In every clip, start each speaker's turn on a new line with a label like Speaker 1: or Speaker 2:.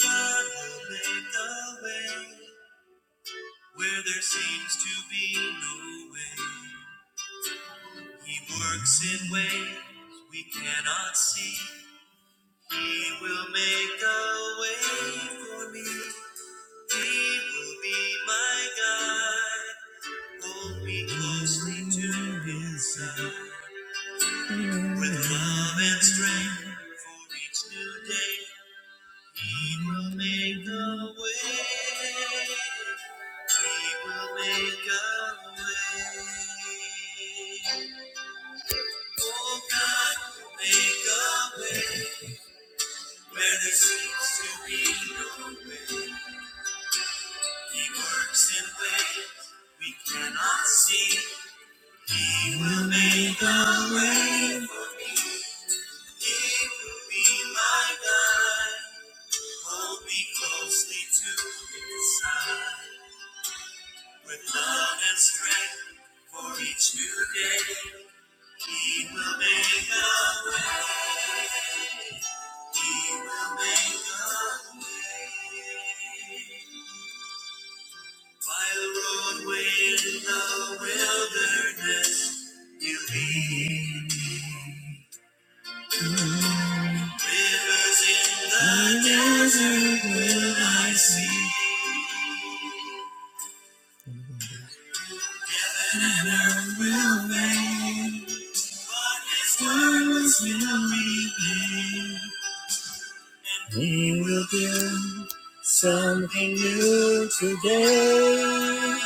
Speaker 1: God will make a way where there seems to be no way. He works in ways we cannot see. He will make a way for me. He will be my guide. Hold me closely to his side. With love and strength for each new day, He will make a way. He will make a way. Oh God, will make a way where there seems to be no way. He works in ways we cannot see. He will make a way for me. He will be my guide. Hold me closely to his side with love and strength for each new day. He will make a way. He will make a way. By the roadway in the wilderness, you lead. me. Rivers in the desert will I see. and earth will wave. But his will remain. We will do something new today.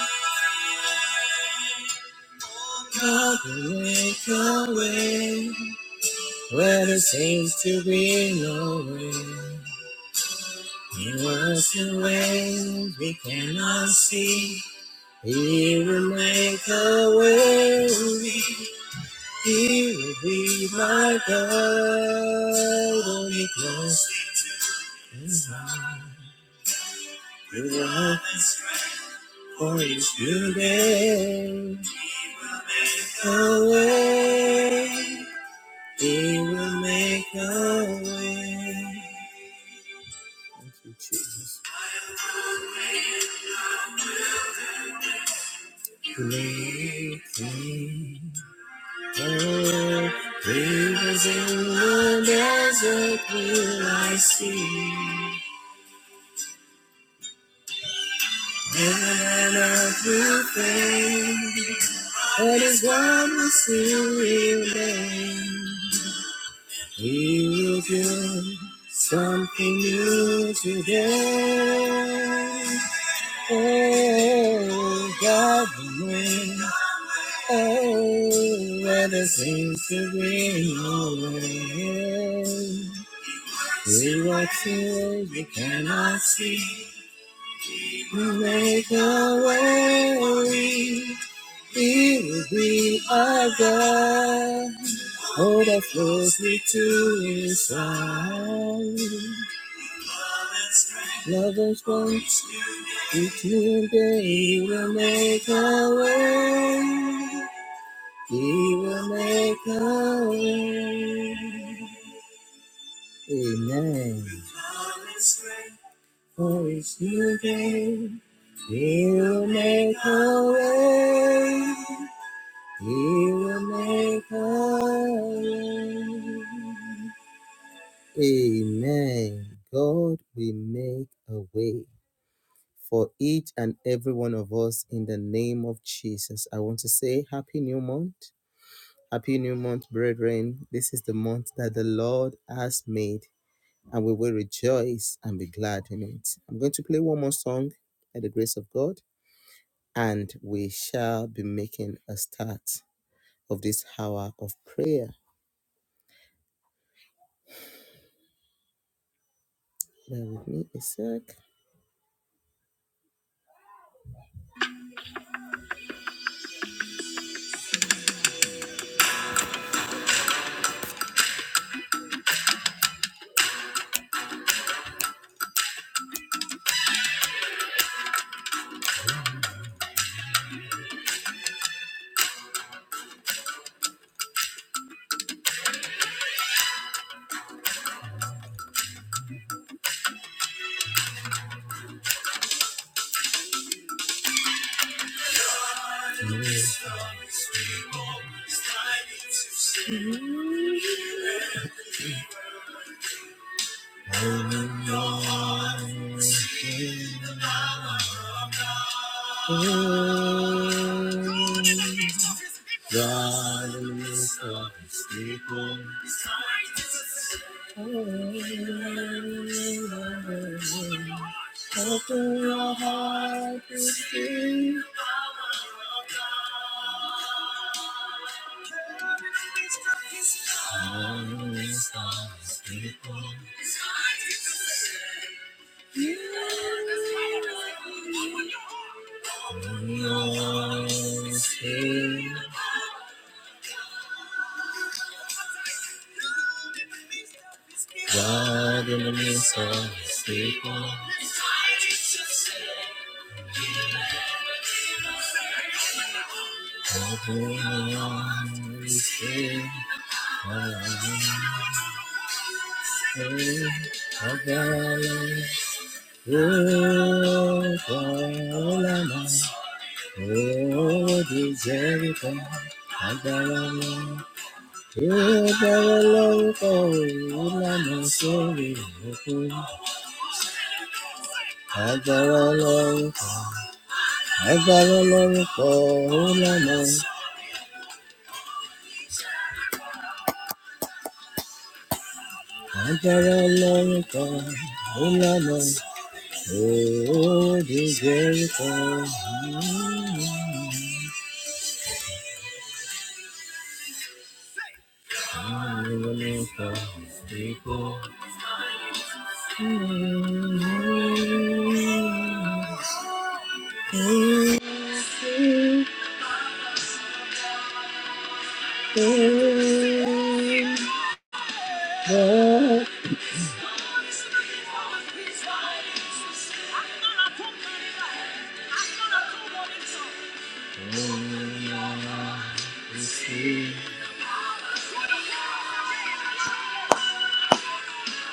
Speaker 1: God will make a way where there seems to be no way. In us in ways we cannot see, He will make a way. He will be my God, only close to His heart. Give your hope for each new day. A way. He will make a way. Thank you, Jesus. Making a way. Rivers in the desert will I see. Heaven and earth will fade, but His word will still remain. We will do something new today. Oh, God, the wind. Oh, weather seems to bring no rain. We watch till we cannot see. We make a way. He will be our God. Hold us closely to His side. Love and strength, each new day He will make a way. He will make a way. Amen. For each new day, He will make a way. He will make a way. Amen. God will make a way. for each and every one of us in the name of Jesus. I want to say happy new month. Happy new month, brethren. This is the month that the Lord has made, and we will rejoice and be glad in it. I'm going to play one more song by the grace of God, and we shall be making a start of this hour of prayer. Bear with me a sec. Mm-hmm. God in the midst of the sea. Agbára lórúkọ ìlànà sórí. Agbára lórúkọ. Agbára lórúkọ ìlànà. Agbára lórúkọ ìlànà. Òòdì Jẹ́ríkọ.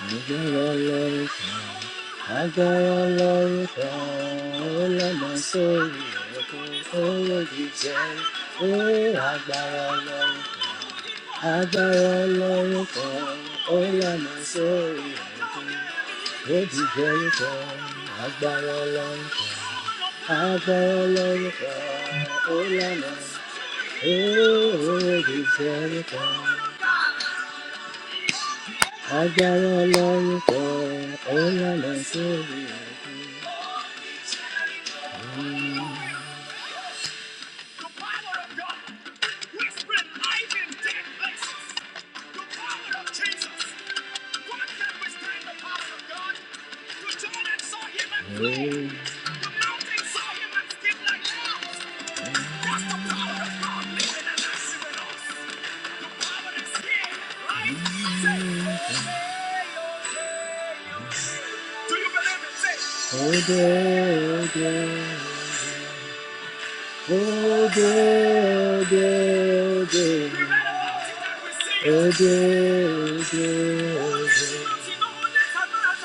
Speaker 1: Agbára lórúkọ. Agbára lórúkọ ọlọ́mọ sórí ẹ̀kọ́ owó jíjẹ. Ó agbára lórúkọ agbára lórúkọ ọlọ́mọ sórí ẹ̀kọ́ jíjẹ lórúkọ. Agbára lórúkọ agbára lórúkọ ọlọ́mọ owó jíjẹ lórúkọ. Agbára lórúkọ ọlọ́mọ sórí ẹ̀kọ́. The power of God whispering life in dead places. The power of Jesus. What can withstand the power of God? The Jordan saw him and fled. The mountain saw him and skipped like hell. That's the power of God living and active in The power that's here, right? Say, "Ode, Do you believe it? Say, "Ode, ode." Oh, dear, oh, dear, oh, dear, Oh, dear,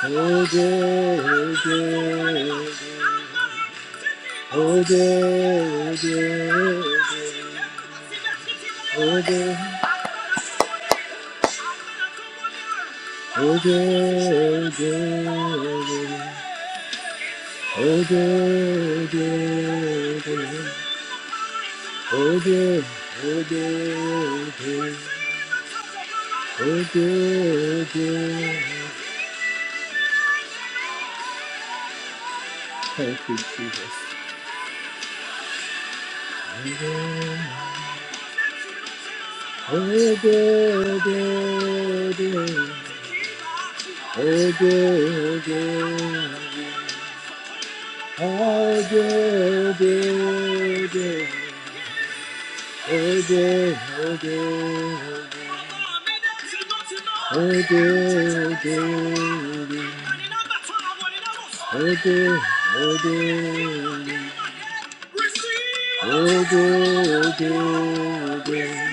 Speaker 1: oh, dear, oh, dear, Oh, dear, oh, dear, oh, dear, Oh, dear, oh, dear, oh, dear, Oh, day, oh, day, oh, day, oh, day. Oh, day, oh, day, oh, day. good. Oh, good, good. Thank you, Jesus. Oh, good, good, good. Oh, good, good. Oh, good, good, good. Oh dear, oh dear, oh dear, Oh dear, oh dear, oh dear, oh dear, oh dear, oh dear, oh dear, oh dear, oh dear,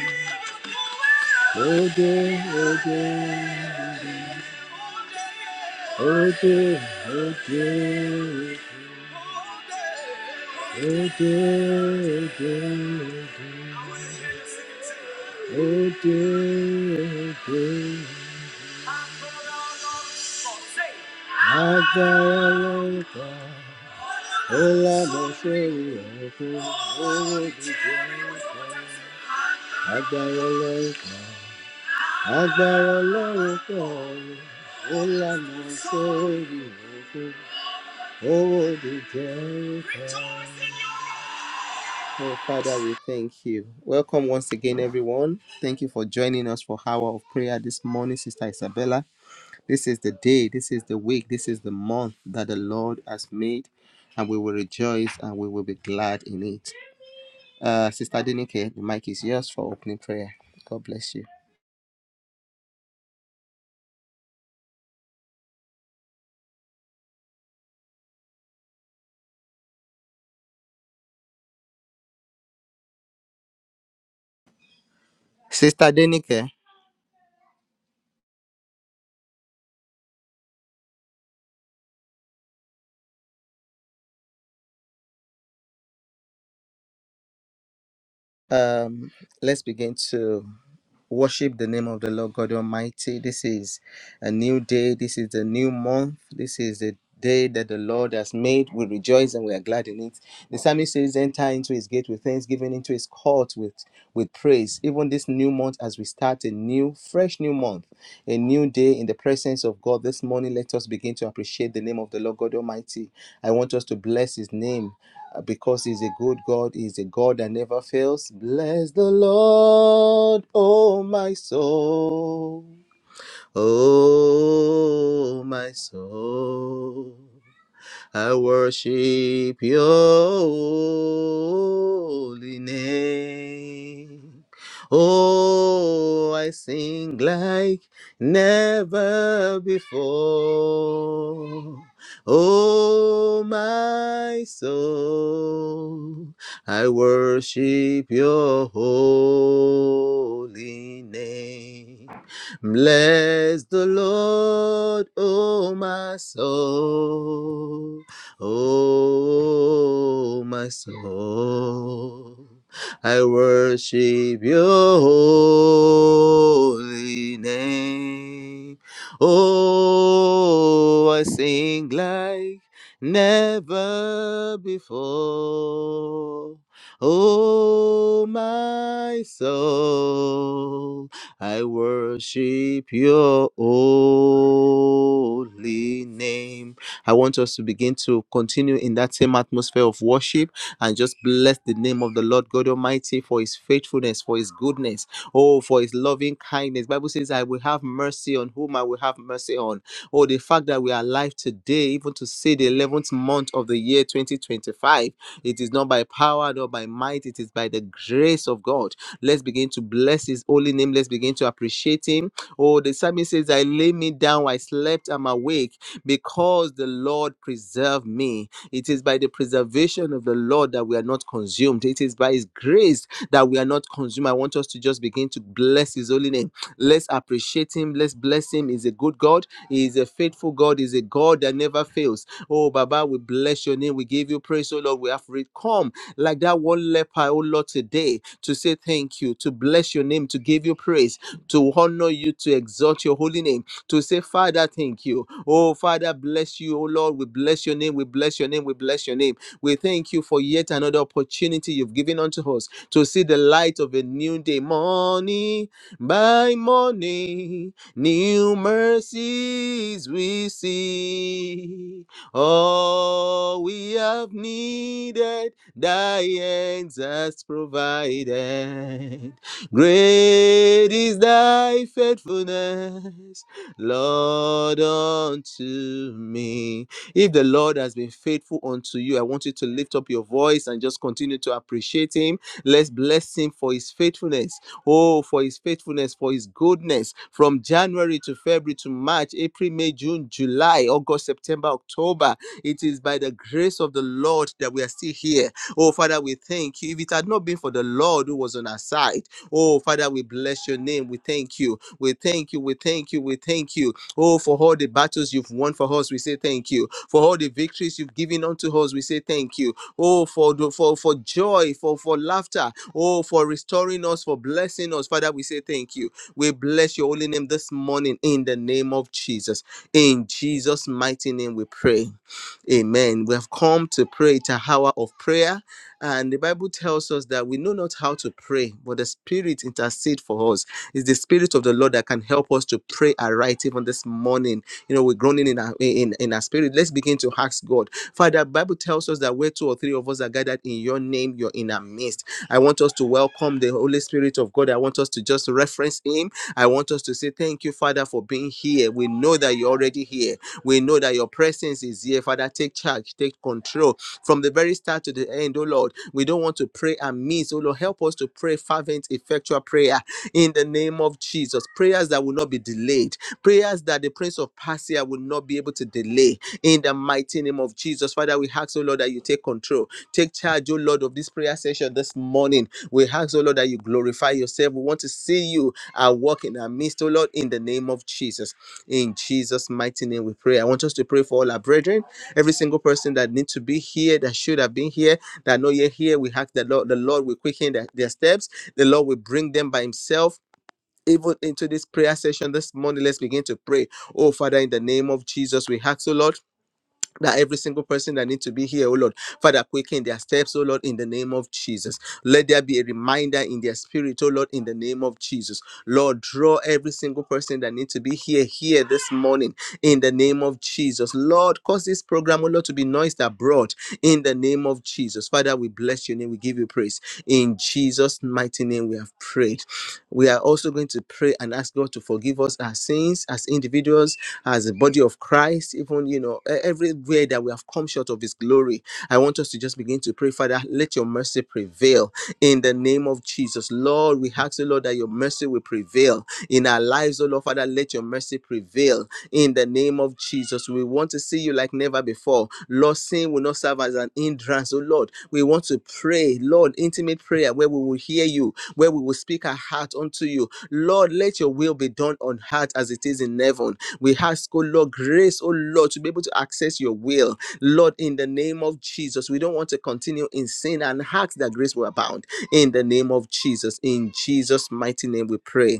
Speaker 1: oh dear, oh dear. oh dear. Oh dear, oh dear, Oh, dear, oh dear, oh dear. Oh, dear, oh dear. Agbára ó lànà ṣe ìrọ̀kú owó jíjẹ ọ̀pọ̀. Agbára ọlọ́run kan. Agbára ọlọ́run kan ó lànà ṣe ìrọ̀kú Oh, Holy Ghost. Oh, Father, we thank you. Welcome once again, everyone. Thank you for joining us for Hour of Prayer this morning, Sister Isabella. This is the day, this is the week, this is the month that the Lord has made, and we will rejoice and we will be glad in it. Uh, Sister Denike, the mic is yours for opening prayer. God bless you. Sister Denike, um, let's begin to worship the name of the Lord God Almighty. This is a new day. This is a new month. This is the day that the Lord has made. We rejoice and we are glad in it. The psalmist says, Enter into his gate with thanksgiving, into his court with, with praise. Even this new month, as we start a new, fresh new month, a new day in the presence of God this morning, let us begin to appreciate the name of the Lord God Almighty. I want us to bless his name. uh, Because he's a good God, he's a God that never fails. Bless the Lord, oh my soul. Oh, my soul, I worship your holy name. Oh, I sing like never before. Oh, my soul, I worship your holy name. Bless the Lord, oh, my soul. Oh, my soul. I worship your holy name. Oh, I sing like never before. Oh, my soul, I worship your holy name. I want us to begin to continue in that same atmosphere of worship and just bless the name of the Lord God Almighty for his faithfulness, for his goodness, oh, for his loving kindness. Bible says, I will have mercy on whom I will have mercy on or the fact that we are alive today, even to say the 11th month of the year 2025. It is not by power nor by might, it is by the grace of God. Let's begin to bless His holy name. Let's begin to appreciate Him. Oh, the psalmist says, I lay me down, I slept, I'm awake because the Lord preserved me. It is by the preservation of the Lord that we are not consumed. It is by His grace that we are not consumed. I want us to just begin to bless His holy name. Let's appreciate Him. Let's bless Him. He's a good God. He is a faithful God. He is a God that never fails. Oh, Baba, we bless your name. We give you praise, oh Lord. We have re- come like that one leper, oh Lord, today to say thank you, to bless your name, to give you praise, to honor you, to exalt your holy name, to say, Father, thank you. Oh, Father, bless you, oh Lord. We bless your name. We bless your name. We bless your name. We thank you for yet another opportunity you've given unto us to see the light of a new day. Morning by morning. New mercies we see. All we have needed, thy hands has provided. Great is thy faithfulness, Lord, unto me. If the Lord has been faithful unto you, I want you to lift up your voice and just continue to appreciate him Let's bless him for his faithfulness. Oh, for his faithfulness, for his goodness. From January to February to March, April, May, June, July, August, September, October. It is by the grace of the Lord that we are still here. Oh, Father, we thank you. If it had not been for the Lord who was on our side, oh, Father, we bless your name. We thank you. We thank thank you. We thank you. We thank you. Oh, for all the battles you've won for us, we say thank you. For all the victories you've given unto us, we say thank you. Oh, for the, for for joy, for for laughter. Oh, for restoring us, for blessing us, Father, we say thank you. We bless your holy name this morning in the name of Jesus. In Jesus' mighty name, we pray. Amen. We have come to pray. It's a hour of prayer. And the Bible tells us that we know not how to pray, but the Spirit intercede for us. It's the Spirit of the Lord that can help us to pray aright even this morning. You know, we're groaning in our in, in our spirit. Let's begin to ask God. Father, Bible tells us that where two or three of us are gathered in your name, you're in our midst. I want us to welcome the Holy Spirit of God. I want us to just reference him. I want us to say, Thank you, Father, for being here. We know that you're already here. We know that your presence is here. Father, take charge, take control from the very start to the end, oh Lord. We don't want to pray amiss, oh Lord. Help us to pray fervent, effectual prayer in the name of Jesus. Prayers that will not be delayed. Prayers that the Prince of Persia will not be able to delay in the mighty name of Jesus. Father, we ask, oh Lord, that you take control. Take charge, oh Lord, of this prayer session this morning. We ask, oh Lord, that you glorify yourself. We want to see you and work in our midst, oh Lord, in the name of Jesus. In Jesus' mighty name, we pray. I want us to pray for all our brethren, every single person that needs to be here, that should have been here, that not yet here. We ask the Lord, the Lord will quicken their, their steps. The Lord will bring them by Himself. Even into this prayer session this morning, let's begin to pray. Oh, Father, in the name of Jesus, we ask, O Lord that every single person that needs to be here, oh Lord, Father, quicken their steps, oh Lord, in the name of Jesus. Let there be a reminder in their spirit, oh Lord, in the name of Jesus. Lord, draw every single person that needs to be here, here this morning, in the name of Jesus. Lord, cause this program, oh Lord, to be noised abroad, in the name of Jesus. Father, we bless your name, we give you praise. In Jesus' mighty name, we have prayed. We are also going to pray and ask God to forgive us our sins as individuals, as a body of Christ, even, you know, e- everywhere that we have come short of His glory. I want us to just begin to pray, Father, let your mercy prevail in the name of Jesus. Lord, we ask the Lord that your mercy will prevail in our lives, oh Lord, Father, let your mercy prevail in the name of Jesus. We want to see you like never before. Lord, sin will not serve as an hindrance. Oh Lord, we want to pray, Lord, intimate prayer where we will hear you, where we will speak our heart unto you. Lord, let your will be done on earth as it is in heaven. We ask, oh Lord, grace, oh Lord, to be able to access your will. Lord, in the name of Jesus, we don't want to continue in sin and ask that grace will abound. In the name of Jesus, in Jesus' mighty name, we pray.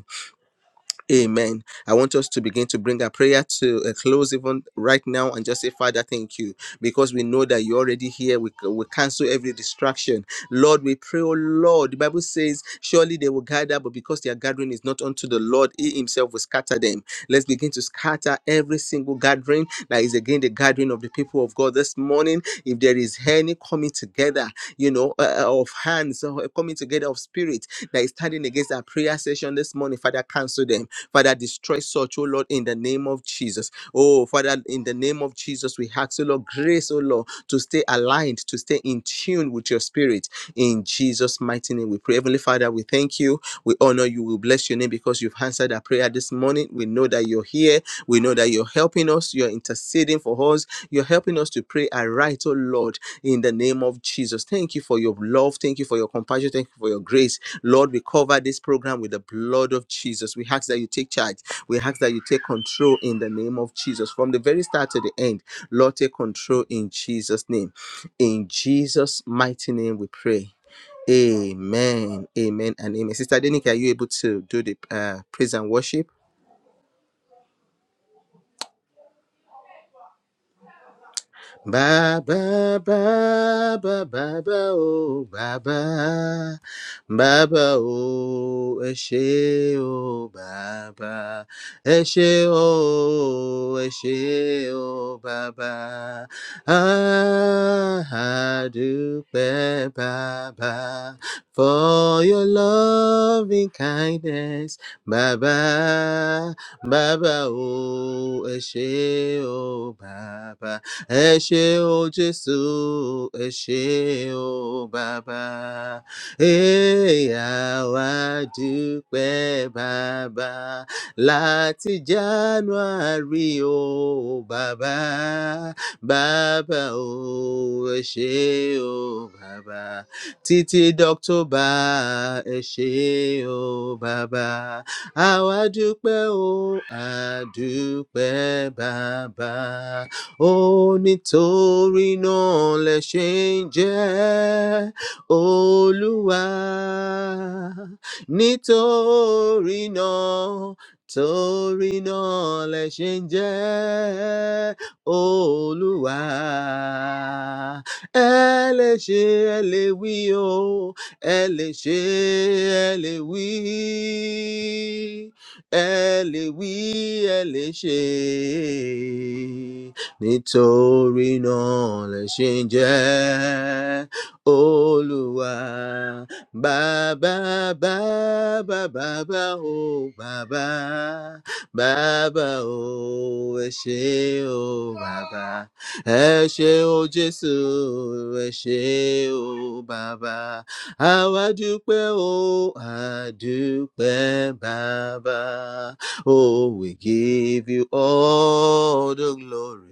Speaker 1: Amen. I want us to begin to bring our prayer to a close even right now and just say, Father, thank you, because we know that you're already here. We, we cancel every distraction. Lord, we pray, oh Lord. The Bible says, surely they will gather, but because their gathering is not unto the Lord, he himself will scatter them. Let's begin to scatter every single gathering that is again the gathering of the people of God this morning. If there is any coming together, you know, uh, uh, of hands, or coming together of spirit that is standing against our prayer session this morning, Father, cancel them. Father, destroy such, oh Lord, in the name of Jesus. Oh, Father, in the name of Jesus, we ask, oh Lord, grace, oh Lord, to stay aligned, to stay in tune with your spirit. In Jesus' mighty name, we pray. Heavenly Father, we thank you. We honor you. We bless your name because you've answered answered our prayer this morning. We know that you're here. We know that you're helping us. You're interceding for us. You're helping us to pray aright, oh Lord, in the name of Jesus. Thank you for your love. Thank you for your compassion. Thank you for your grace. Lord, we cover this program with the blood of Jesus. We ask that you take charge. We ask that you take control in the name of Jesus. From the very start to the end, Lord, take control in Jesus' name. In Jesus' mighty name, we pray. Amen. Amen and amen. Sister Denika, are you able to do the uh, praise and worship? Ba ba ba ba ba ba o ba ba ba ba o ẹ ṣé o bàbá ẹ ṣé o ẹ ṣé o bàbá Ah, a dúpẹ́ bàbá for your loving kindness bàbá bàbá o ẹ ṣé o bàbá ẹ ṣé o jésù ẹ ṣé o bàbá èèyàn wá dúpẹ́ bàbá láti january o bàbá bàbá o ẹ ṣé o bàbá títí dọ́któbà ẹ ṣé o bàbá àwa dúpẹ́ o àdúpẹ́ bàbá ó nítorí náà lẹ ṣe ń jẹ́ olúwa nítorí náà torí náà lẹ ṣe ń jẹ́ olúwa ẹ lè ṣe ẹ lè wí o ẹ lè ṣe ẹ lè wí ẹ lè wí ẹ lè ṣe nítorí náà lè ṣe ń jẹ olúwa bàbá bàbá bàbá o bàbá bàbá o ẹ ṣé o bàbá ẹ ṣé o jésù ẹ ṣé o bàbá àwa dúpẹ́ o àdúpẹ́ bàbá oh we give you all the glory.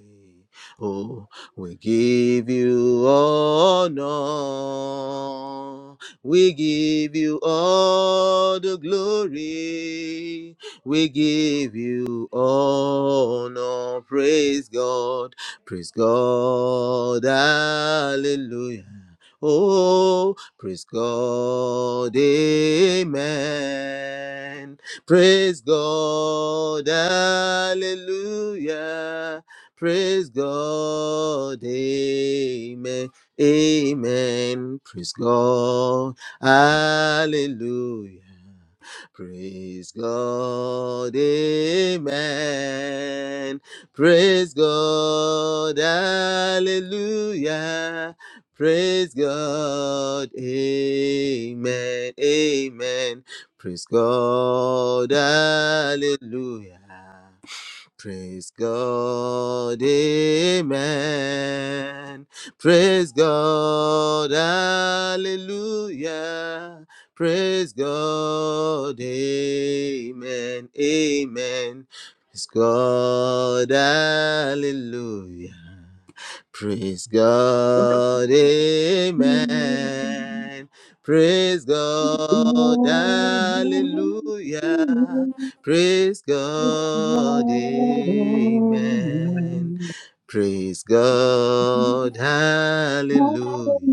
Speaker 1: Oh, we give you honor. We give you all the glory. We give you honor. Praise God. Praise God. Hallelujah. Oh, praise God. Amen. Praise God. Hallelujah. Praise God. Amen. Amen. Praise God. Hallelujah. Praise God, amen. Praise God, hallelujah. Praise God, amen, amen. Praise God, hallelujah. Praise God, amen. Praise God, hallelujah. Praise God, amen, amen. Praise God, hallelujah. Praise
Speaker 2: Come
Speaker 1: God,
Speaker 2: on,
Speaker 1: amen. Praise
Speaker 2: come
Speaker 1: God, hallelujah. Praise God,
Speaker 2: on,
Speaker 1: amen. Praise God, hallelujah.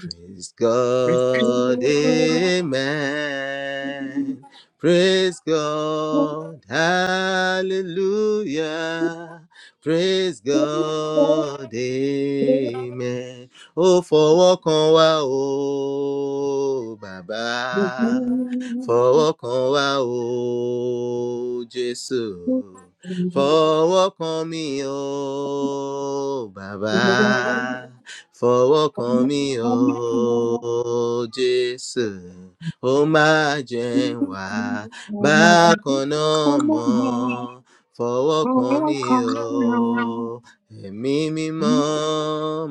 Speaker 1: Praise God, amen. Praise God, hallelujah. Praise God, amen. Oh, fọwọ́ kan wá o, bàbá. Fọwọ́ kan wá o, Jésù. Fọwọ́ kan mi o, bàbá fọwọ́ kan mi ò jésù ó máa jẹ́ n wá bákan náà mọ́ fọwọ́ kan mi ò
Speaker 2: come
Speaker 1: ẹ̀mí
Speaker 2: on.
Speaker 1: mímọ́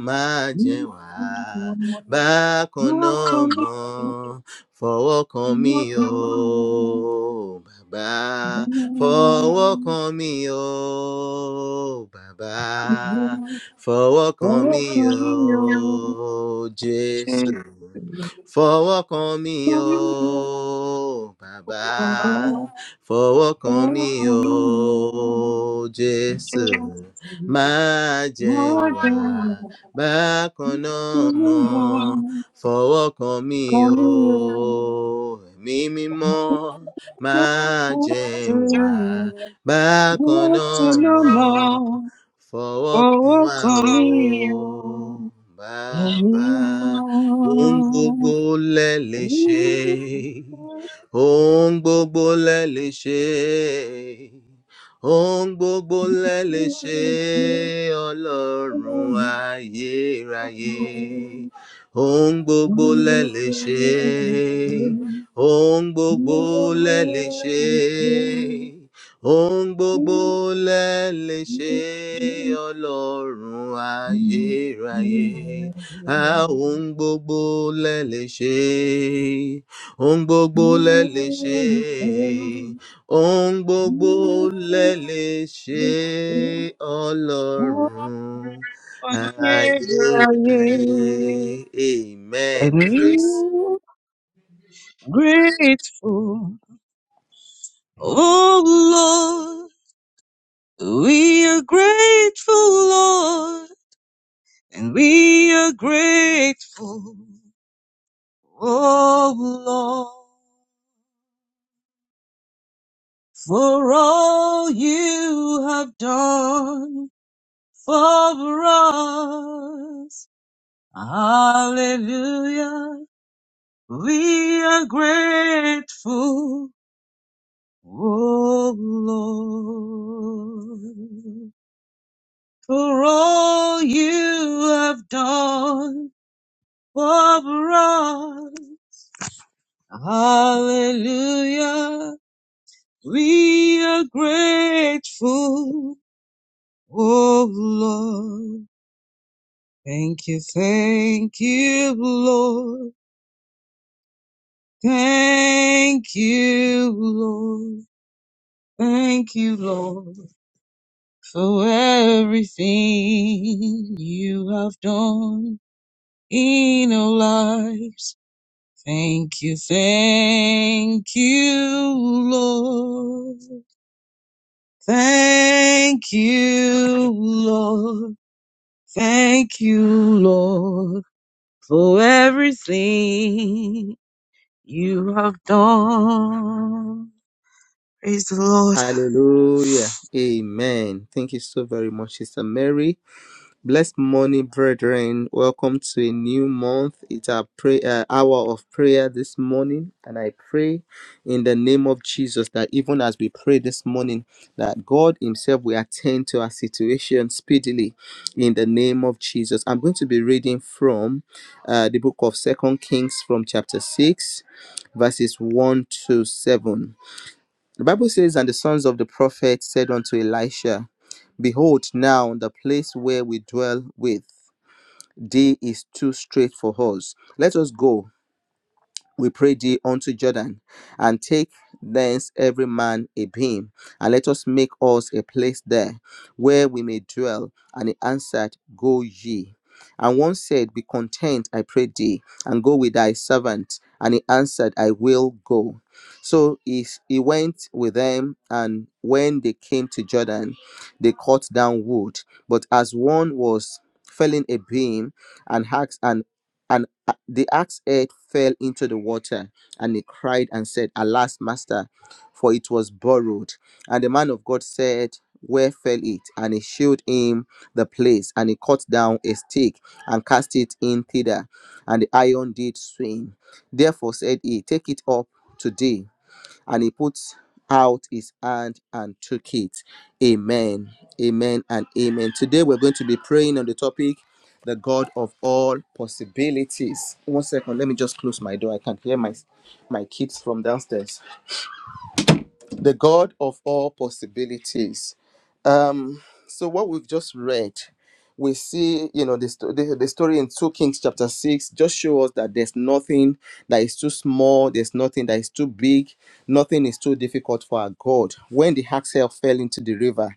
Speaker 1: máa jẹ́ n wá
Speaker 2: Come
Speaker 1: bákan náà mọ́ fọwọ́ kan mi ò bàbá fọwọ́ kan mi ò bàbá Fọwọ́ kan mi o Jésù. Fọwọ́ kan mi o Bàbá. Fọwọ́ kan mi o Jésù. Má jẹ́ n wà bákan náà
Speaker 2: here,
Speaker 1: mọ́. Fọwọ́ kan mi o Ẹ̀mí mímọ́. Má jẹ́ n wà bákan náà mọ́ fọwọ́ kan wá o.
Speaker 2: come here, Every
Speaker 1: Bàbá ohun gbogbo
Speaker 2: morning
Speaker 1: lẹ lè ṣe,
Speaker 2: we start
Speaker 1: ohun gbogbo lẹ lè ṣe, ohun gbogbo lẹ lè ṣe,
Speaker 2: with you.
Speaker 1: Ọlọ́run ayérayé. Ohun gbogbo lẹ
Speaker 2: Wonderful,
Speaker 1: lè ṣe,
Speaker 2: you are
Speaker 1: ohun gbogbo lẹ lè ṣe.
Speaker 2: wonderful.
Speaker 1: Ohun gbogbo
Speaker 2: You
Speaker 1: lẹ lè ṣe
Speaker 2: are true.
Speaker 1: ọlọ́run
Speaker 2: You are good. You are
Speaker 1: ayérayé.
Speaker 2: faithful.
Speaker 1: A ohun gbogbo lẹ lè ṣe. Ohun gbogbo
Speaker 2: You
Speaker 1: lẹ
Speaker 2: are
Speaker 1: lè ṣe.
Speaker 2: faithful.
Speaker 1: Ohun gbogbo lẹ lè ṣe
Speaker 2: Not
Speaker 1: ọlọ́run
Speaker 2: one year,
Speaker 1: ayérayé.
Speaker 2: you.
Speaker 1: Amen.
Speaker 2: And
Speaker 1: Praise.
Speaker 2: we Grateful. Oh Lord, we are grateful, Lord, and we are grateful. Oh Lord, for all you have done for us. Hallelujah. We are grateful, oh Lord. for all you have done for us. Hallelujah. We are grateful, oh Lord. Thank you, thank you, Lord. Thank you, Lord. Thank you, Lord, for everything you have done in our lives. Thank you, thank you, Lord. Thank you, Lord. Thank you, Lord, for everything you have done. Praise the Lord.
Speaker 1: Hallelujah. Amen. Thank you so very much, Sister Mary. Blessed morning, brethren. Welcome to a new month. It's our prayer hour of prayer this morning, and I pray in the name of Jesus that even as we pray this morning, that God Himself will attend to our situation speedily. In the name of Jesus, I'm going to be reading from uh, the book of Second Kings, from chapter six, verses one to seven. The Bible says, "And the sons of the prophet said unto Elisha." Behold, now the place where we dwell with day is too straight for us. Let us go we pray thee unto Jordan, and take thence every man a beam, and let us make us a place there where we may dwell. And he answered, Go ye. And one said, Be content, I pray thee, and go with thy servant. And he answered, I will go. So he, he went with them, and when they came to Jordan, they cut down wood. But as one was felling a beam, and asked, an and uh, the axe head fell into the water, and he cried and said, Alas, master, for it was borrowed. And the man of God said, Where fell it? And he showed him the place, and he cut down a stick and cast it in thither, and the iron did swim. Therefore said he, Take it up today and he puts out his hand and took it. Amen. Amen and amen. Today we're going to be praying on the topic the God of all possibilities. One second, let me just close my door. I can't hear my my kids from downstairs. The God of all possibilities. Um, so what we've just read, we see, you know, the, sto- the, the story in 2 Kings chapter 6 just shows us that there's nothing that is too small, there's nothing that is too big, nothing is too difficult for our God. When the axe fell into the river,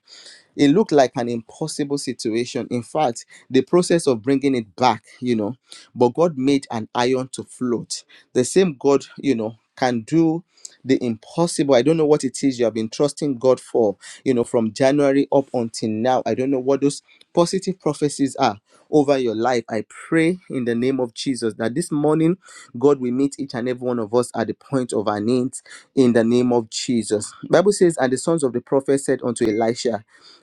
Speaker 1: it looked like an impossible situation. In fact, the process of bringing it back, you know, but God made an iron to float. The same God, you know, can do the impossible. I don't know what it is you have been trusting God for, you know, from January up until now. I don't know what those positive prophecies are over your life. I pray in the name of Jesus that this morning, God will meet each and every one of us at the point of our needs in the name of Jesus. Bible says, and the sons of the prophet said unto Elisha,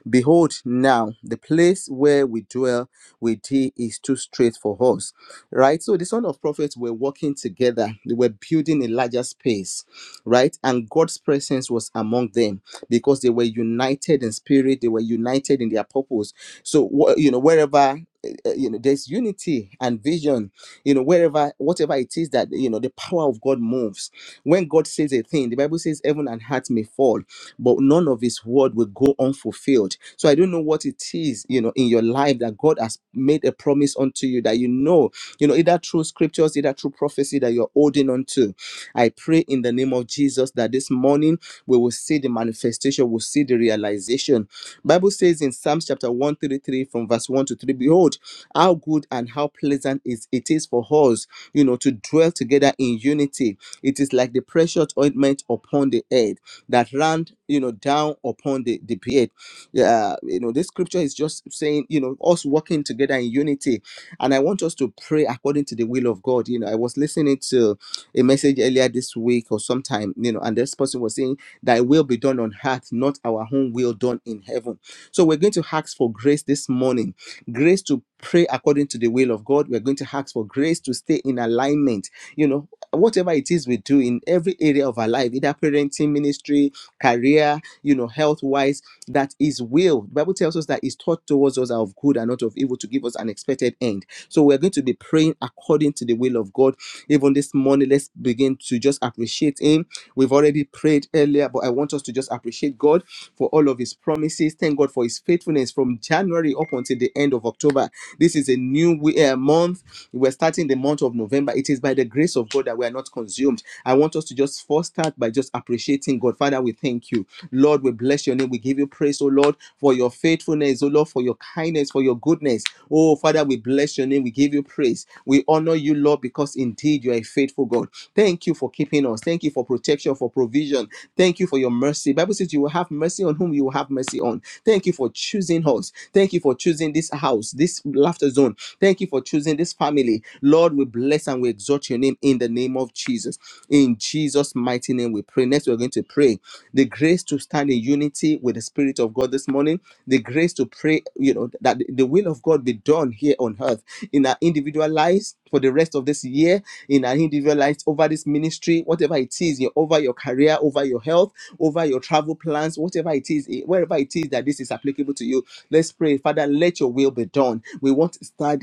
Speaker 1: Behold, now the place where we dwell with thee is too straight for us. Right? So the son of prophets were working together, they were building a larger space, right? And God's presence was among them because they were united in spirit, they were united in their purpose. So, wh- you know, wherever eh, eh, you know there's unity and vision you know wherever whatever it is that you know the power of god moves when god says a thing the bible says heaven and heart may fall but none of his word will go unfulfilled. So I don't know what it is, you know, in your life that God has made a promise unto you that you know, you know, either through scriptures, either through prophecy that you're holding on to. I pray in the name of Jesus that this morning we will see the manifestation, we'll see the realization. Bible says in Psalms chapter 133 from verse 1 to 3, behold, how good and how pleasant is it is for us, you know, to dwell together in unity. It is like the precious ointment upon the head that ran, you know, down upon the, the beard. Yeah, you know, this scripture is just saying, you know, us working together in unity. And I want us to pray according to the will of God. You know, I was listening to a message earlier this week or sometime, you know, and this person was saying, Thy will be done on earth, not our own will done in heaven. So we're going to ask for grace this morning grace to pray according to the will of God. We're going to ask for grace to stay in alignment, you know, whatever it is we do in every area of our life, either parenting, ministry, career, you know, health wise, that is will. The Bible tells us that is taught towards us are of good and not of evil to give us an expected end. So we're going to be praying according to the will of God. Even this morning, let's begin to just appreciate Him. We've already prayed earlier, but I want us to just appreciate God for all of His promises. Thank God for His faithfulness from January up until the end of October. This is a new we- uh, month we're starting the month of November. It is by the grace of God that we are not consumed. I want us to just first start by just appreciating God. Father, we thank you. Lord, we bless your name. We give you praise, oh Lord, for your faithfulness, oh Lord, for your kindness, for your goodness. Oh, Father, we bless your name. We give you praise. We honor you, Lord, because indeed you are a faithful God. Thank you for keeping us. Thank you for protection, for provision. Thank you for your mercy. Bible says you will have mercy on whom you will have mercy on. Thank you for choosing us. Thank you for choosing this house, this laughter zone. Thank you for choosing this family. Lord, we bless and we exalt your name in the name of Jesus. In Jesus' mighty name we pray. Next, we're going to pray the grace to stand in unity with the Spirit of God this morning the grace to pray, you know, that the will of God be done here on earth in our individual lives for the rest of this year, in our individual lives over this ministry, whatever it is, you over your career, over your health, over your travel plans, whatever it is, eh, wherever it is that this is applicable to you. Let's pray, Father, let your will be done. We want to start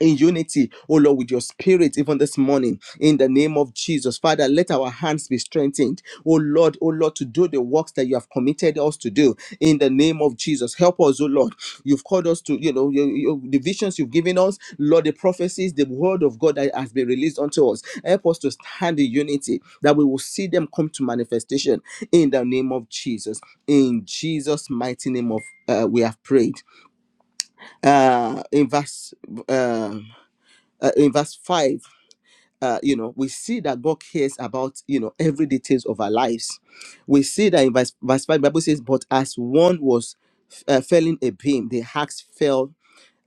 Speaker 1: in unity, oh Lord, with your spirit, even this morning, in the name of Jesus. Father, let our hands be strengthened, oh Lord, oh Lord, to do the works that you have committed us to do, in the name of Jesus. Help us, oh Lord. You've called us to, you know, you, you, the visions you've given us, Lord, the prophecies, the word of God that has been released unto us. Help us to stand in unity, that we will see them come to manifestation, in the name of Jesus. In Jesus' mighty name of uh, we have prayed. Uh, in verse. Uh, uh, in verse 5 uh, you know we see that god cares about you know every details of our lives we see that in verse, verse 5 the bible says but as one was uh, felling a beam the axe fell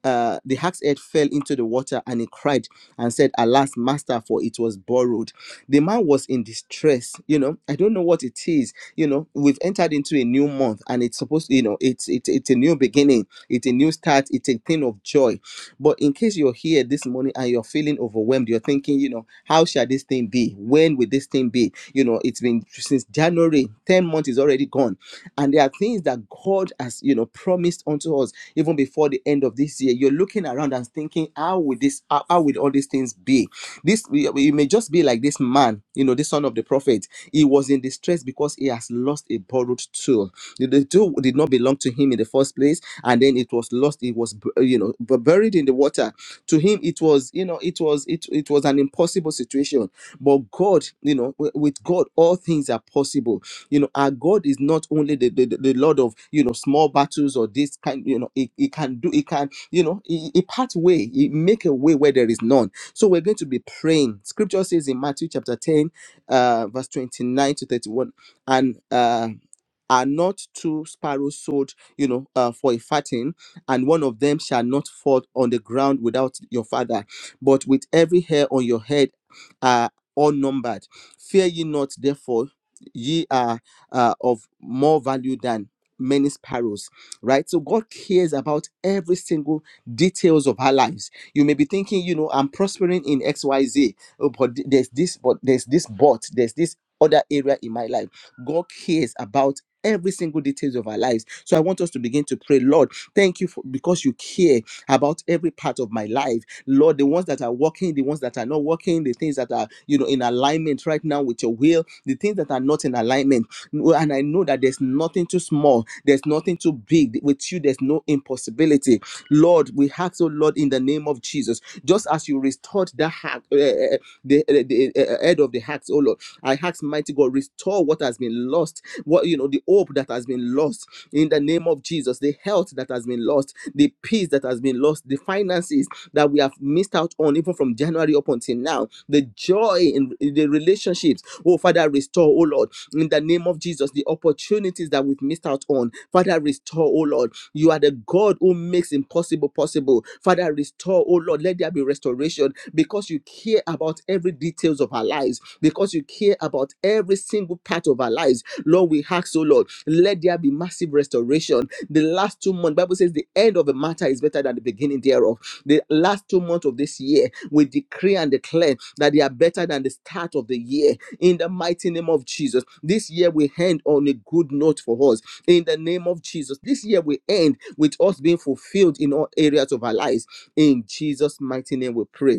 Speaker 1: uh, the hack's head fell into the water and he cried and said, Alas, master, for it was borrowed. The man was in distress. You know, I don't know what it is. You know, we've entered into a new month and it's supposed you know, it's, it's, it's a new beginning, it's a new start, it's a thing of joy. But in case you're here this morning and you're feeling overwhelmed, you're thinking, you know, how shall this thing be? When will this thing be? You know, it's been since January, 10 months is already gone and there are things that god has you know promised unto us even before the end of this year you're looking around and thinking how will this how, how will all these things be this we- you may just be like this man you know the son of the prophet he was in distress because he has lost a borrowed tool the, the tool did not belong to him in the first place and then it was lost it was bu- you know bu- buried in the water to him it was you know it was it, it was an impossible situation but god you know wi- with god all things are possible you know, our God is not only the, the, the Lord of, you know, small battles or this kind, you know, he, he can do, he can, you know, he, he part way, he make a way where there is none. So we're going to be praying. Scripture says in Matthew chapter 10, uh, verse 29 to 31, and uh are not two sparrows sold, you know, uh, for a fatting, and one of them shall not fall on the ground without your father, but with every hair on your head are all numbered. Fear ye not, therefore, ye are uh, of more value than many sparrows right so god cares about every single details of our lives you may be thinking you know i'm prospering in xyz oh, but th- there's this but there's this but there's this other area in my life god cares about every single details of our lives so i want us to begin to pray lord thank you for because you care about every part of my life lord the ones that are working the ones that are not working the things that are you know in alignment right now with your will the things that are not in alignment no- And I know that there's nothing too small, there's nothing too big. With you, there's no impossibility. Lord, we ask, oh Lord, in the name of Jesus, just as you restored the heart, uh, uh, the, uh, the uh, head of the hearts. oh Lord, I ask, mighty God, restore what has been lost, what, you know, the hope that has been lost in the name of Jesus, the health that has been lost, the peace that has been lost, the finances that we have missed out on, even from January up until now, the joy in in the relationships. Oh, Father, restore, oh Lord in the name of Jesus, the opportunities that we've missed out on. Father, restore, oh Lord. You are the God who makes impossible possible. Father, restore, oh Lord. Let there be restoration because you care about every details of our lives, because you care about every single part of our lives. Lord, we ask, oh Lord, let there be massive restoration. The last two months, Bible says the end of a matter is better than the beginning thereof. The last two months of this year, we decree and declare that they are better than the start of the year in the mighty name of Jesus. This year we end on a good note for us in the name of Jesus. This year we end with us being fulfilled in all areas of our lives. In Jesus' mighty name we pray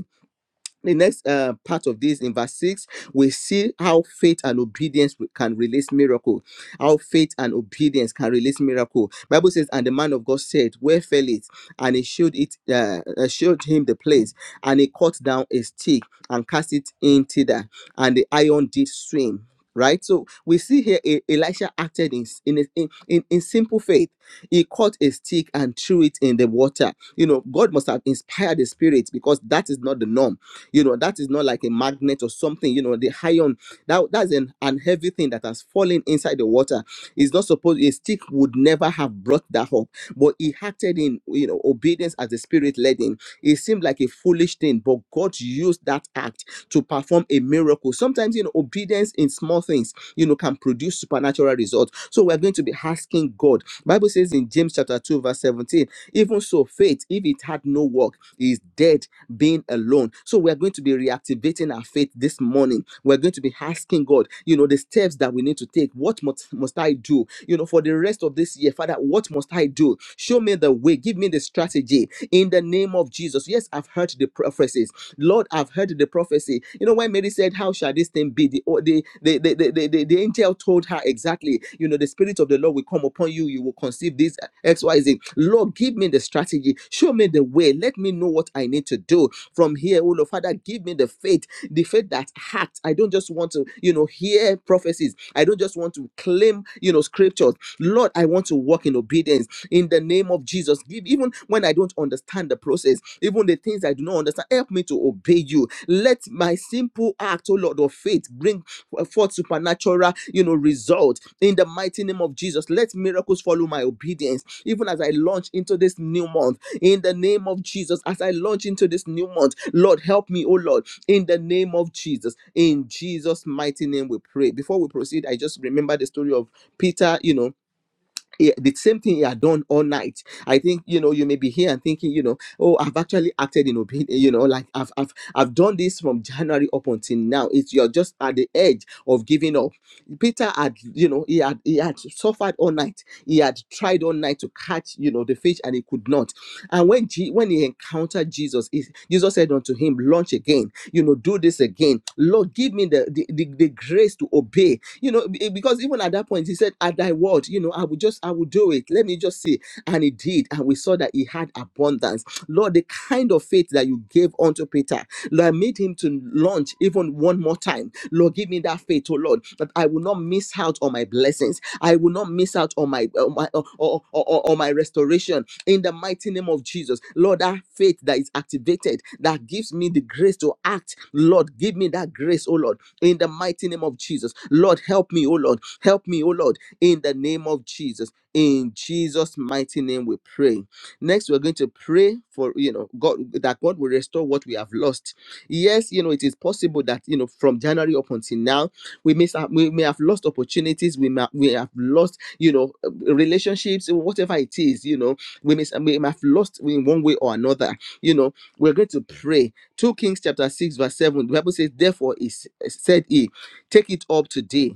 Speaker 1: the next uh, part of this in verse 6 we see how faith and obedience can release miracle how faith and obedience can release miracle bible says and the man of god said where fell it and he showed it uh, uh, showed him the place and he cut down a stick and cast it in thither and the iron did swim right so we see here E- elisha acted in in, in in in simple faith he caught a stick and threw it in the water you know god must have inspired the spirit because that is not the norm you know, that is not like a magnet or something. You know, the iron that that's an, an heavy thing that has fallen inside the water. It's not supposed a stick would never have brought that up, but he acted in you know obedience as the spirit led him. It seemed like a foolish thing, but God used that act to perform a miracle. Sometimes you know obedience in small things you know can produce supernatural results. So we're going to be asking God. Bible says in James chapter 2, verse 17 even so, faith, if it had no work, is dead, being alone. So we're going to be reactivating our faith this morning. We're going to be asking God, you know, the steps that we need to take. What must, must I do? You know, for the rest of this year, Father, what must I do? Show me the way. Give me the strategy in the name of Jesus. Yes, I've heard the prophecies. Lord, I've heard the prophecy. You know, when Mary said, How shall this thing be? The, oh, the, the, the, the, the, the, the angel told her exactly, you know, the Spirit of the Lord will come upon you. You will conceive this XYZ. Lord, give me the strategy. Show me the way. Let me know what I need to do from here. Oh, Lord, Father, give me the faith, the faith that acts. I don't just want to, you know, hear prophecies. I don't just want to claim, you know, scriptures. Lord, I want to walk in obedience in the name of Jesus. Give even even when I don't understand the process, even the things I do not understand, help me to obey you. Let my simple act, oh Lord, of faith bring forth supernatural, you know, result in the mighty name of Jesus. Let miracles follow my obedience, even as I launch into this new month. In the name of Jesus, as I launch into this new month, Lord, help me, oh Lord, in the name of Jesus. In Jesus' mighty name, we pray. Before we proceed, I just remember the story of Peter, you know he- the same thing he had done all night. I think you know you may be here and thinking you know oh I've actually acted in obedience you know like I've I've I've done this from January up until now. It's you're just at the edge of giving up. Peter had you know he had he had suffered all night. He had tried all night to catch you know the fish and he could not. And when G, when he encountered Jesus, he, Jesus said unto him, "Launch again. You know do this again. Lord, give me the the, the the grace to obey you know, be- because even at that point, he said, At thy word, you know, I will just, I will do it. Let me just see. And he did. And we saw that he had abundance. Lord, the kind of faith that you gave unto Peter, Lord, made him to launch even one more time. Lord, give me that faith, oh Lord, that I will not miss out out on my blessings. I will not miss out on my, on my uh, or, or, or, or my restoration in the mighty name of Jesus. Lord, that faith that is activated that gives me the grace to act. Lord, give me that grace, oh Lord, in the mighty name of Jesus. Lord, help me, oh Lord, help me, oh Lord, in the name of Jesus. In Jesus' mighty name, we pray. Next, we're going to pray for you know God that God will restore what we have lost. Yes, you know, it is possible that you know from January up until now we may out, we may have lost opportunities we may we have lost you know relationships whatever it is you know we may, we may have lost in one way or another you know we're going to pray 2 kings chapter 6 verse 7 the bible says therefore is said he take it up today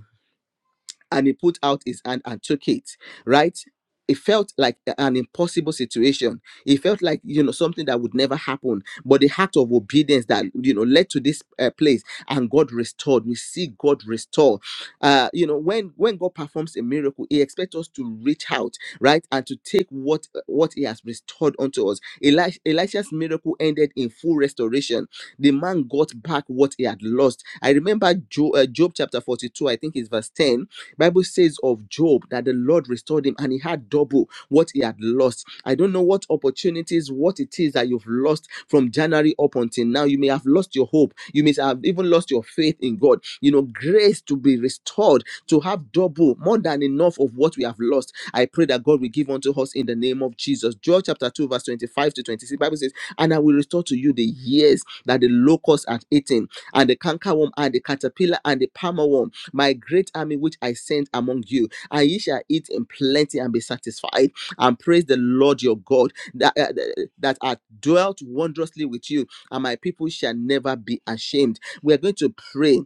Speaker 1: and he put out his hand and took it right it felt like an impossible situation it felt like you know something that would never happen but the act of obedience that you know led to this uh, place and god restored we see god restore uh you know when when god performs a miracle he expects us to reach out right and to take what what he has restored unto us Eli- elisha's miracle ended in full restoration the man got back what he had lost. I remember Job, uh, Job chapter 42, I think it's verse 10. Bible says of Job that the Lord restored him and he had double what he had lost. I don't know what opportunities, what it is that you've lost from January up until now. You may have lost your hope. You may have even lost your faith in God. You know, grace to be restored, to have double, more than enough of what we have lost. I pray that God will give unto us in the name of Jesus. Joel chapter 2, verse 25 to 26. Bible says, and I will restore to you the years that the locusts have eaten, and the cankerworm, and the caterpillar, and the palmer worm, my great army which I sent among you. And ye shall eat in plenty and be satisfied, and praise the Lord your God that, uh, that that hath dwelt wondrously with you, and my people shall never be ashamed. We are going to pray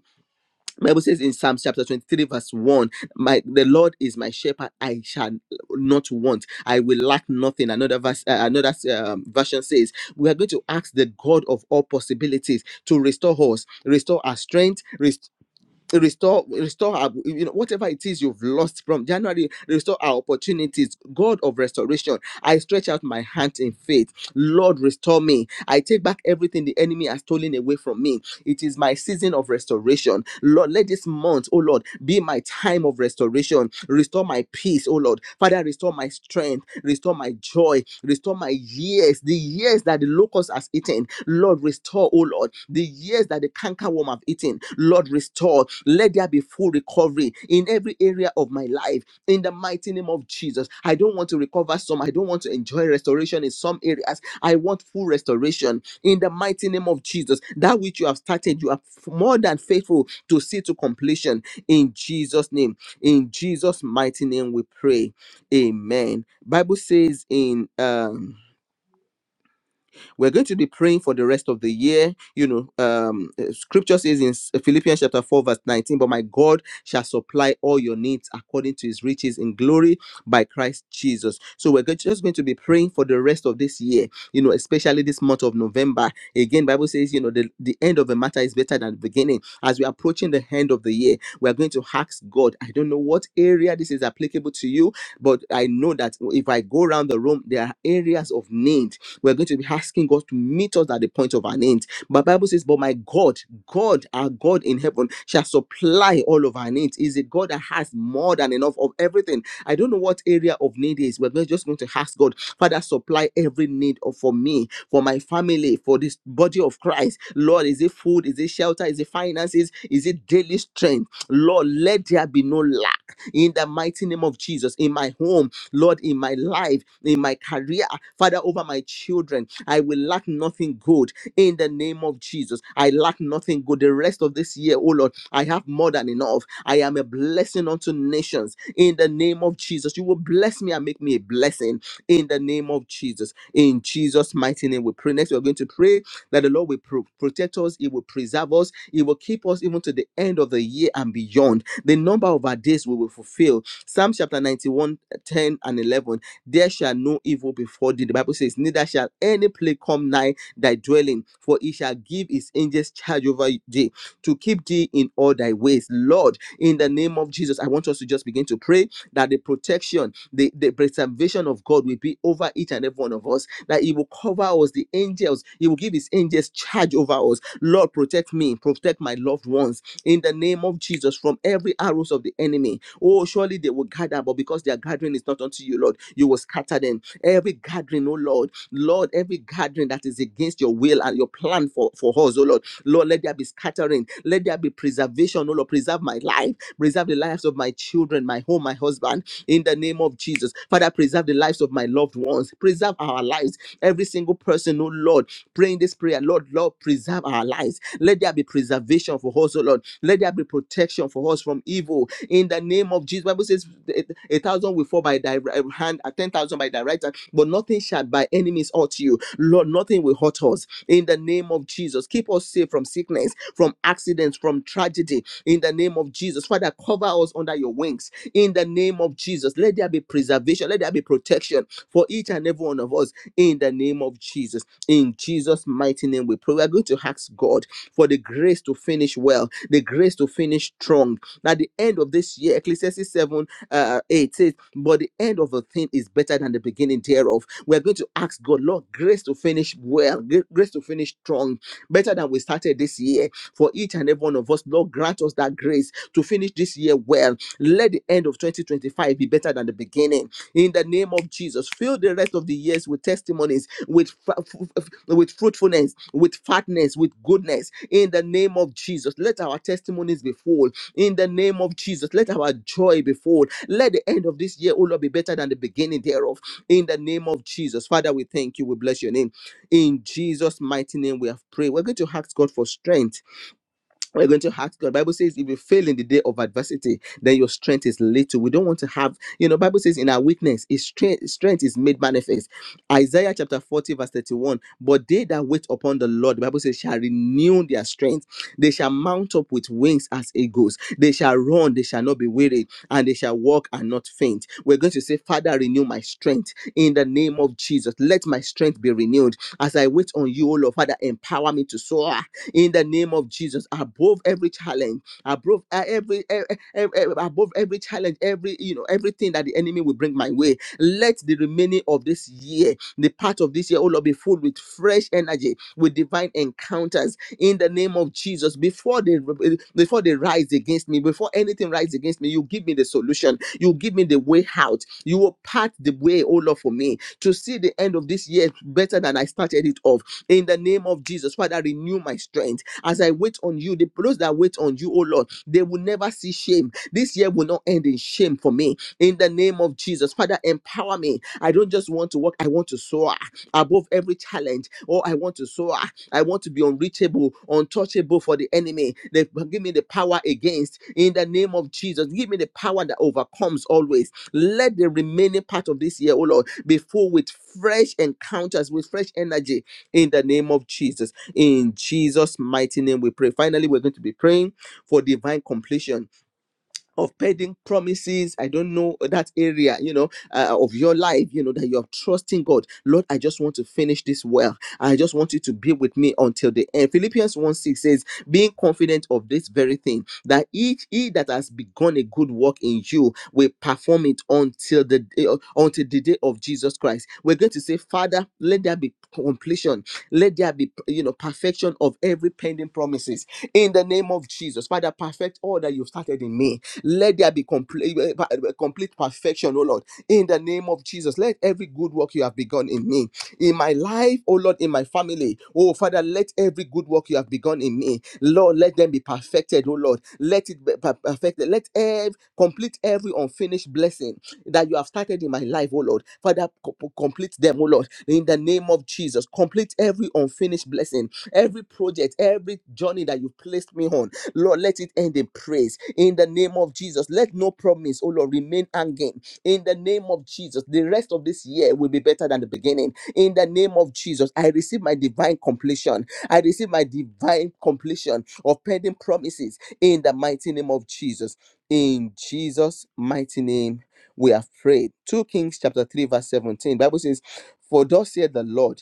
Speaker 1: Bible says in Psalm chapter 23, verse 1, my the Lord is my shepherd, I shall not want, I will lack nothing. Another verse, uh, another um, version says, We are going to ask the God of all possibilities to restore us, restore our strength, restore restore our, you know whatever it is you've lost from january restore our opportunities god of restoration i stretch out my hand in faith lord restore me i take back everything the enemy has stolen away from me it is my season of restoration lord let this month oh lord be my time of restoration restore my peace oh lord father restore my strength restore my joy restore my years the years that the locust has eaten lord restore oh lord the years that the cankerworm have eaten Lord, restore. Let there be full recovery in every area of my life. In the mighty name of Jesus, I don't want to recover some. I don't want to enjoy restoration in some areas. I want full restoration in the mighty name of Jesus. That which you have started, you are more than faithful to see to completion. In Jesus' name, in Jesus' mighty name, we pray. Amen. Bible says in um we're going to be praying for the rest of the year. You know, um, uh, scripture says in uh, Philippians chapter 4, verse 19, but my God shall supply all your needs according to his riches in glory by Christ Jesus. So we're go- just going to be praying for the rest of this year, you know, especially this month of November. Again, Bible says, you know, the, the end of a matter is better than the beginning. As we're approaching the end of the year, we're going to ask God, I don't know what area this is applicable to you, but I know that if I go around the room, there are areas of need we're going to be asking God to meet us at the point of our needs. But Bible says, But my God, God, our God in heaven, shall supply all of our needs. Is it God that has more than enough of everything? I don't know what area of need is. We're just going to ask God, Father, supply every need of for me, for my family, for this body of Christ. Lord, is it food? Is it shelter? Is it finances? Is it daily strength? Lord, let there be no lack in the mighty name of Jesus, in my home, Lord, in my life, in my career, Father, over my children. I will lack nothing good in the name of Jesus. I lack nothing good. The rest of this year, oh Lord, I have more than enough. I am a blessing unto nations in the name of Jesus. You will bless me and make me a blessing in the name of Jesus. In Jesus' mighty name, we pray. Next, we're going to pray that the Lord will pro- protect us, He will preserve us, He will keep us even to the end of the year and beyond the number of our days we will fulfill. Psalm chapter ninety one ten and 11. There shall no evil befall thee. The Bible says, Neither shall any plague come nigh thy dwelling, for he shall give his angels charge over thee to keep thee in all thy ways. Lord, in the name of Jesus, I want us to just begin to pray that the protection, the, the preservation of God will be over each and every one of us, that He will cover us, the angels, He will give His angels charge over us. Lord, protect me, protect my loved ones in the name of Jesus from every arrows of the enemy. Oh, surely they will gather, but because their gathering is not unto you, Lord, you will scatter them. Every gathering, oh Lord, Lord, every gathering that is against your will and your plan for, for us, oh Lord, Lord, let there be scattering, let there be preservation, oh Lord, preserve my life, preserve the preserve the lives of my children, my home, my husband, in the name of Jesus. Father, preserve the lives of my loved ones. Preserve our lives. Every single person, oh Lord, praying this prayer, Lord, Lord, preserve our lives. Let there be preservation for us, oh Lord. Let there be protection for us from evil. In the name of Jesus, Bible says a a thousand will fall by thy ri- um, hand, a ten thousand by thy right hand, but nothing shall by enemies hurt you. Lord, nothing will hurt us. In the name of Jesus, keep us safe from sickness, from accidents, from tragedy in the name of Jesus. Father, cover us under your wings in the name of Jesus. Let there be preservation, let there be protection for each and every one of us in the name of Jesus. In Jesus' mighty name, we pray. We are going to ask God for the grace to finish well, the grace to finish strong. At the end of this year, Ecclesiastes 7 uh, 8 says, But the end of a thing is better than the beginning thereof. We're going to ask God, Lord, grace to finish well, gra- grace to finish strong, better than we started this year for each and every one of us. Lord, grant us that grace to finish this year well. Let the end of 2025 be better than the beginning. In the name of Jesus, fill the rest of the years with testimonies, with with fruitfulness, with fatness, with goodness. In the name of Jesus, let our testimonies be full. In the name of Jesus, let our joy be full. Let the end of this year, O Lord, be better than the beginning thereof. In the name of Jesus, Father, we thank you. We bless your name. In Jesus' mighty name, we have prayed. We're going to ask God for strength we're going to ask God. Bible says, if you fail in the day of adversity, then your strength is little. We don't want to have, you know, Bible says in our weakness, his strength, strength is made manifest. Isaiah chapter 40, verse 31. But they that wait upon the Lord, the Bible says, shall renew their strength. They shall mount up with wings as eagles. They shall run, they shall not be weary, and they shall walk and not faint. We're going to say, Father, renew my strength in the name of Jesus. Let my strength be renewed. As I wait on you, O Lord, Father, empower me to soar in the name of Jesus. Above every challenge, above uh, every e- e- e- e- above every challenge, every you know everything that the enemy will bring my way. Let the remaining of this year, the part of this year, all Lord, be full with fresh energy, with divine encounters in the name of Jesus. Before they before they rise against me, before anything rises against me, you give me the solution. You give me the way out. You will part the way, oh Lord, for me to see the end of this year better than I started it off in the name of Jesus. Father, renew my strength as I wait on you. The those that wait on you, oh Lord, they will never see shame. This year will not end in shame for me. In the name of Jesus, Father, empower me. I don't just want to walk, I want to soar above every challenge. Oh, I want to soar. I want to be unreachable, untouchable for the enemy. They give me the power against. In the name of Jesus, give me the power that overcomes always. Let the remaining part of this year, oh Lord, be full with fresh encounters, with fresh energy in the name of Jesus. In Jesus' mighty name, we pray. Finally, we're going to be praying for divine completion of pending promises. I don't know that area, you know, uh, of your life, you know, that you're trusting God. Lord, I just want to finish this well. I just want you to be with me until the end. Philippians 1 6 says, being confident of this very thing, that each he that has begun a good work in you will perform it until the day, until the day of Jesus Christ. We're going to say, Father, let there be completion. Let there be, you know, perfection of every pending promises in the name of Jesus. Father, perfect all that you've started in me let there be complete, complete perfection, oh Lord, in the name of Jesus. Let every good work you have begun in me in my life, oh Lord, in my family. Oh Father, let every good work you have begun in me, Lord, let them be perfected, oh Lord. Let it be per- perfected. Let every complete every unfinished blessing that you have started in my life, oh Lord. Father, co- co- complete them, oh Lord, in the name of Jesus. Complete every unfinished blessing, every project, every journey that you placed me on. Lord, let it end in praise. In the name of Jesus, let no promise, oh Lord, remain hanging. In the name of Jesus, the rest of this year will be better than the beginning in the name of Jesus. I receive my divine completion. I receive my divine completion of pending promises in the mighty name of Jesus. In Jesus' mighty name, we have prayed. 2 Kings chapter 3, verse 17. Bible says, For thus saith the Lord.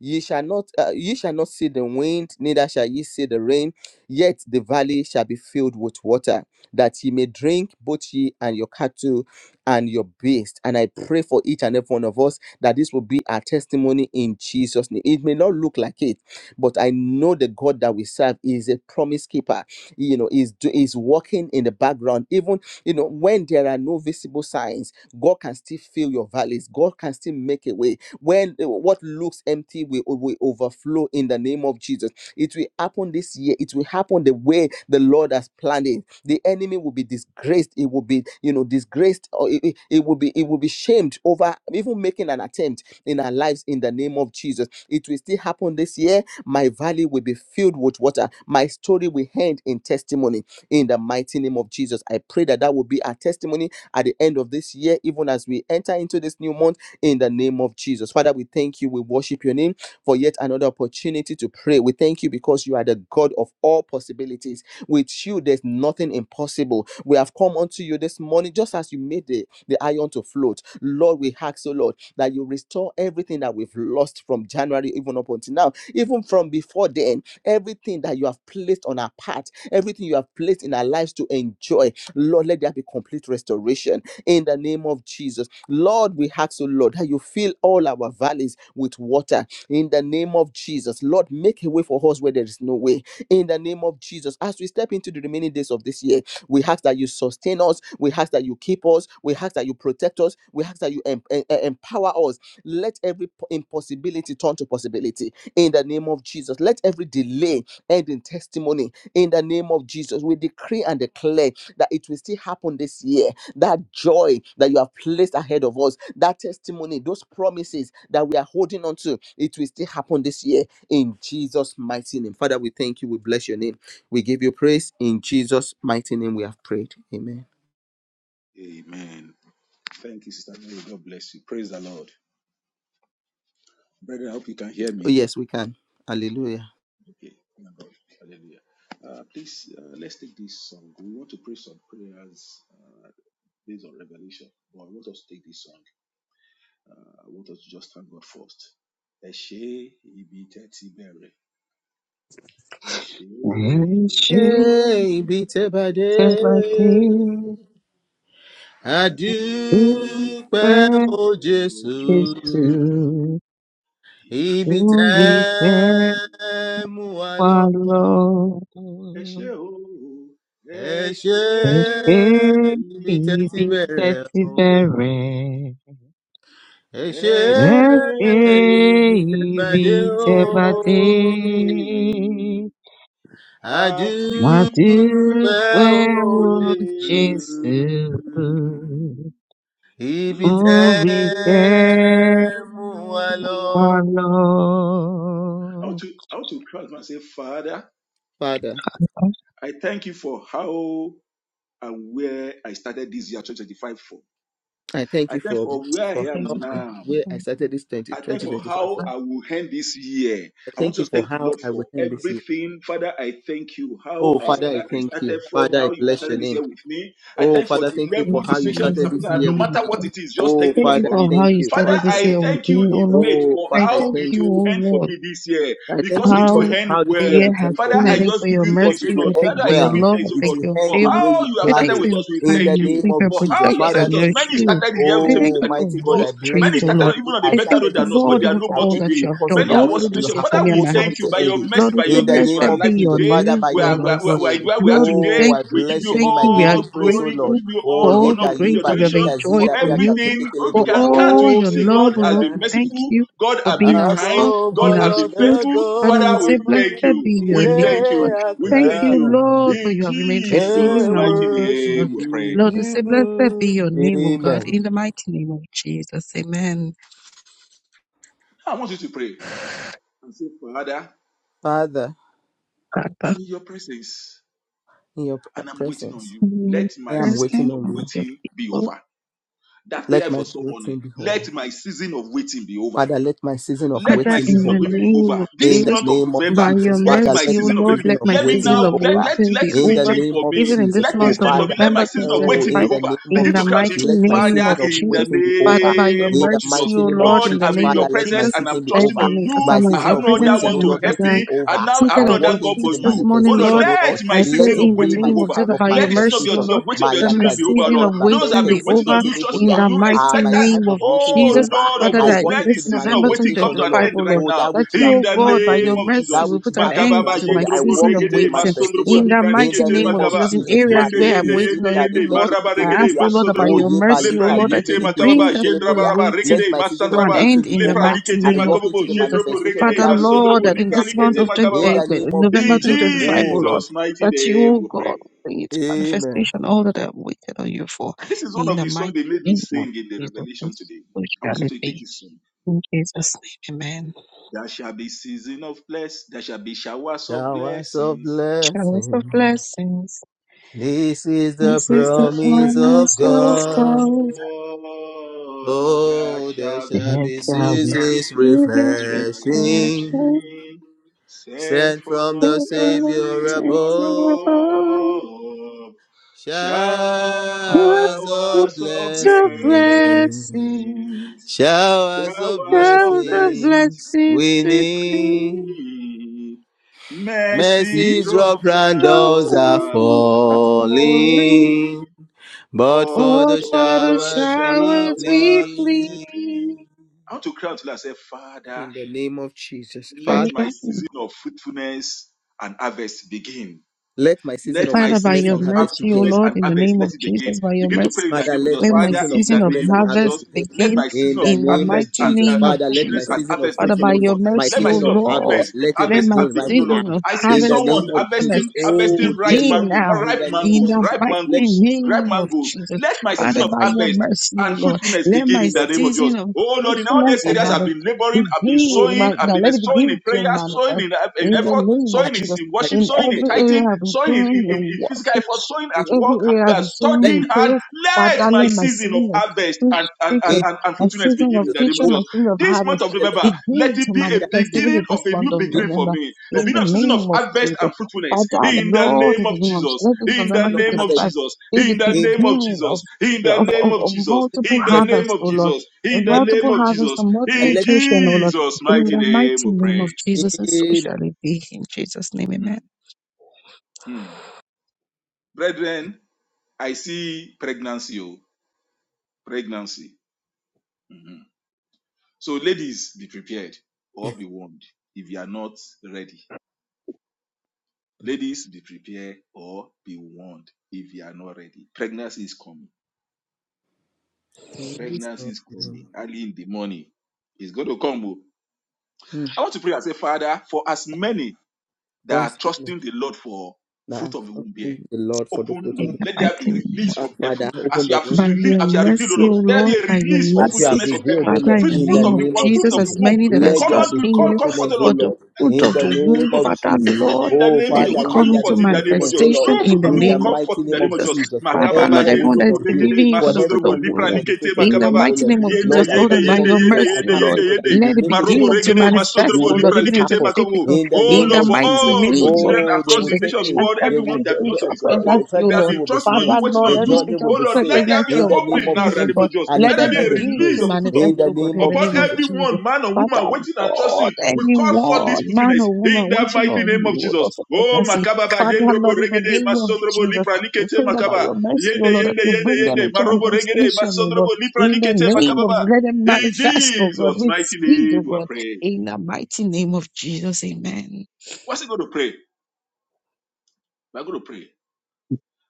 Speaker 1: Ye shall not, uh, ye shall not see the wind, neither shall ye see the rain. Yet the valley shall be filled with water, that ye may drink both ye and your cattle and your beast. And I pray for each and every one of us that this will be our testimony in Jesus' name. It may not look like it, but I know the God that we serve is a promise keeper. You know, is do- is working in the background, even you know when there are no visible signs. God can still fill your valleys. God can still make a way when eh, what looks empty will, will overflow in the name of Jesus. It will happen this year. It will happen the way the Lord has planned it. The enemy will be disgraced. It will be, you know, disgraced or it, it, it will be, it will be shamed over even making an attempt in our lives in the name of Jesus. It will still happen this year. My valley will be filled with water. My story will end in testimony in the mighty name of Jesus. I pray that that will be our testimony at the end of this year, even as we enter into this new month in the name of Jesus. Father, we thank you. We worship your name for yet another opportunity to pray. We thank you because you are the God of all possibilities. With you, there's nothing impossible. We have come unto you this morning just as you made the, the iron to float. Lord, we ask, oh Lord, that you restore everything that we've lost from January, even up until now, even from even before then, everything that you have placed on our path, everything you have placed in our lives to enjoy, Lord, let there be complete restoration in the name of Jesus. Lord, we ask, O Lord, that you fill all our valleys with water in the name of Jesus. Lord, make a way for us where there is no way in the name of Jesus. As we step into the remaining days of this year, we ask that you sustain us, we ask that you keep us, we ask that you protect us, we ask that you em- em- empower us. Let every po- impossibility turn to possibility in the name of Jesus. Let every delay end in testimony in the name of Jesus. We decree and declare that it will still happen this year. That joy that you have placed ahead of us, that testimony, those promises that we are holding on to, it will still happen this year in Jesus' mighty name. Father, we thank you. We bless your name. We give you praise. In Jesus' mighty name, we have prayed. Amen.
Speaker 3: Amen. Thank you, Sister Mary. God bless you. Praise the Lord. Brethren, I hope you can hear
Speaker 1: Oh,
Speaker 3: me.
Speaker 1: yes, we can. Hallelujah.
Speaker 3: Okay. Thank God. Hallelujah. Uh, please, uh, let's take this song. We want to pray some prayers uh, based on revelation, but I want us to take this song. Uh, I want us to just thank God first. Ẹ ṣé ibi tẹ́ ti bẹ̀rẹ̀. Ẹ
Speaker 2: And she
Speaker 1: Hey, beat it by
Speaker 3: ibi tẹ́
Speaker 2: said,
Speaker 3: bá
Speaker 2: I
Speaker 1: day.
Speaker 3: dé.
Speaker 2: think you
Speaker 3: Àdúpẹ́
Speaker 1: Adúpẹ́
Speaker 2: precious
Speaker 1: o Jésù,
Speaker 3: lórí Jésù.
Speaker 2: to
Speaker 3: Ẹ
Speaker 1: ibi
Speaker 2: be there,
Speaker 1: tẹ́ mú wa lọ.
Speaker 2: my
Speaker 3: ṣé
Speaker 2: Lord.
Speaker 3: o, ẹ
Speaker 1: Ẹ ṣé
Speaker 3: ṣé
Speaker 1: ibi tẹ́ ti
Speaker 2: Evi
Speaker 3: ibi tẹ́
Speaker 1: bẹ̀rẹ̀
Speaker 2: tẹ́tí
Speaker 3: ti
Speaker 1: o.
Speaker 3: bẹ̀rẹ̀,
Speaker 2: bẹ̀rẹ̀,
Speaker 1: Ẹ
Speaker 3: ẹ
Speaker 1: ṣé
Speaker 3: ṣé
Speaker 1: ibi tẹ́ bá
Speaker 2: evi
Speaker 1: dé
Speaker 3: ibi
Speaker 1: o.
Speaker 2: tẹ
Speaker 3: tẹ́
Speaker 2: bá
Speaker 3: bá
Speaker 2: dé,
Speaker 3: dé.
Speaker 2: wá
Speaker 3: Àdúpẹ́
Speaker 1: Adúpẹ́
Speaker 3: o
Speaker 2: dúpẹ́
Speaker 1: o
Speaker 2: o
Speaker 1: Jésù,
Speaker 2: Jésù
Speaker 3: Jésù,
Speaker 1: ibi
Speaker 2: fún
Speaker 3: ibi
Speaker 1: tẹ́
Speaker 2: mi tẹ́
Speaker 3: tẹ́
Speaker 1: mú
Speaker 3: mú
Speaker 1: wa lọ.
Speaker 2: wá
Speaker 3: wa.
Speaker 2: lọ.
Speaker 3: I want to, I want to cry and say, Father.
Speaker 1: Padà.
Speaker 2: Thank
Speaker 3: I thank you for how and where I started this year, 2025, for.
Speaker 1: I thank
Speaker 3: I
Speaker 1: you
Speaker 3: thank you
Speaker 1: for
Speaker 3: for where
Speaker 2: you
Speaker 1: for
Speaker 3: I
Speaker 2: thank
Speaker 3: am
Speaker 2: you
Speaker 1: how and
Speaker 3: now.
Speaker 1: where I
Speaker 2: for
Speaker 1: started this twenty
Speaker 3: I thank
Speaker 1: twenty
Speaker 3: for
Speaker 1: twenty five.
Speaker 2: I
Speaker 3: how
Speaker 1: from.
Speaker 3: I
Speaker 2: thank
Speaker 3: will end this year.
Speaker 1: I
Speaker 3: I want
Speaker 1: thank
Speaker 3: to
Speaker 1: you for
Speaker 3: thank the
Speaker 1: how
Speaker 3: Lord
Speaker 1: I will
Speaker 3: for
Speaker 1: end this year.
Speaker 3: everything. Father, I thank you. How
Speaker 1: Oh,
Speaker 3: I,
Speaker 1: Father, I
Speaker 3: where I
Speaker 1: thank you.
Speaker 3: started from,
Speaker 1: Father, I
Speaker 3: how you
Speaker 1: bless your
Speaker 3: started this
Speaker 1: name.
Speaker 3: year with me. I
Speaker 1: Oh,
Speaker 3: thank for
Speaker 1: Father,
Speaker 2: you, O
Speaker 1: thank
Speaker 3: the
Speaker 1: you for
Speaker 3: level, the
Speaker 1: how you
Speaker 3: situation, the
Speaker 1: started
Speaker 2: Lord, in
Speaker 1: this
Speaker 2: the
Speaker 3: circumstance.
Speaker 1: year
Speaker 3: No
Speaker 2: name
Speaker 1: with
Speaker 2: of
Speaker 3: matter
Speaker 1: me.
Speaker 3: what
Speaker 2: Jesus.
Speaker 3: it is, just thank
Speaker 1: Oh,
Speaker 3: the
Speaker 2: Thank
Speaker 3: Lord
Speaker 2: you
Speaker 1: Father,
Speaker 3: for
Speaker 2: for
Speaker 3: it.
Speaker 2: how
Speaker 1: thank
Speaker 2: you
Speaker 1: you.
Speaker 3: Father,
Speaker 2: started
Speaker 1: Father, I
Speaker 2: this
Speaker 3: I
Speaker 1: thank
Speaker 2: year
Speaker 1: you.
Speaker 2: with
Speaker 3: thank you
Speaker 2: me, O
Speaker 3: in
Speaker 2: Lord.
Speaker 3: faith
Speaker 1: Oh,
Speaker 3: for
Speaker 1: Father,
Speaker 2: I
Speaker 1: I
Speaker 3: how
Speaker 2: thank
Speaker 3: it
Speaker 1: thank
Speaker 2: you,
Speaker 1: you.
Speaker 3: will
Speaker 2: O
Speaker 3: end for
Speaker 2: Lord.
Speaker 3: me this year
Speaker 1: I thank
Speaker 3: because
Speaker 1: you
Speaker 3: it
Speaker 1: because
Speaker 3: will
Speaker 2: how
Speaker 1: of
Speaker 3: end
Speaker 1: how this
Speaker 2: the
Speaker 1: year
Speaker 3: well.
Speaker 1: will
Speaker 2: year has
Speaker 1: end for
Speaker 3: Father,
Speaker 2: been. I
Speaker 3: I
Speaker 1: me.
Speaker 2: thank you for
Speaker 3: just give
Speaker 2: your
Speaker 3: you
Speaker 1: Because
Speaker 3: thanks, O
Speaker 1: it
Speaker 2: mercies.
Speaker 1: will
Speaker 2: I
Speaker 3: Lord.
Speaker 2: thank you
Speaker 3: Father,
Speaker 1: end
Speaker 3: I
Speaker 2: for your
Speaker 3: give you
Speaker 1: well.
Speaker 2: love. I
Speaker 3: thanks, O
Speaker 1: It
Speaker 2: thank
Speaker 3: Lord,
Speaker 2: you for your
Speaker 1: will end
Speaker 3: for
Speaker 1: the
Speaker 2: favor.
Speaker 1: way
Speaker 3: how
Speaker 1: you
Speaker 3: you have
Speaker 2: I
Speaker 1: plan
Speaker 2: thank
Speaker 3: started
Speaker 2: you
Speaker 1: it.
Speaker 2: for
Speaker 3: with
Speaker 2: your
Speaker 3: us. We
Speaker 1: In the
Speaker 3: thank
Speaker 2: kindness.
Speaker 3: you
Speaker 1: name
Speaker 2: Thank you for
Speaker 1: of
Speaker 3: for
Speaker 2: your
Speaker 3: how
Speaker 1: Jesus.
Speaker 3: you have started
Speaker 1: Father,
Speaker 2: protection,
Speaker 3: with us.
Speaker 2: your
Speaker 1: thank
Speaker 3: Many
Speaker 1: you.
Speaker 2: shield.
Speaker 3: started the year with,
Speaker 2: I thank
Speaker 1: Oh,
Speaker 2: you for
Speaker 1: mighty
Speaker 3: with
Speaker 1: God,
Speaker 3: us.
Speaker 1: I bless
Speaker 2: victories,
Speaker 3: Many
Speaker 1: your
Speaker 2: oh
Speaker 1: name for
Speaker 3: started
Speaker 2: Lord.
Speaker 1: the way
Speaker 3: even on a
Speaker 1: I
Speaker 2: I
Speaker 3: better
Speaker 2: thank
Speaker 1: started
Speaker 3: road
Speaker 2: you,
Speaker 3: than
Speaker 1: this
Speaker 3: us, but
Speaker 2: Lord,
Speaker 3: they
Speaker 1: year.
Speaker 3: are
Speaker 2: even
Speaker 3: no
Speaker 2: for
Speaker 1: I
Speaker 3: more
Speaker 2: all
Speaker 1: thank
Speaker 2: that
Speaker 1: you
Speaker 3: today.
Speaker 2: you have
Speaker 1: because of
Speaker 2: done
Speaker 3: Many
Speaker 1: the
Speaker 2: all
Speaker 3: are
Speaker 1: way
Speaker 3: worse
Speaker 2: through
Speaker 1: that you
Speaker 2: this
Speaker 3: situation.
Speaker 2: year
Speaker 1: have
Speaker 2: for me
Speaker 3: Father,
Speaker 2: and
Speaker 3: we
Speaker 1: proposed
Speaker 2: my
Speaker 1: for me
Speaker 3: thank
Speaker 1: to
Speaker 3: you
Speaker 2: household.
Speaker 3: by
Speaker 1: end
Speaker 3: your
Speaker 1: it.
Speaker 3: mercy,
Speaker 2: Lord, we
Speaker 3: by
Speaker 2: say,
Speaker 3: your
Speaker 1: In the
Speaker 3: grace. We
Speaker 1: name
Speaker 3: are
Speaker 1: of
Speaker 2: blessed be
Speaker 3: alive
Speaker 1: Jesus.
Speaker 2: your
Speaker 3: today.
Speaker 1: Father,
Speaker 2: name
Speaker 1: by
Speaker 3: We
Speaker 1: your
Speaker 3: are,
Speaker 2: forever,
Speaker 3: we are,
Speaker 2: oh
Speaker 3: we
Speaker 2: God.
Speaker 3: are
Speaker 1: mercy.
Speaker 3: where we are
Speaker 2: Lord, we
Speaker 3: today.
Speaker 1: Oh,
Speaker 2: thank
Speaker 1: I
Speaker 2: you.
Speaker 3: We give
Speaker 2: We
Speaker 1: bless
Speaker 3: you
Speaker 1: your
Speaker 2: thank
Speaker 1: name. I
Speaker 2: you. We
Speaker 1: give
Speaker 2: are
Speaker 1: you
Speaker 3: all
Speaker 1: praise, oh
Speaker 2: grateful
Speaker 3: glory. We
Speaker 1: Lord.
Speaker 3: give you
Speaker 2: for
Speaker 1: Oh,
Speaker 3: all
Speaker 2: all
Speaker 3: honor.
Speaker 2: the
Speaker 1: yeka
Speaker 3: We give
Speaker 2: grace
Speaker 3: you
Speaker 1: liba
Speaker 2: that we have
Speaker 3: adoration
Speaker 1: lika
Speaker 3: for
Speaker 2: enjoyed
Speaker 1: zinda
Speaker 2: from
Speaker 1: ria
Speaker 2: you,
Speaker 3: everything.
Speaker 1: kazeke
Speaker 3: If we
Speaker 2: for
Speaker 1: teleboria.
Speaker 3: can count to
Speaker 2: all
Speaker 1: Oh,
Speaker 3: you,
Speaker 2: your
Speaker 1: be
Speaker 3: see
Speaker 2: love,
Speaker 3: God
Speaker 2: oh
Speaker 3: has
Speaker 2: Lord.
Speaker 3: been
Speaker 2: We
Speaker 1: lifted
Speaker 2: thank
Speaker 3: merciful.
Speaker 2: you
Speaker 3: God
Speaker 2: for
Speaker 3: has
Speaker 2: being
Speaker 3: been
Speaker 2: our
Speaker 1: above
Speaker 3: kind.
Speaker 2: source, for
Speaker 3: God
Speaker 2: being
Speaker 1: all
Speaker 2: our
Speaker 3: has been
Speaker 2: shield.
Speaker 1: other
Speaker 3: faithful.
Speaker 1: gods
Speaker 2: Father, we
Speaker 3: Father,
Speaker 2: say,
Speaker 3: we thank
Speaker 2: Blessed
Speaker 3: you.
Speaker 2: be your
Speaker 3: We
Speaker 2: name, O
Speaker 3: thank
Speaker 1: lay
Speaker 2: God.
Speaker 3: you.
Speaker 1: a
Speaker 3: We
Speaker 2: Thank
Speaker 3: thank
Speaker 2: you,
Speaker 3: you.
Speaker 1: crown
Speaker 2: Lord, for
Speaker 3: In
Speaker 2: you have remained faithful, even
Speaker 3: Jesus'
Speaker 2: in
Speaker 1: and
Speaker 2: our
Speaker 3: mighty name,
Speaker 2: unfaithfulness.
Speaker 3: we
Speaker 1: worship
Speaker 3: pray.
Speaker 2: Lord, we say, Blessed be
Speaker 1: you.
Speaker 2: your name, O God,
Speaker 1: Amen.
Speaker 2: in the mighty name of Jesus. Amen.
Speaker 3: I want you to pray and say, Father,
Speaker 1: Father,
Speaker 3: I'm
Speaker 2: Father,
Speaker 3: in your presence.
Speaker 1: in your
Speaker 3: and I'm waiting on
Speaker 1: presence,
Speaker 3: you.
Speaker 2: may your
Speaker 3: Let
Speaker 1: I
Speaker 3: my
Speaker 1: am waiting
Speaker 3: season
Speaker 2: presence
Speaker 3: of
Speaker 1: on
Speaker 2: among
Speaker 1: you.
Speaker 2: your
Speaker 3: waiting be
Speaker 2: people.
Speaker 3: over. That
Speaker 1: Let
Speaker 3: prayer
Speaker 1: my
Speaker 3: for someone. eh,
Speaker 1: waiting be
Speaker 3: Let
Speaker 1: over.
Speaker 3: my season of waiting be over.
Speaker 1: Father, let my season of
Speaker 3: Let my
Speaker 2: Father,
Speaker 1: waiting be
Speaker 2: in
Speaker 3: season of
Speaker 2: the
Speaker 1: over.
Speaker 3: baby be
Speaker 2: name
Speaker 3: over.
Speaker 2: of
Speaker 1: In
Speaker 3: This
Speaker 1: the
Speaker 2: Jesus,
Speaker 3: month of
Speaker 1: name of
Speaker 2: by
Speaker 3: November,
Speaker 2: your
Speaker 1: Jesus,
Speaker 3: let
Speaker 1: Father,
Speaker 3: my
Speaker 2: mercy,
Speaker 1: let
Speaker 2: O
Speaker 1: my
Speaker 3: season of
Speaker 2: Lord,
Speaker 3: baby be.
Speaker 1: season
Speaker 2: let
Speaker 1: of
Speaker 2: my
Speaker 3: Let me
Speaker 1: waiting be
Speaker 2: season
Speaker 3: now,
Speaker 2: of
Speaker 3: let,
Speaker 1: over.
Speaker 3: let,
Speaker 2: waiting
Speaker 3: let
Speaker 2: be
Speaker 1: In
Speaker 3: season
Speaker 1: the
Speaker 2: over,
Speaker 3: change
Speaker 1: name
Speaker 3: for
Speaker 1: of
Speaker 3: me.
Speaker 2: even in
Speaker 1: Jesus,
Speaker 2: this
Speaker 3: Let
Speaker 1: oh
Speaker 3: things
Speaker 2: month of
Speaker 3: change for me.
Speaker 1: Father,
Speaker 3: Let
Speaker 2: November
Speaker 3: my season of
Speaker 1: Oh,
Speaker 3: waiting be
Speaker 1: in
Speaker 2: 2025,
Speaker 1: the
Speaker 3: over.
Speaker 1: name
Speaker 2: in
Speaker 1: of
Speaker 3: Begin
Speaker 2: the
Speaker 3: to cry out
Speaker 1: Jesus,
Speaker 3: to him,
Speaker 2: mighty
Speaker 1: let my
Speaker 3: Father,
Speaker 2: name
Speaker 1: season
Speaker 2: of
Speaker 1: of
Speaker 3: in the
Speaker 2: Jesus.
Speaker 1: waiting be
Speaker 2: Father,
Speaker 1: over.
Speaker 2: by your
Speaker 3: name
Speaker 1: In
Speaker 3: of
Speaker 1: the
Speaker 3: Jesus.
Speaker 2: mercy,
Speaker 1: mighty
Speaker 2: O
Speaker 1: name of
Speaker 2: Lord,
Speaker 3: Lord,
Speaker 2: in the
Speaker 1: Jesus,
Speaker 3: I'm in
Speaker 2: name
Speaker 1: Father,
Speaker 3: your
Speaker 2: of
Speaker 1: let my
Speaker 3: presence
Speaker 2: Jesus,
Speaker 3: and I'm
Speaker 1: season be
Speaker 2: let
Speaker 3: trusting
Speaker 1: over.
Speaker 2: I
Speaker 3: on
Speaker 2: mean, as
Speaker 1: My
Speaker 3: you.
Speaker 2: I'm
Speaker 3: I
Speaker 2: in
Speaker 1: season
Speaker 3: have
Speaker 2: your
Speaker 1: of
Speaker 3: no other
Speaker 2: presence,
Speaker 1: waiting,
Speaker 2: as
Speaker 3: one
Speaker 1: oh
Speaker 3: to
Speaker 2: I'm,
Speaker 1: Lord,
Speaker 2: as
Speaker 1: let
Speaker 3: help
Speaker 1: it
Speaker 2: I'm
Speaker 1: be
Speaker 3: me.
Speaker 1: over.
Speaker 3: And now I have
Speaker 2: seated
Speaker 1: I
Speaker 3: no
Speaker 2: at your
Speaker 3: other
Speaker 1: walk
Speaker 3: God
Speaker 1: into
Speaker 2: feet
Speaker 3: but
Speaker 1: the
Speaker 2: this
Speaker 3: you. Oh
Speaker 2: morning,
Speaker 3: Lord,
Speaker 1: manifestation,
Speaker 2: Lord,
Speaker 1: oh
Speaker 3: let
Speaker 1: Lord.
Speaker 3: my
Speaker 2: I
Speaker 1: Let
Speaker 2: pray
Speaker 3: season of
Speaker 2: in
Speaker 1: it
Speaker 2: the
Speaker 1: be
Speaker 3: waiting be
Speaker 1: my
Speaker 2: name of
Speaker 3: over.
Speaker 1: time
Speaker 2: Jesus,
Speaker 1: of
Speaker 2: by your
Speaker 3: Let the season of
Speaker 2: mercy,
Speaker 3: your
Speaker 2: O
Speaker 1: manifestation.
Speaker 2: Lord,
Speaker 3: of waiting of your
Speaker 2: that my
Speaker 1: Maliaka
Speaker 3: children be over,
Speaker 2: season
Speaker 3: Lord.
Speaker 1: zigadala
Speaker 2: of
Speaker 3: Those that
Speaker 2: waiting
Speaker 3: have
Speaker 1: baleke
Speaker 2: be
Speaker 3: been waiting on
Speaker 2: over
Speaker 3: you, trusting
Speaker 2: in
Speaker 1: ziketelebodia.
Speaker 3: on
Speaker 2: the
Speaker 3: you,
Speaker 1: Ah,
Speaker 2: mighty
Speaker 1: my
Speaker 3: expectant
Speaker 1: time
Speaker 2: name
Speaker 1: of
Speaker 2: of
Speaker 1: waiting is
Speaker 3: Oh
Speaker 2: Jesus.
Speaker 1: over.
Speaker 3: Lord of
Speaker 2: Father,
Speaker 1: I
Speaker 3: hosts,
Speaker 2: that
Speaker 1: walk
Speaker 2: in
Speaker 3: let the
Speaker 1: into
Speaker 2: this
Speaker 1: the
Speaker 3: season of
Speaker 2: November
Speaker 3: waiting
Speaker 1: manifestation,
Speaker 3: come to
Speaker 1: oh
Speaker 3: an
Speaker 2: 2025,
Speaker 1: Lord.
Speaker 3: end
Speaker 2: oh
Speaker 3: right
Speaker 2: Lord,
Speaker 1: Oh,
Speaker 3: now.
Speaker 1: that
Speaker 2: that
Speaker 1: which you
Speaker 2: you,
Speaker 1: have
Speaker 3: In
Speaker 2: oh
Speaker 3: the
Speaker 1: planned
Speaker 2: God,
Speaker 1: for
Speaker 2: by
Speaker 3: name
Speaker 1: me,
Speaker 2: your
Speaker 3: of
Speaker 2: mercy,
Speaker 1: that
Speaker 3: Jesus.
Speaker 2: will
Speaker 1: which you
Speaker 2: put an
Speaker 1: have in
Speaker 2: end
Speaker 3: Makababa
Speaker 1: plan
Speaker 2: to
Speaker 1: for me.
Speaker 2: my
Speaker 1: I
Speaker 3: jendrobo
Speaker 2: season
Speaker 1: walk
Speaker 2: of
Speaker 1: into the
Speaker 3: regede
Speaker 2: waiting.
Speaker 3: masondrobo
Speaker 1: manifestation.
Speaker 2: In the
Speaker 1: In
Speaker 2: mighty
Speaker 1: the
Speaker 3: lipranikete
Speaker 1: name
Speaker 2: name of
Speaker 1: of
Speaker 3: makaba.
Speaker 2: Jesus, in
Speaker 1: Jesus,
Speaker 2: areas
Speaker 3: Yende
Speaker 2: where I'm
Speaker 3: yende
Speaker 1: Maleke
Speaker 2: waiting
Speaker 3: yende
Speaker 2: on
Speaker 1: Zinda
Speaker 2: you,
Speaker 3: yende
Speaker 1: Reke
Speaker 2: Lord,
Speaker 3: maraba
Speaker 2: I
Speaker 3: regede
Speaker 2: ask,
Speaker 1: Sheketeleboria.
Speaker 2: oh Lord, that by
Speaker 1: Oh
Speaker 3: masondrobo
Speaker 2: your
Speaker 1: ye
Speaker 2: mercy, oh
Speaker 3: lepra
Speaker 1: Balika
Speaker 2: Lord, that
Speaker 1: Yende
Speaker 3: likete
Speaker 2: you
Speaker 1: Reke
Speaker 2: bring
Speaker 3: makababa
Speaker 2: that season of
Speaker 3: jendraba
Speaker 1: Zeketeleboria.
Speaker 3: raba
Speaker 2: waiting
Speaker 1: Let
Speaker 3: regede
Speaker 1: my season
Speaker 2: to
Speaker 1: of
Speaker 2: an
Speaker 3: masandraba
Speaker 1: waiting
Speaker 2: end
Speaker 1: be
Speaker 2: in the
Speaker 1: over.
Speaker 3: lepra
Speaker 2: mighty
Speaker 1: I
Speaker 3: likete
Speaker 2: name of
Speaker 1: walk
Speaker 3: makabobo
Speaker 1: into the
Speaker 2: Jesus.
Speaker 3: jendrobo
Speaker 1: manifestation of
Speaker 3: regede
Speaker 2: Father,
Speaker 1: that which you have
Speaker 2: Lord,
Speaker 3: masondrobo
Speaker 1: in
Speaker 2: that in
Speaker 3: lipra
Speaker 1: plan
Speaker 2: this
Speaker 1: for
Speaker 2: month
Speaker 3: likete
Speaker 1: me.
Speaker 2: of 20,
Speaker 1: In
Speaker 3: makababa.
Speaker 2: eh,
Speaker 1: the name of
Speaker 2: November
Speaker 3: In
Speaker 1: Jesus.
Speaker 2: 2025, oh
Speaker 1: Oh,
Speaker 2: Lord,
Speaker 3: Jesus' mighty
Speaker 2: that you,
Speaker 3: name
Speaker 2: oh
Speaker 3: we
Speaker 2: God,
Speaker 3: pray.
Speaker 2: bring it to
Speaker 1: Amen.
Speaker 2: manifestation all that I've waited on you for.
Speaker 3: This is one
Speaker 2: In
Speaker 3: of
Speaker 2: the
Speaker 3: the
Speaker 2: mighty
Speaker 3: songs they made me
Speaker 2: name of
Speaker 3: sing in the
Speaker 2: Jesus
Speaker 3: Revelation
Speaker 2: Christ,
Speaker 3: today.
Speaker 2: so
Speaker 3: I
Speaker 2: shall
Speaker 3: want
Speaker 2: it
Speaker 3: you to take
Speaker 2: be.
Speaker 3: this song.
Speaker 2: In Jesus' name, amen.
Speaker 3: There shall be season of bless. There shall be showers of
Speaker 1: Showers of
Speaker 3: blessings.
Speaker 2: Showers of
Speaker 1: blessing.
Speaker 2: blessings.
Speaker 1: This is the
Speaker 2: This
Speaker 3: This
Speaker 2: is
Speaker 3: is
Speaker 2: the
Speaker 3: the
Speaker 1: promise
Speaker 3: spreading
Speaker 1: of
Speaker 2: promise of
Speaker 3: of
Speaker 1: God.
Speaker 2: God.
Speaker 3: God. There
Speaker 1: Oh, there
Speaker 3: shall
Speaker 2: The
Speaker 1: shall
Speaker 2: head
Speaker 3: be
Speaker 1: be
Speaker 2: shall be
Speaker 1: seasons
Speaker 3: seasons
Speaker 2: It is required. to
Speaker 1: refreshing,
Speaker 3: refreshing. Sent
Speaker 1: sent from
Speaker 2: be
Speaker 1: the
Speaker 3: from the
Speaker 2: acceptable.
Speaker 1: Savior
Speaker 3: Savior
Speaker 2: Showers
Speaker 1: above.
Speaker 2: of
Speaker 3: above.
Speaker 1: Showers
Speaker 2: God.
Speaker 1: of
Speaker 3: Showers of
Speaker 2: So
Speaker 1: blessings,
Speaker 2: blessings.
Speaker 3: blessings.
Speaker 1: showers of
Speaker 3: Showers of
Speaker 2: Showers of
Speaker 3: blessings.
Speaker 1: blessings,
Speaker 2: blessings.
Speaker 1: we
Speaker 2: we
Speaker 1: need.
Speaker 2: pray.
Speaker 3: Mercy
Speaker 1: Mercies drop
Speaker 3: drops round
Speaker 2: Drops
Speaker 1: randalls
Speaker 3: us
Speaker 1: are
Speaker 2: all
Speaker 3: are
Speaker 2: of our falling
Speaker 3: falling.
Speaker 1: falling, but
Speaker 3: All
Speaker 1: for
Speaker 2: Oh,
Speaker 1: the
Speaker 2: for
Speaker 3: for
Speaker 2: the
Speaker 3: the
Speaker 1: showers we
Speaker 2: showers we
Speaker 3: shower
Speaker 1: plead.
Speaker 3: sweeping.
Speaker 2: plead.
Speaker 3: I want to cry out to God and say, Father,
Speaker 1: In the name of Jesus,
Speaker 3: let
Speaker 1: Father,
Speaker 3: my
Speaker 2: Father.
Speaker 3: season of fruitfulness and harvest begin.
Speaker 1: let my season
Speaker 3: Let
Speaker 1: of
Speaker 3: my
Speaker 2: Father, by
Speaker 1: fruitfulness
Speaker 3: season
Speaker 2: your
Speaker 1: and
Speaker 3: of
Speaker 1: harvest
Speaker 2: mercy, O
Speaker 1: begin.
Speaker 3: fruitfulness
Speaker 2: Lord,
Speaker 3: and
Speaker 2: in the
Speaker 3: harvest
Speaker 2: name of
Speaker 3: let it begin.
Speaker 2: Jesus, by your
Speaker 3: Begin to pray
Speaker 2: mercy,
Speaker 3: in the
Speaker 1: Father,
Speaker 3: name of Jesus,
Speaker 1: let
Speaker 2: let
Speaker 1: my
Speaker 2: my
Speaker 3: Father,
Speaker 1: season of
Speaker 3: in the
Speaker 2: season of
Speaker 1: fruitfulness
Speaker 3: name
Speaker 1: and
Speaker 3: of
Speaker 1: harvest
Speaker 2: harvest
Speaker 3: Jesus.
Speaker 1: begin.
Speaker 3: Let
Speaker 2: begin
Speaker 3: my
Speaker 1: In
Speaker 3: season of
Speaker 1: the
Speaker 2: in the
Speaker 1: name
Speaker 3: harvest
Speaker 1: of
Speaker 2: mighty
Speaker 3: and
Speaker 1: Jesus.
Speaker 3: uh,
Speaker 2: name
Speaker 3: uh,
Speaker 2: of
Speaker 1: Father, let my
Speaker 3: fruitfulness
Speaker 2: Jesus.
Speaker 3: and
Speaker 1: season of
Speaker 3: harvest
Speaker 2: Father,
Speaker 3: begin,
Speaker 2: by
Speaker 3: O
Speaker 1: fruitfulness,
Speaker 2: your
Speaker 3: Lord.
Speaker 1: my
Speaker 3: Let
Speaker 2: mercy,
Speaker 3: my
Speaker 2: O
Speaker 1: season
Speaker 3: season
Speaker 1: of
Speaker 3: of
Speaker 2: Lord,
Speaker 1: harvest,
Speaker 3: fruitfulness,
Speaker 1: let it
Speaker 2: let
Speaker 3: harvest
Speaker 2: my
Speaker 1: begin
Speaker 3: and
Speaker 1: right
Speaker 3: begin, O Lord.
Speaker 1: now.
Speaker 2: season of
Speaker 3: I see
Speaker 1: In the
Speaker 2: harvest and
Speaker 3: someone
Speaker 1: name of Jesus.
Speaker 2: fruitfulness
Speaker 3: harvesting,
Speaker 1: Oh,
Speaker 3: harvesting
Speaker 1: dear
Speaker 3: ripe
Speaker 1: Lord.
Speaker 2: begin
Speaker 3: mango,
Speaker 2: now.
Speaker 1: In
Speaker 3: ripe
Speaker 1: the name
Speaker 2: In
Speaker 3: mangoes,
Speaker 1: of
Speaker 2: the
Speaker 3: ripe
Speaker 2: mighty
Speaker 1: Jesus. Let
Speaker 3: mangoes, ripe
Speaker 2: name of
Speaker 3: mangoes.
Speaker 2: Jesus,
Speaker 3: Let my season
Speaker 2: Father,
Speaker 1: harvest
Speaker 3: of
Speaker 2: by your
Speaker 3: harvest
Speaker 2: mercy, O
Speaker 3: and
Speaker 2: Lord,
Speaker 3: fruitfulness
Speaker 2: let
Speaker 3: begin
Speaker 2: my
Speaker 3: in
Speaker 1: season
Speaker 3: the
Speaker 1: of
Speaker 3: name of Jesus.
Speaker 2: season
Speaker 1: fruitfulness.
Speaker 2: of
Speaker 3: Oh Lord, in all
Speaker 2: fruitfulness
Speaker 3: these
Speaker 1: In
Speaker 2: and
Speaker 3: areas
Speaker 1: the name
Speaker 3: I've
Speaker 2: harvest
Speaker 3: been
Speaker 1: of
Speaker 3: laboring, I've been
Speaker 2: begin
Speaker 1: Oh,
Speaker 3: sowing,
Speaker 2: right
Speaker 3: I've
Speaker 1: I
Speaker 2: now.
Speaker 3: been
Speaker 2: Let it
Speaker 1: am I
Speaker 3: sowing in
Speaker 2: begin to
Speaker 3: prayer,
Speaker 1: am
Speaker 3: sowing
Speaker 2: manifest
Speaker 3: in, uh, in
Speaker 2: in
Speaker 1: Lord.
Speaker 2: the
Speaker 3: effort,
Speaker 1: for
Speaker 2: name
Speaker 1: I
Speaker 2: of
Speaker 3: sowing in,
Speaker 2: Jesus
Speaker 3: in
Speaker 1: I
Speaker 3: worship,
Speaker 1: will
Speaker 2: in
Speaker 3: sowing in
Speaker 1: not
Speaker 2: every
Speaker 1: again.
Speaker 2: area
Speaker 3: tithing,
Speaker 2: I've been
Speaker 3: sowing in,
Speaker 2: praying
Speaker 3: in, in
Speaker 1: Of
Speaker 2: in
Speaker 3: physical
Speaker 2: worship,
Speaker 3: effort, sowing at
Speaker 1: season of
Speaker 2: every
Speaker 3: work,
Speaker 2: area
Speaker 1: harvest.
Speaker 2: I've
Speaker 3: that
Speaker 2: been praying
Speaker 1: Let
Speaker 3: studying
Speaker 2: in
Speaker 1: my season
Speaker 3: hard.
Speaker 2: prayers.
Speaker 3: Let
Speaker 2: Father,
Speaker 3: my
Speaker 2: let my
Speaker 3: season of
Speaker 2: season of
Speaker 3: harvest
Speaker 1: right now.
Speaker 2: preach,
Speaker 3: and, and, and,
Speaker 1: In
Speaker 2: preaching,
Speaker 3: and, and
Speaker 1: the
Speaker 2: my
Speaker 1: name of
Speaker 3: fruitfulness
Speaker 2: season
Speaker 3: begin
Speaker 2: of
Speaker 3: in
Speaker 1: Jesus.
Speaker 3: the name of
Speaker 1: Oh,
Speaker 2: teaching, my
Speaker 3: Jesus.
Speaker 2: season of
Speaker 3: This month of
Speaker 2: harvest
Speaker 1: let it be.
Speaker 3: November, let
Speaker 2: begin to
Speaker 3: it be
Speaker 1: In the
Speaker 3: a
Speaker 1: name
Speaker 2: manifest
Speaker 1: of Jesus.
Speaker 2: even
Speaker 3: beginning
Speaker 2: in this
Speaker 3: of a
Speaker 2: month
Speaker 3: new
Speaker 2: of
Speaker 3: beginning for
Speaker 2: November
Speaker 3: me, a
Speaker 2: in
Speaker 3: beginning
Speaker 2: the
Speaker 3: of season
Speaker 1: Let
Speaker 3: of
Speaker 2: name of
Speaker 3: harvest
Speaker 2: Jesus.
Speaker 3: and
Speaker 1: it
Speaker 3: fruitfulness.
Speaker 1: be.
Speaker 2: Father,
Speaker 3: In the
Speaker 2: Lord,
Speaker 3: name
Speaker 2: in the
Speaker 3: of
Speaker 2: name of Jesus,
Speaker 3: Jesus,
Speaker 2: let this
Speaker 3: in
Speaker 1: season
Speaker 3: the
Speaker 2: November to
Speaker 1: of
Speaker 3: name of
Speaker 1: harvest.
Speaker 2: 25
Speaker 3: Jesus,
Speaker 2: be the
Speaker 3: in the
Speaker 1: In the
Speaker 3: name of
Speaker 2: beginning
Speaker 3: Jesus,
Speaker 2: of,
Speaker 3: in the
Speaker 2: of,
Speaker 1: Father,
Speaker 3: name
Speaker 2: of,
Speaker 3: of
Speaker 2: of
Speaker 3: Jesus,
Speaker 1: season
Speaker 2: multiple
Speaker 3: in
Speaker 1: of
Speaker 3: the
Speaker 1: harvest.
Speaker 3: name
Speaker 2: harvest,
Speaker 3: of
Speaker 2: O Lord.
Speaker 3: Jesus,
Speaker 2: A
Speaker 3: in the
Speaker 1: In
Speaker 3: name
Speaker 2: multiple
Speaker 3: of
Speaker 2: harvest, a
Speaker 3: Jesus,
Speaker 2: multiple
Speaker 3: in
Speaker 2: creation, O Lord.
Speaker 3: Jesus'
Speaker 2: In
Speaker 3: mighty
Speaker 2: the mighty
Speaker 3: name we
Speaker 2: name of
Speaker 3: pray.
Speaker 2: Jesus, and so
Speaker 1: the
Speaker 2: shall it be. In Jesus' name, amen.
Speaker 3: Hmm, hmm. Brethren, I see pregnancy, oh, pregnancy. Mhm. So, ladies, be prepared or be warned if you are not ready Ladies, be prepared or be warned if you are not ready. Pregnancy is coming.
Speaker 1: name
Speaker 3: Pregnancy
Speaker 1: of
Speaker 3: is
Speaker 1: the Lord, let Amen. Jesus,
Speaker 3: coming early in the morning. It's going to come. oh.
Speaker 1: hmm.
Speaker 3: I want to pray and say, Father, for as many that are
Speaker 1: First, moment
Speaker 3: trusting the Lord for
Speaker 1: that
Speaker 3: fruit
Speaker 1: I'm
Speaker 3: of the womb bear,
Speaker 1: trusting the Lord for the
Speaker 3: open the
Speaker 1: fruit of
Speaker 2: In
Speaker 1: the
Speaker 3: womb.
Speaker 2: the
Speaker 3: Let
Speaker 2: mighty
Speaker 3: there be
Speaker 2: name.
Speaker 3: release
Speaker 1: Ah,
Speaker 3: from heaven.
Speaker 1: Father,
Speaker 3: As
Speaker 1: open
Speaker 3: you
Speaker 1: the
Speaker 3: have
Speaker 1: womb
Speaker 2: By
Speaker 3: released,
Speaker 2: your
Speaker 3: as you have revealed, oh
Speaker 2: mercy,
Speaker 3: Lord,
Speaker 2: O
Speaker 3: let
Speaker 2: Lord,
Speaker 3: there be a
Speaker 2: by your
Speaker 3: release of
Speaker 1: as you have
Speaker 2: mercy,
Speaker 3: fruitfulness of
Speaker 1: revealed,
Speaker 3: heaven.
Speaker 1: O
Speaker 2: Father,
Speaker 1: Lord,
Speaker 2: in
Speaker 3: Fruit,
Speaker 2: the
Speaker 1: in
Speaker 3: fruit
Speaker 1: the
Speaker 2: name
Speaker 3: of
Speaker 2: of
Speaker 3: the
Speaker 1: name of
Speaker 3: fruit
Speaker 2: Jesus,
Speaker 3: of the
Speaker 2: as
Speaker 1: Jesus.
Speaker 3: womb.
Speaker 2: many that
Speaker 3: We
Speaker 2: are
Speaker 1: Let
Speaker 3: come
Speaker 1: there
Speaker 3: and
Speaker 1: be
Speaker 3: we
Speaker 2: trusting
Speaker 3: call
Speaker 2: you
Speaker 3: comfort,
Speaker 1: fruitfulness,
Speaker 3: O
Speaker 1: O
Speaker 3: Lord.
Speaker 2: for the
Speaker 1: Lord,
Speaker 2: fruit
Speaker 1: in
Speaker 2: of
Speaker 1: the
Speaker 2: the
Speaker 1: name
Speaker 2: womb,
Speaker 1: of
Speaker 2: Father,
Speaker 1: Jesus.
Speaker 2: Lord,
Speaker 3: in the
Speaker 1: Oh,
Speaker 3: name
Speaker 2: let
Speaker 3: of
Speaker 2: it
Speaker 3: Jesus.
Speaker 1: Father,
Speaker 3: We call
Speaker 1: let
Speaker 2: come
Speaker 3: you
Speaker 1: there
Speaker 2: into
Speaker 3: forth
Speaker 1: be
Speaker 3: in the name of
Speaker 1: fruitfulness, O
Speaker 3: Jesus.
Speaker 1: Lord,
Speaker 2: manifestation
Speaker 3: No
Speaker 2: in
Speaker 3: fruit
Speaker 2: the
Speaker 3: of the
Speaker 1: in
Speaker 3: womb
Speaker 1: the
Speaker 2: name of
Speaker 3: come forth
Speaker 1: mighty
Speaker 3: in the
Speaker 1: name
Speaker 3: name
Speaker 1: of
Speaker 3: of
Speaker 2: Jesus.
Speaker 3: Jesus.
Speaker 1: Jesus. For
Speaker 2: Father,
Speaker 3: Makababa,
Speaker 2: Lord,
Speaker 1: everyone
Speaker 2: everyone
Speaker 1: waiting
Speaker 2: that is
Speaker 3: Jendrobo,
Speaker 1: on you,
Speaker 2: believing
Speaker 3: Regede,
Speaker 2: you
Speaker 1: for
Speaker 2: for the fruit of
Speaker 3: Masodrobo,
Speaker 1: everyone
Speaker 2: the
Speaker 1: looking
Speaker 3: Lipra,
Speaker 1: for
Speaker 2: womb,
Speaker 1: the
Speaker 3: Nikete,
Speaker 1: fruit of
Speaker 2: in
Speaker 1: the
Speaker 2: the
Speaker 1: womb,
Speaker 3: Makababa,
Speaker 1: O
Speaker 2: mighty
Speaker 1: Lord,
Speaker 2: name of
Speaker 3: Yende,
Speaker 2: Jesus,
Speaker 1: Lord, in
Speaker 2: Lord,
Speaker 3: Yende,
Speaker 1: the
Speaker 2: and
Speaker 1: name
Speaker 2: by
Speaker 3: Yende,
Speaker 1: of
Speaker 2: your
Speaker 3: Yende,
Speaker 1: Jesus, I
Speaker 2: mercy, O
Speaker 3: Yende,
Speaker 1: have to
Speaker 2: Lord,
Speaker 3: Yende,
Speaker 1: know that
Speaker 3: Yende,
Speaker 1: you will
Speaker 2: let it
Speaker 1: make it to
Speaker 3: Marobo,
Speaker 2: begin
Speaker 1: come to
Speaker 2: to
Speaker 3: Regede,
Speaker 1: pass. You
Speaker 2: manifest,
Speaker 3: Masodrobo,
Speaker 2: O
Speaker 1: will
Speaker 2: Lord,
Speaker 1: make
Speaker 3: Lipra,
Speaker 1: it
Speaker 2: even in the
Speaker 3: Nikete,
Speaker 1: happen
Speaker 3: Makabo.
Speaker 2: physical,
Speaker 1: in the
Speaker 3: Oh
Speaker 2: in
Speaker 1: name
Speaker 2: the
Speaker 3: Lord,
Speaker 1: of
Speaker 3: for
Speaker 2: mighty
Speaker 1: Jesus.
Speaker 3: all your
Speaker 2: name of
Speaker 3: children
Speaker 1: Oh, they
Speaker 3: across
Speaker 1: will
Speaker 3: the
Speaker 2: Jesus.
Speaker 3: nation
Speaker 1: take
Speaker 3: of the
Speaker 1: in.
Speaker 2: And
Speaker 3: world,
Speaker 1: They
Speaker 3: everyone
Speaker 1: will.
Speaker 2: every
Speaker 1: b-
Speaker 3: that
Speaker 1: b-
Speaker 3: belongs to
Speaker 2: spiritual
Speaker 3: this
Speaker 1: uh,
Speaker 3: platform,
Speaker 1: The
Speaker 2: pregnancy, O
Speaker 3: they
Speaker 2: Lord.
Speaker 3: have
Speaker 1: pregnancy
Speaker 3: been
Speaker 1: will be
Speaker 3: trusting on you,
Speaker 1: smooth.
Speaker 2: Father,
Speaker 3: waiting
Speaker 2: Lord,
Speaker 1: The
Speaker 3: on
Speaker 2: every
Speaker 3: you.
Speaker 1: journey will
Speaker 2: spiritual
Speaker 3: Oh
Speaker 1: be
Speaker 3: Lord,
Speaker 2: pre-
Speaker 3: let
Speaker 1: safe
Speaker 3: there be
Speaker 2: pregnancy
Speaker 1: in
Speaker 3: an
Speaker 2: of
Speaker 1: the name
Speaker 3: opening
Speaker 1: of
Speaker 3: now
Speaker 2: blessings,
Speaker 3: in the
Speaker 2: oh
Speaker 3: name
Speaker 1: Jesus,
Speaker 3: of
Speaker 2: God,
Speaker 3: Jesus.
Speaker 1: and
Speaker 2: let
Speaker 3: Let
Speaker 1: it
Speaker 3: there
Speaker 2: them
Speaker 1: will
Speaker 3: be a
Speaker 1: end in
Speaker 2: begin
Speaker 3: release
Speaker 2: to
Speaker 1: praise
Speaker 3: of the fruit of the
Speaker 1: in
Speaker 2: manifest,
Speaker 3: womb
Speaker 1: the
Speaker 2: oh God,
Speaker 1: name
Speaker 2: in the
Speaker 1: of
Speaker 3: upon
Speaker 2: name of
Speaker 1: Jesus.
Speaker 2: Jesus.
Speaker 3: everyone, man or
Speaker 2: Father,
Speaker 3: woman, waiting and trusting.
Speaker 2: Lord,
Speaker 3: We call for this
Speaker 2: anyone, man
Speaker 3: fruitfulness
Speaker 2: or
Speaker 3: in
Speaker 2: woman,
Speaker 3: the
Speaker 2: waiting
Speaker 3: mighty
Speaker 2: on
Speaker 3: name
Speaker 2: you,
Speaker 3: of
Speaker 2: oh
Speaker 3: Jesus.
Speaker 2: Lord, for
Speaker 3: Oh,
Speaker 2: pregnancy.
Speaker 3: makababa,
Speaker 2: Father,
Speaker 3: yendrobo,
Speaker 2: Lord, in the
Speaker 3: regede,
Speaker 2: name of
Speaker 3: masondrobo,
Speaker 2: Jesus,
Speaker 3: lipra,
Speaker 2: we
Speaker 3: likete,
Speaker 2: pray about
Speaker 3: makaba.
Speaker 2: your mercy, oh
Speaker 3: Yende,
Speaker 2: Lord, that
Speaker 3: yende,
Speaker 2: you
Speaker 3: yende,
Speaker 2: bring them
Speaker 3: yende,
Speaker 2: into
Speaker 3: marobo, regede,
Speaker 2: manifestation, oh Lord.
Speaker 3: masondrobo, lipra,
Speaker 2: In the
Speaker 3: likete,
Speaker 2: name
Speaker 3: makaba.
Speaker 2: of Jesus, let them
Speaker 3: In
Speaker 2: manifest, oh God,
Speaker 3: Jesus'
Speaker 2: with
Speaker 3: mighty
Speaker 2: speed, oh
Speaker 3: name, we are
Speaker 2: God.
Speaker 3: praying.
Speaker 2: In the mighty name of Jesus, amen.
Speaker 3: What's he going to pray? We're going to pray.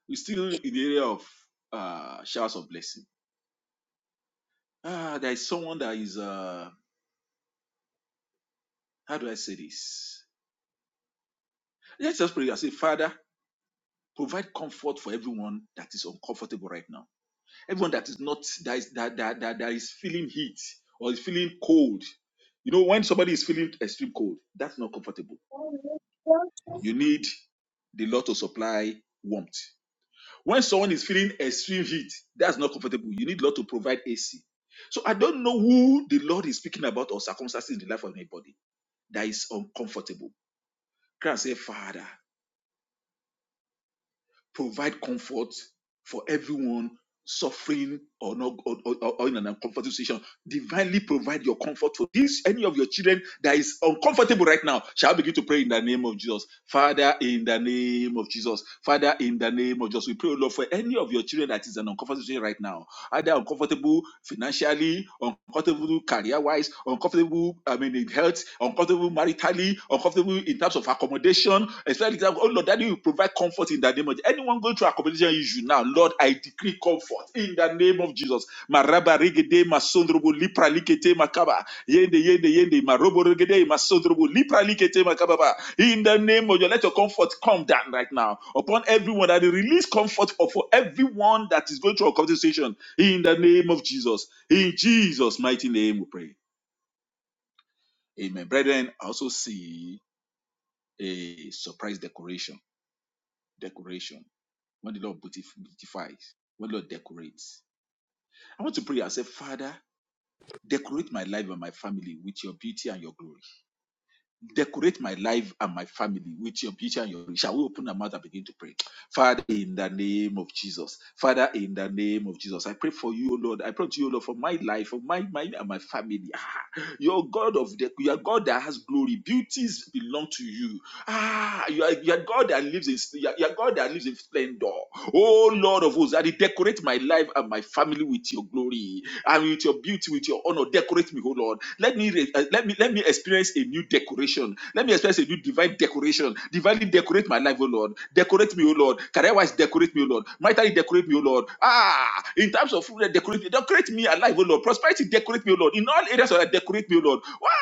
Speaker 3: We're still in the area of uh, showers of blessing. Ah, there is someone that is, uh, how do I say this? Let's just pray and say, Father, Provide comfort for everyone that is uncomfortable right now. Everyone that is not that is that that, that, that is feeling heat or is feeling cold. You know, when somebody is feeling extreme cold, that's not comfortable. You need the Lord to supply warmth. When someone is feeling extreme heat, that's not comfortable. You need the Lord to provide AC. So I don't know who the Lord is speaking about or circumstances in the life of anybody that is uncomfortable. Can I say, Father. provide comfort for everyone suffering or not or, or, or in an uncomfortable situation divinely provide your comfort for this any of your children that is uncomfortable right now shall I begin to pray in the name of jesus father in the name of jesus father in the name of jesus we pray O lord for any of your children that is an uncomfortable situation right now either uncomfortable financially uncomfortable career wise uncomfortable i mean in health uncomfortable maritally uncomfortable in terms of accommodation Especially, oh Lord, that you provide comfort in the name of Jesus. Anyone going through accommodation issue now, Lord, I decree comfort in the name of Jesus. Maraba regede masondrobo lipra likete makaba. Yende yende yende marobo regede masondrobo lipra likete makaba. In the name of Jesus, let your comfort come down right now upon everyone that you release comfort for everyone that is going through a conversation. In the name of Jesus, in Jesus' mighty name, we pray. Amen. Brethren, I also see a surprise decoration. Decoration when the Lord beautifies, when the Lord decorates. I want to pray and say, Father, decorate my life and my family with your beauty and your glory. Decorate my life and my family with your beauty and your glory. Shall we open our mouth and begin to pray? Father, in the name of Jesus. Father, in the name of Jesus. I pray for you, Lord. I pray to you, Lord, for my life, for my mind and my family. Ah, your God of the you are God that has glory. Beauties belong to you. Ah, you are, you are God that lives in you are, you are God that lives in splendor. Oh Lord of hosts, that decorate my life and my family with your glory and with your beauty, with your honor. Decorate me, oh Lord. Let me re- uh, let me let me experience a new decoration. Let me experience a new divine decoration. Divinely decorate my life, oh Lord. Decorate me, oh Lord. Career-wise, decorate me, oh Lord. Mightily decorate me, oh Lord. Ah, in terms of food, decorate me. Decorate me alive, oh Lord. Prosperity, decorate me, oh Lord. In all areas, oh Lord, decorate me, oh Lord.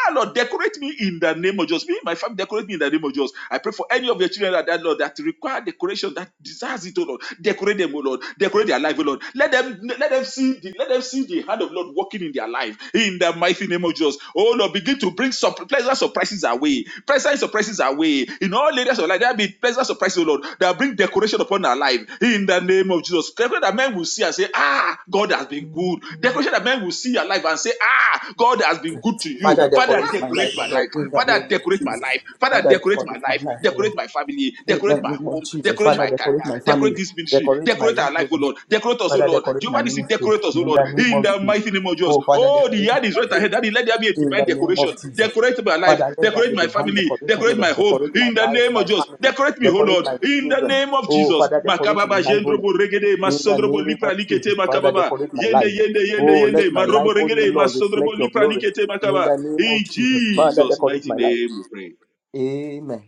Speaker 3: Ah, Lord, decorate me in the name of Jesus. Me, and my family, decorate me in the name of Jesus. I pray for any of your children that, that Lord that require decoration that desires it, oh Lord. Decorate them, oh Lord. Decorate their life, oh Lord. Let them let them see the let them see the hand of Lord working in their life in the mighty name of Jesus. Oh Lord, begin to bring some pleasant surprises away. Pleasant surprises away in all areas of life. There be pleasant surprises, oh Lord, that bring decoration upon our life in the name of Jesus. Decoration that men will see and say, Ah, God has been good. Decoration that men will see your life and and say, Ah, God has been good to you.
Speaker 1: Father,
Speaker 3: Father,
Speaker 1: decorate my
Speaker 3: decorate
Speaker 1: life, O
Speaker 3: my
Speaker 1: Lord,
Speaker 3: life.
Speaker 1: in the
Speaker 3: Father,
Speaker 1: name of
Speaker 3: decorate my
Speaker 1: Jesus.
Speaker 3: life. Father,
Speaker 1: Father,
Speaker 3: decorate my
Speaker 1: decorate my
Speaker 3: life.
Speaker 1: life, O Lord.
Speaker 3: Decorate my family.
Speaker 1: In
Speaker 3: Decorate
Speaker 1: the
Speaker 3: my
Speaker 1: name of
Speaker 3: home.
Speaker 1: Jesus,
Speaker 3: Decorate
Speaker 1: Father,
Speaker 3: my
Speaker 1: decorate
Speaker 3: career.
Speaker 1: my family,
Speaker 3: Decorate this ministry.
Speaker 1: decorate my
Speaker 3: Decorate
Speaker 1: life,
Speaker 3: our
Speaker 1: oh
Speaker 3: life, O
Speaker 1: Lord.
Speaker 3: Lord. Decorate us, O
Speaker 1: Father,
Speaker 3: Lord.
Speaker 1: decorate my
Speaker 3: Jehovah Nissi,
Speaker 1: ministry.
Speaker 3: decorate us, O
Speaker 1: In
Speaker 3: Lord.
Speaker 1: the name
Speaker 3: In
Speaker 1: of
Speaker 3: the
Speaker 1: Jesus.
Speaker 3: mighty name of Jesus.
Speaker 1: Oh, Father,
Speaker 3: Oh, the
Speaker 1: decorate my
Speaker 3: yard is
Speaker 1: life, oh
Speaker 3: right
Speaker 1: Lord.
Speaker 3: ahead. Daddy, let there be a
Speaker 1: In
Speaker 3: divine
Speaker 1: the name of
Speaker 3: decoration.
Speaker 1: Jesus.
Speaker 3: Decorate my life.
Speaker 1: Father, let there
Speaker 3: Decorate
Speaker 1: be
Speaker 3: my
Speaker 1: divine
Speaker 3: family.
Speaker 1: decoration, oh
Speaker 3: Decorate my
Speaker 1: Lord.
Speaker 3: home.
Speaker 1: Decorate my
Speaker 3: In the
Speaker 1: life,
Speaker 3: name
Speaker 1: my
Speaker 3: of Jesus.
Speaker 1: family.
Speaker 3: Decorate me, O
Speaker 1: Decorate
Speaker 3: Lord.
Speaker 1: my
Speaker 3: In the
Speaker 1: children.
Speaker 3: name of
Speaker 1: Oh,
Speaker 3: Jesus.
Speaker 1: Father, decorate
Speaker 3: Makababa,
Speaker 1: my life, oh Lord.
Speaker 3: Jendrobo, Regede,
Speaker 1: In the
Speaker 3: Masondrobo,
Speaker 1: name of
Speaker 3: Lipra,
Speaker 1: Jesus,
Speaker 3: Likete,
Speaker 1: Father,
Speaker 3: Makababa.
Speaker 1: decorate my
Speaker 3: Yende,
Speaker 1: life.
Speaker 3: yende, yende,
Speaker 1: Oh, let
Speaker 3: yende.
Speaker 1: my life,
Speaker 3: Marobo
Speaker 1: oh
Speaker 3: regede,
Speaker 1: Lord,
Speaker 3: masodrobo
Speaker 1: reflect your
Speaker 3: lipra
Speaker 1: glory.
Speaker 3: likete
Speaker 1: In
Speaker 3: makaba.
Speaker 1: the name of
Speaker 3: In
Speaker 1: Jesus, Father,
Speaker 3: Jesus'
Speaker 1: decorate
Speaker 3: mighty
Speaker 1: my life.
Speaker 3: name we pray.
Speaker 1: Amen.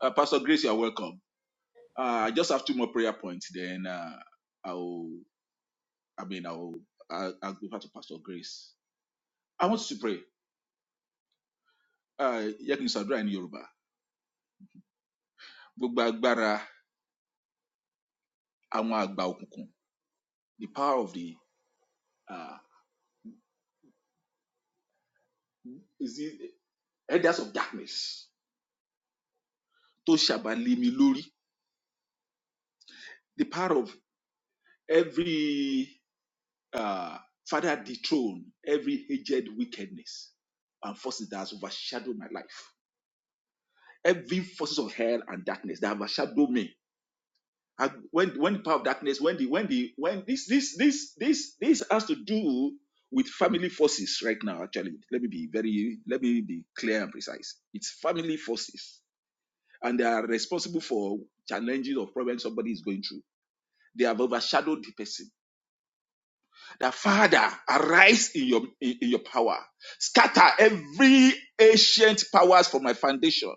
Speaker 3: Uh, Pastor Grace, you are welcome. Uh, I just have two more prayer points, then uh, I'll, I mean, I'll, I'll, I'll give her to Pastor Grace. I want you to pray. Uh, yakin sadra in Yorùbá. Gbogbo agbára àwọn àgbà òkùnkùn. The power of the uh, is the elders of darkness. Tó ṣàbàlẹ̀ mi lórí. The power of every uh, Father, dethrone every aged wickedness and forces that has overshadowed my life. Every forces of hell and darkness that have overshadowed me. I, when when the power of darkness, when the when the when this this this this this has to do with family forces right now. Actually, let me be very let me be clear and precise. It's family forces, and they are responsible for challenges or problems somebody is going through. They have overshadowed the person that Father, arise in your in, in your power, scatter every ancient powers from my foundation,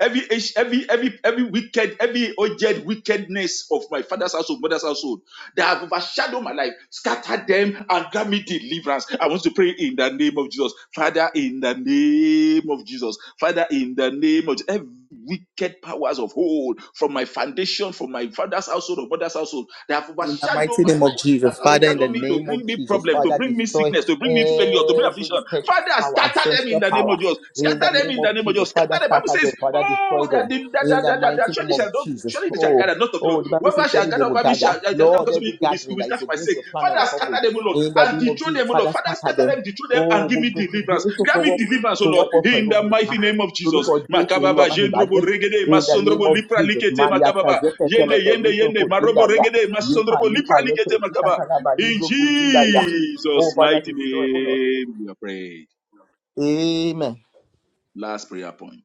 Speaker 3: every every every every wicked, every urgent wickedness of my father's household, mother's household that have overshadowed my life, scatter them and grant me deliverance. I want to pray in the name of Jesus, Father, in the name of Jesus, Father, in the name of every wicked powers of hold from my foundation, from my father's household or mother's household that have
Speaker 1: In the
Speaker 3: overshadowed
Speaker 1: mighty
Speaker 3: my
Speaker 1: name of
Speaker 3: life
Speaker 1: Jesus,
Speaker 3: that's
Speaker 1: Father, in
Speaker 3: oriented
Speaker 1: the
Speaker 3: me to
Speaker 1: name of
Speaker 3: bring me
Speaker 1: Jesus,
Speaker 3: problem, to
Speaker 1: Father,
Speaker 3: bring me
Speaker 1: destroy
Speaker 3: sickness, to bring me failure, to bring
Speaker 1: every
Speaker 3: affliction.
Speaker 1: wicked
Speaker 3: Father,
Speaker 1: power,
Speaker 3: scatter them
Speaker 1: ancestral
Speaker 3: in the name
Speaker 1: power.
Speaker 3: of Jesus.
Speaker 1: In the
Speaker 3: Scatter them
Speaker 1: name
Speaker 3: in
Speaker 1: of
Speaker 3: the name of
Speaker 1: Jesus,
Speaker 3: Jesus.
Speaker 1: Father,
Speaker 3: Scatter them. Bible
Speaker 1: scatter them,
Speaker 3: says,
Speaker 1: Father, destroy
Speaker 3: Oh,
Speaker 1: them.
Speaker 3: that the that,
Speaker 1: In
Speaker 3: that,
Speaker 1: the
Speaker 3: that, that,
Speaker 1: mighty
Speaker 3: that
Speaker 1: name
Speaker 3: surely
Speaker 1: of
Speaker 3: shall not
Speaker 1: Jesus.
Speaker 3: surely they shall
Speaker 1: Oh,
Speaker 3: gather, not of the Lord.
Speaker 1: oh, the Bible says,
Speaker 3: Whoever shall
Speaker 1: surely they
Speaker 3: gather
Speaker 1: will
Speaker 3: over me
Speaker 1: gather.
Speaker 3: shall, shall gather
Speaker 1: Lord,
Speaker 3: because of
Speaker 1: every
Speaker 3: me will be,
Speaker 1: gathering
Speaker 3: will
Speaker 1: that is
Speaker 3: stand for my
Speaker 1: against
Speaker 3: sake.
Speaker 1: your plan and
Speaker 3: Father,
Speaker 1: your purpose.
Speaker 3: scatter them, O Lord,
Speaker 1: In the
Speaker 3: and
Speaker 1: name of
Speaker 3: dethrone
Speaker 1: Jesus,
Speaker 3: them, O Lord.
Speaker 1: Father,
Speaker 3: Father,
Speaker 1: scatter
Speaker 3: scatter
Speaker 1: them.
Speaker 3: them, dethrone them,
Speaker 1: Oh,
Speaker 3: and give
Speaker 1: we-
Speaker 3: me
Speaker 1: we- we- we
Speaker 3: deliverance.
Speaker 1: need to
Speaker 3: Grant
Speaker 1: for
Speaker 3: me
Speaker 1: what?
Speaker 3: deliverance, O
Speaker 1: To
Speaker 3: Lord,
Speaker 1: what
Speaker 3: in the mighty
Speaker 1: purpose?
Speaker 3: name of Jesus.
Speaker 1: lórúkọ jésù olúwa
Speaker 3: Makababa,
Speaker 1: bá mi
Speaker 3: Jendrobo,
Speaker 1: bàjẹ́
Speaker 3: Regede,
Speaker 1: in the name
Speaker 3: Masondrobo,
Speaker 1: of
Speaker 3: Lipra,
Speaker 1: jesus
Speaker 3: Likete,
Speaker 1: máa ya
Speaker 3: Makababa.
Speaker 1: kazẹ́kẹ́
Speaker 3: Yende,
Speaker 1: tẹ́lẹ̀bẹ̀
Speaker 3: yende,
Speaker 1: nítòkò
Speaker 3: yende, marobo
Speaker 1: díndàríà
Speaker 3: regede,
Speaker 1: yípa
Speaker 3: masondrobo,
Speaker 1: yípa lẹ́kẹ̀
Speaker 3: lipralikete makaba.
Speaker 1: ìdíkàtàlábà ní
Speaker 3: In
Speaker 1: gbogbo díndàríà oh
Speaker 3: Jesus'
Speaker 1: father
Speaker 3: mighty
Speaker 1: destroy oh lord
Speaker 3: name, we are prayed.
Speaker 1: amen.
Speaker 3: Last prayer point.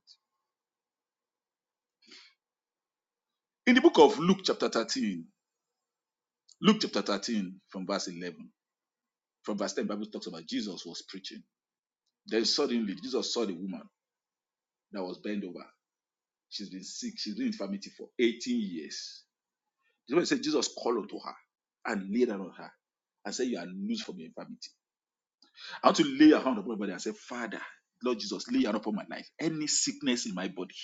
Speaker 3: In the book of Luke, chapter 13, Luke chapter 13, from verse 11, from verse 10, Bible talks about Jesus was preaching. Then suddenly, Jesus saw the woman that was bent over. She's been sick, she's been in infirmity for 18 years. The Bible said Jesus called unto her and laid hand on her and said, You are loose from your infirmity. I want to lay your hand upon my body and say, Father, Lord Jesus, lay your hand upon my life. Any sickness in my body,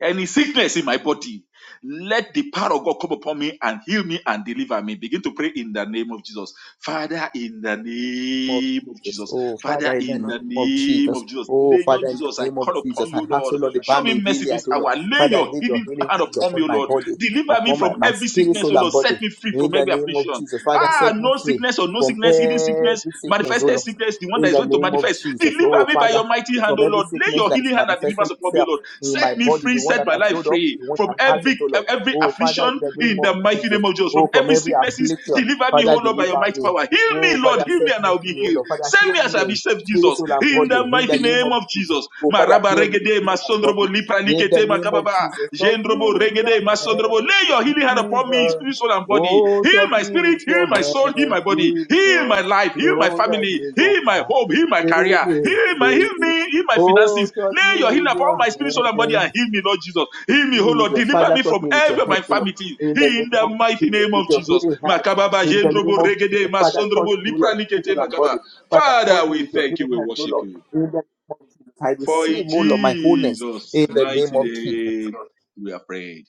Speaker 3: any sickness in my body, let the power of God come upon me and heal me and deliver me. Begin to pray in the name of Jesus. Father, in the name of
Speaker 1: Jesus.
Speaker 3: Jesus.
Speaker 1: Oh, Father,
Speaker 3: Father,
Speaker 1: in the
Speaker 3: in the
Speaker 1: name of
Speaker 3: name
Speaker 1: Jesus.
Speaker 3: of Jesus.
Speaker 1: Oh,
Speaker 3: Lord
Speaker 1: Father, in the
Speaker 3: Jesus, I
Speaker 1: name of
Speaker 3: call
Speaker 1: Jesus.
Speaker 3: upon
Speaker 1: I
Speaker 3: you,
Speaker 1: ask, oh
Speaker 3: Lord.
Speaker 1: Lord, the
Speaker 3: Show
Speaker 1: balm in
Speaker 3: me mercy this
Speaker 1: Gilead, oh Lord.
Speaker 3: hour. Lay
Speaker 1: Father,
Speaker 3: your
Speaker 1: lay your
Speaker 3: healing
Speaker 1: healing
Speaker 3: hand
Speaker 1: hands
Speaker 3: upon me,
Speaker 1: upon
Speaker 3: O
Speaker 1: my
Speaker 3: Lord.
Speaker 1: body,
Speaker 3: Deliver me
Speaker 1: upon my,
Speaker 3: from
Speaker 1: my
Speaker 3: every
Speaker 1: spirit,
Speaker 3: sickness, O
Speaker 1: soul, and
Speaker 3: Lord.
Speaker 1: body.
Speaker 3: Set me free
Speaker 1: In
Speaker 3: from
Speaker 1: the
Speaker 3: every
Speaker 1: name of
Speaker 3: affliction.
Speaker 1: Jesus. Father,
Speaker 3: Ah,
Speaker 1: set me
Speaker 3: no
Speaker 1: free
Speaker 3: sickness or no
Speaker 1: from
Speaker 3: sickness, hidden sickness,
Speaker 1: every sickness, oh
Speaker 3: manifested sickness
Speaker 1: Lord.
Speaker 3: business, the one
Speaker 1: in
Speaker 3: that is
Speaker 1: the
Speaker 3: going to
Speaker 1: name of
Speaker 3: manifest.
Speaker 1: Jesus.
Speaker 3: Deliver
Speaker 1: Oh,
Speaker 3: me by
Speaker 1: Father,
Speaker 3: your mighty hand,
Speaker 1: from
Speaker 3: O
Speaker 1: every
Speaker 3: Lord. Lay
Speaker 1: sickness
Speaker 3: your
Speaker 1: that is
Speaker 3: healing hand and deliverance
Speaker 1: manifesting
Speaker 3: upon me, O
Speaker 1: itself
Speaker 3: Lord.
Speaker 1: in my
Speaker 3: Set me
Speaker 1: body,
Speaker 3: free,
Speaker 1: the one
Speaker 3: set
Speaker 1: that
Speaker 3: my
Speaker 1: I
Speaker 3: life
Speaker 1: showed up,
Speaker 3: free
Speaker 1: the one
Speaker 3: from
Speaker 1: that
Speaker 3: every
Speaker 1: hasn't, oh Lord.
Speaker 3: every
Speaker 1: Oh, Father, in
Speaker 3: affliction
Speaker 1: the name
Speaker 3: in
Speaker 1: of
Speaker 3: the mighty
Speaker 1: Jesus.
Speaker 3: name of Jesus.
Speaker 1: Oh,
Speaker 3: From
Speaker 1: from
Speaker 3: every
Speaker 1: every
Speaker 3: sicknesses,
Speaker 1: affliction,
Speaker 3: deliver me, O
Speaker 1: Father,
Speaker 3: Lord, by your
Speaker 1: deliver
Speaker 3: mighty
Speaker 1: me.
Speaker 3: power. Heal me,
Speaker 1: Oh,
Speaker 3: Lord,
Speaker 1: Father,
Speaker 3: heal me,
Speaker 1: set
Speaker 3: and
Speaker 1: me
Speaker 3: I'll be
Speaker 1: free, oh
Speaker 3: healed.
Speaker 1: Lord. Father,
Speaker 3: Save
Speaker 1: heal
Speaker 3: me, as I be
Speaker 1: me
Speaker 3: saved,
Speaker 1: spirit,
Speaker 3: Jesus.
Speaker 1: soul, and
Speaker 3: In the
Speaker 1: body in the
Speaker 3: mighty
Speaker 1: name
Speaker 3: name
Speaker 1: of
Speaker 3: of
Speaker 1: Jesus.
Speaker 3: Jesus.
Speaker 1: Oh, Father,
Speaker 3: Maraba
Speaker 1: heal me,
Speaker 3: regede,
Speaker 1: heal my
Speaker 3: masondrobo
Speaker 1: body
Speaker 3: lipra
Speaker 1: in the
Speaker 3: likete
Speaker 1: name of
Speaker 3: makababa,
Speaker 1: Jesus. Touch me
Speaker 3: jendrobo
Speaker 1: with your
Speaker 3: Regede masondrobo.
Speaker 1: hand,
Speaker 3: Lay your healing hand upon me, spirit,
Speaker 1: Jesus.
Speaker 3: soul, and body.
Speaker 1: Oh,
Speaker 3: Heal
Speaker 1: touch
Speaker 3: my
Speaker 1: me
Speaker 3: spirit,
Speaker 1: with
Speaker 3: heal
Speaker 1: your
Speaker 3: my soul, heal
Speaker 1: hand,
Speaker 3: my body, heal my
Speaker 1: Jesus.
Speaker 3: life, heal my
Speaker 1: Don't let
Speaker 3: family,
Speaker 1: me go
Speaker 3: heal my
Speaker 1: back.
Speaker 3: home, heal my
Speaker 1: Stay
Speaker 3: career,
Speaker 1: with
Speaker 3: heal my heal
Speaker 1: me.
Speaker 3: me, heal my
Speaker 1: Oh,
Speaker 3: finances.
Speaker 1: touch
Speaker 3: Lay
Speaker 1: me
Speaker 3: your healing
Speaker 1: with
Speaker 3: upon
Speaker 1: your
Speaker 3: my spirit, soul, and body,
Speaker 1: hand,
Speaker 3: and heal me, Lord Jesus. Heal me, oh Lord,
Speaker 1: Jesus,
Speaker 3: deliver
Speaker 1: Father,
Speaker 3: me
Speaker 1: touch
Speaker 3: from
Speaker 1: me with your
Speaker 3: every of my
Speaker 1: hand, you Lord.
Speaker 3: infirmity.
Speaker 1: in the name
Speaker 3: In the
Speaker 1: of
Speaker 3: mighty
Speaker 1: Jesus,
Speaker 3: name
Speaker 1: with
Speaker 3: of
Speaker 1: your
Speaker 3: Jesus.
Speaker 1: healing hand,
Speaker 3: Makababa
Speaker 1: in the name
Speaker 3: jendrobo
Speaker 1: of
Speaker 3: regede
Speaker 1: Jesus, Father, touch
Speaker 3: masondrobo
Speaker 1: me with
Speaker 3: lipra
Speaker 1: your people
Speaker 3: likete
Speaker 1: and
Speaker 3: makaba.
Speaker 1: body, Father,
Speaker 3: Father,
Speaker 1: touch me
Speaker 3: we
Speaker 1: with your
Speaker 3: thank you,
Speaker 1: healing
Speaker 3: we
Speaker 1: hand, O
Speaker 3: worship
Speaker 1: Lord,
Speaker 3: you.
Speaker 1: in the name of Jesus, I
Speaker 3: For in
Speaker 1: receive all of my wholeness in
Speaker 3: Jesus'
Speaker 1: the name
Speaker 3: mighty
Speaker 1: of Jesus,
Speaker 3: name we are prayed.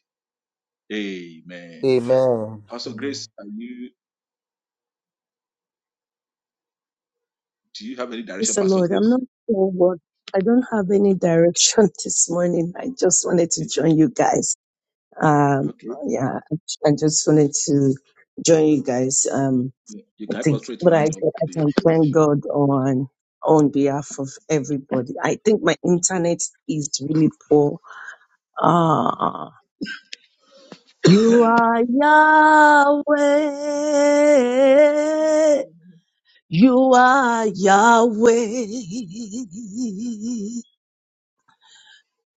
Speaker 3: Amen.
Speaker 1: Amen.
Speaker 3: Pastor
Speaker 1: Amen.
Speaker 3: Grace, are you do you have any
Speaker 4: Praise
Speaker 3: direction,
Speaker 4: the
Speaker 3: Pastor
Speaker 4: Lord. I'm
Speaker 3: Grace?
Speaker 4: not sure what I don't have any direction this morning. I just wanted to
Speaker 3: Okay.
Speaker 4: join you guys. Um,
Speaker 3: Okay.
Speaker 4: yeah, I just wanted to join you guys. Um,
Speaker 3: Yeah. You
Speaker 4: I
Speaker 3: can help us
Speaker 4: think,
Speaker 3: pray to
Speaker 4: but I
Speaker 3: round up
Speaker 4: I
Speaker 3: the
Speaker 4: can thank
Speaker 3: session.
Speaker 4: God on on behalf of everybody. I think my internet is really poor. Ah, you are Yahweh. You are Yahweh.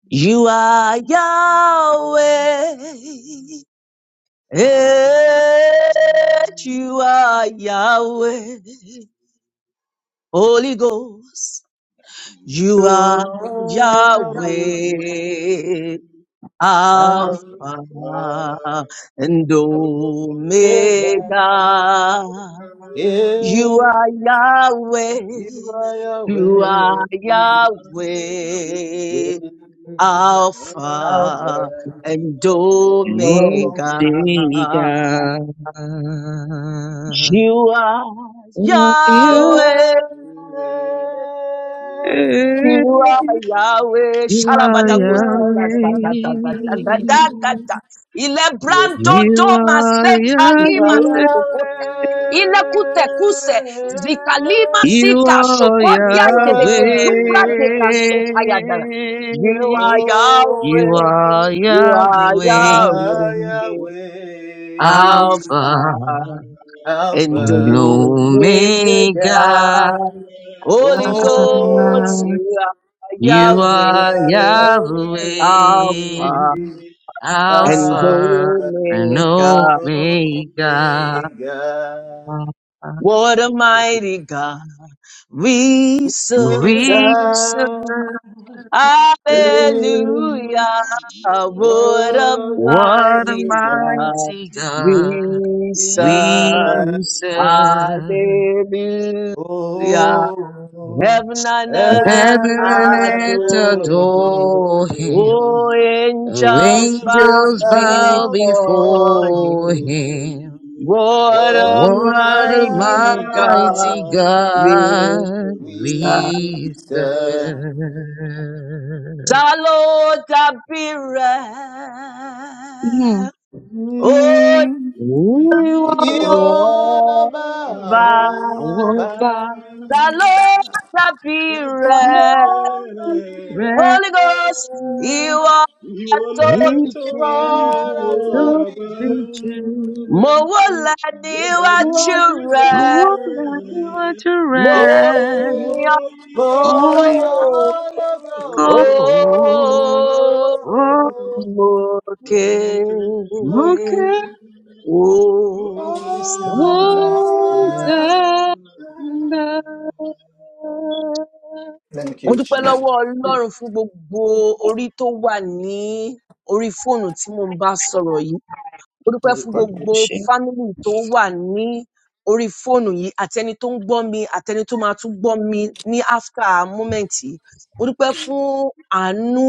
Speaker 4: You are Yahweh. Eh, you are Yahweh. Holy Ghost. You are
Speaker 1: You are Yahweh,
Speaker 4: Yahweh.
Speaker 1: my
Speaker 4: Alpha and
Speaker 1: Savior.
Speaker 4: Omega.
Speaker 1: Yeah,
Speaker 4: You are Yahweh. You are Yahweh. Alpha and
Speaker 2: You know
Speaker 1: You
Speaker 4: Omega.
Speaker 2: they got
Speaker 4: You are
Speaker 2: You
Speaker 4: Yahweh. You are Yahweh.
Speaker 2: are
Speaker 4: Shalabada goes to da
Speaker 2: Yahweh.
Speaker 4: da da da da da Ilebranto
Speaker 2: You
Speaker 4: doma se
Speaker 2: are
Speaker 4: kalima
Speaker 1: are
Speaker 4: se
Speaker 2: Yahweh.
Speaker 4: Ile kute kuse zikalima
Speaker 1: Yahweh.
Speaker 2: You
Speaker 4: sika
Speaker 2: are
Speaker 1: You
Speaker 4: shokotia ndelege
Speaker 1: are
Speaker 4: zupra deka
Speaker 2: Yahweh.
Speaker 1: Yahweh.
Speaker 4: sotaya dara. You are Yahweh.
Speaker 2: You
Speaker 1: Oh,
Speaker 2: are
Speaker 4: You
Speaker 1: you
Speaker 4: are
Speaker 2: Yahweh.
Speaker 4: Yahweh.
Speaker 1: are Yahweh.
Speaker 2: Alpha
Speaker 4: Alpha and
Speaker 2: and
Speaker 1: Alpha
Speaker 4: Omega,
Speaker 2: Omega.
Speaker 1: Omega.
Speaker 4: Holy Ghost,
Speaker 1: Oh,
Speaker 4: you are
Speaker 2: You
Speaker 1: you
Speaker 2: are
Speaker 1: are
Speaker 4: Yahweh,
Speaker 2: Yahweh,
Speaker 4: Alpha
Speaker 1: Yahweh.
Speaker 4: and
Speaker 2: Alpha
Speaker 1: Alpha
Speaker 2: and
Speaker 4: Omega.
Speaker 2: Omega,
Speaker 1: Omega.
Speaker 4: What a mighty God we serve.
Speaker 2: Reacher.
Speaker 1: Creator, eh,
Speaker 4: Hallelujah. What a
Speaker 1: what a
Speaker 2: What a
Speaker 4: mighty
Speaker 1: mighty God.
Speaker 4: God
Speaker 2: mighty God
Speaker 4: we
Speaker 1: We
Speaker 2: we
Speaker 4: serve.
Speaker 1: shall,
Speaker 2: serve.
Speaker 4: Hallelujah.
Speaker 1: oh,
Speaker 4: Heaven and
Speaker 1: heaven
Speaker 4: earth
Speaker 1: and
Speaker 2: Heaven and
Speaker 1: earth
Speaker 2: earth
Speaker 4: adore
Speaker 1: adore
Speaker 4: him.
Speaker 2: adore him.
Speaker 1: Him.
Speaker 4: Oh, angels bow
Speaker 1: Angels
Speaker 2: Angels bow
Speaker 1: bow
Speaker 4: before
Speaker 1: before
Speaker 2: before
Speaker 4: him.
Speaker 1: Him.
Speaker 2: him.
Speaker 4: What a
Speaker 1: What a
Speaker 2: What a
Speaker 4: mighty
Speaker 1: mighty
Speaker 4: God
Speaker 2: mighty
Speaker 1: God
Speaker 4: we
Speaker 2: God
Speaker 4: serve.
Speaker 1: we
Speaker 2: we
Speaker 1: serve.
Speaker 2: serve.
Speaker 4: Salud
Speaker 2: Mm.
Speaker 4: appearance. Oh,
Speaker 1: Mm.
Speaker 2: You
Speaker 1: Ìwọ lọba
Speaker 2: alone,
Speaker 1: àwọn
Speaker 4: Jehovah.
Speaker 2: our
Speaker 1: bàbá
Speaker 2: God,
Speaker 4: Salud
Speaker 2: is
Speaker 4: appearance.
Speaker 1: ńlá bí
Speaker 2: the
Speaker 4: Holy Ghost, you
Speaker 1: rẹ̀.
Speaker 4: are so
Speaker 2: region.
Speaker 1: You are
Speaker 4: peculiar.
Speaker 1: to be
Speaker 4: Mo
Speaker 1: do
Speaker 4: wà níwájú
Speaker 1: What you
Speaker 4: rẹ̀,
Speaker 2: What
Speaker 1: like?
Speaker 2: a to
Speaker 4: mo
Speaker 2: rest,
Speaker 4: ní
Speaker 1: Eh,
Speaker 2: oh,
Speaker 1: Moni
Speaker 2: you
Speaker 4: ọ̀tọ̀. Ó
Speaker 2: go.
Speaker 1: Ologo.
Speaker 2: Oh,
Speaker 4: mo ké
Speaker 1: Moka.
Speaker 2: look
Speaker 4: Hosanna.
Speaker 2: Hosanna. Amen.
Speaker 4: Mo dúpẹ́ lọ́wọ́ Ọlọ́run fún gbogbo orí tó wà ní orí fóònù tí mo ń bá sọ̀rọ̀ Mo dúpẹ́ fún
Speaker 1: Lórúkọ Jí-
Speaker 4: gbogbo fámìlì tó wà ní orí fóònù yìí ateni ẹni tó ń gbọ́ mi àti tó máa tún gbọ́ mi ní after moment yìí. Mo dúpẹ́ fún àánú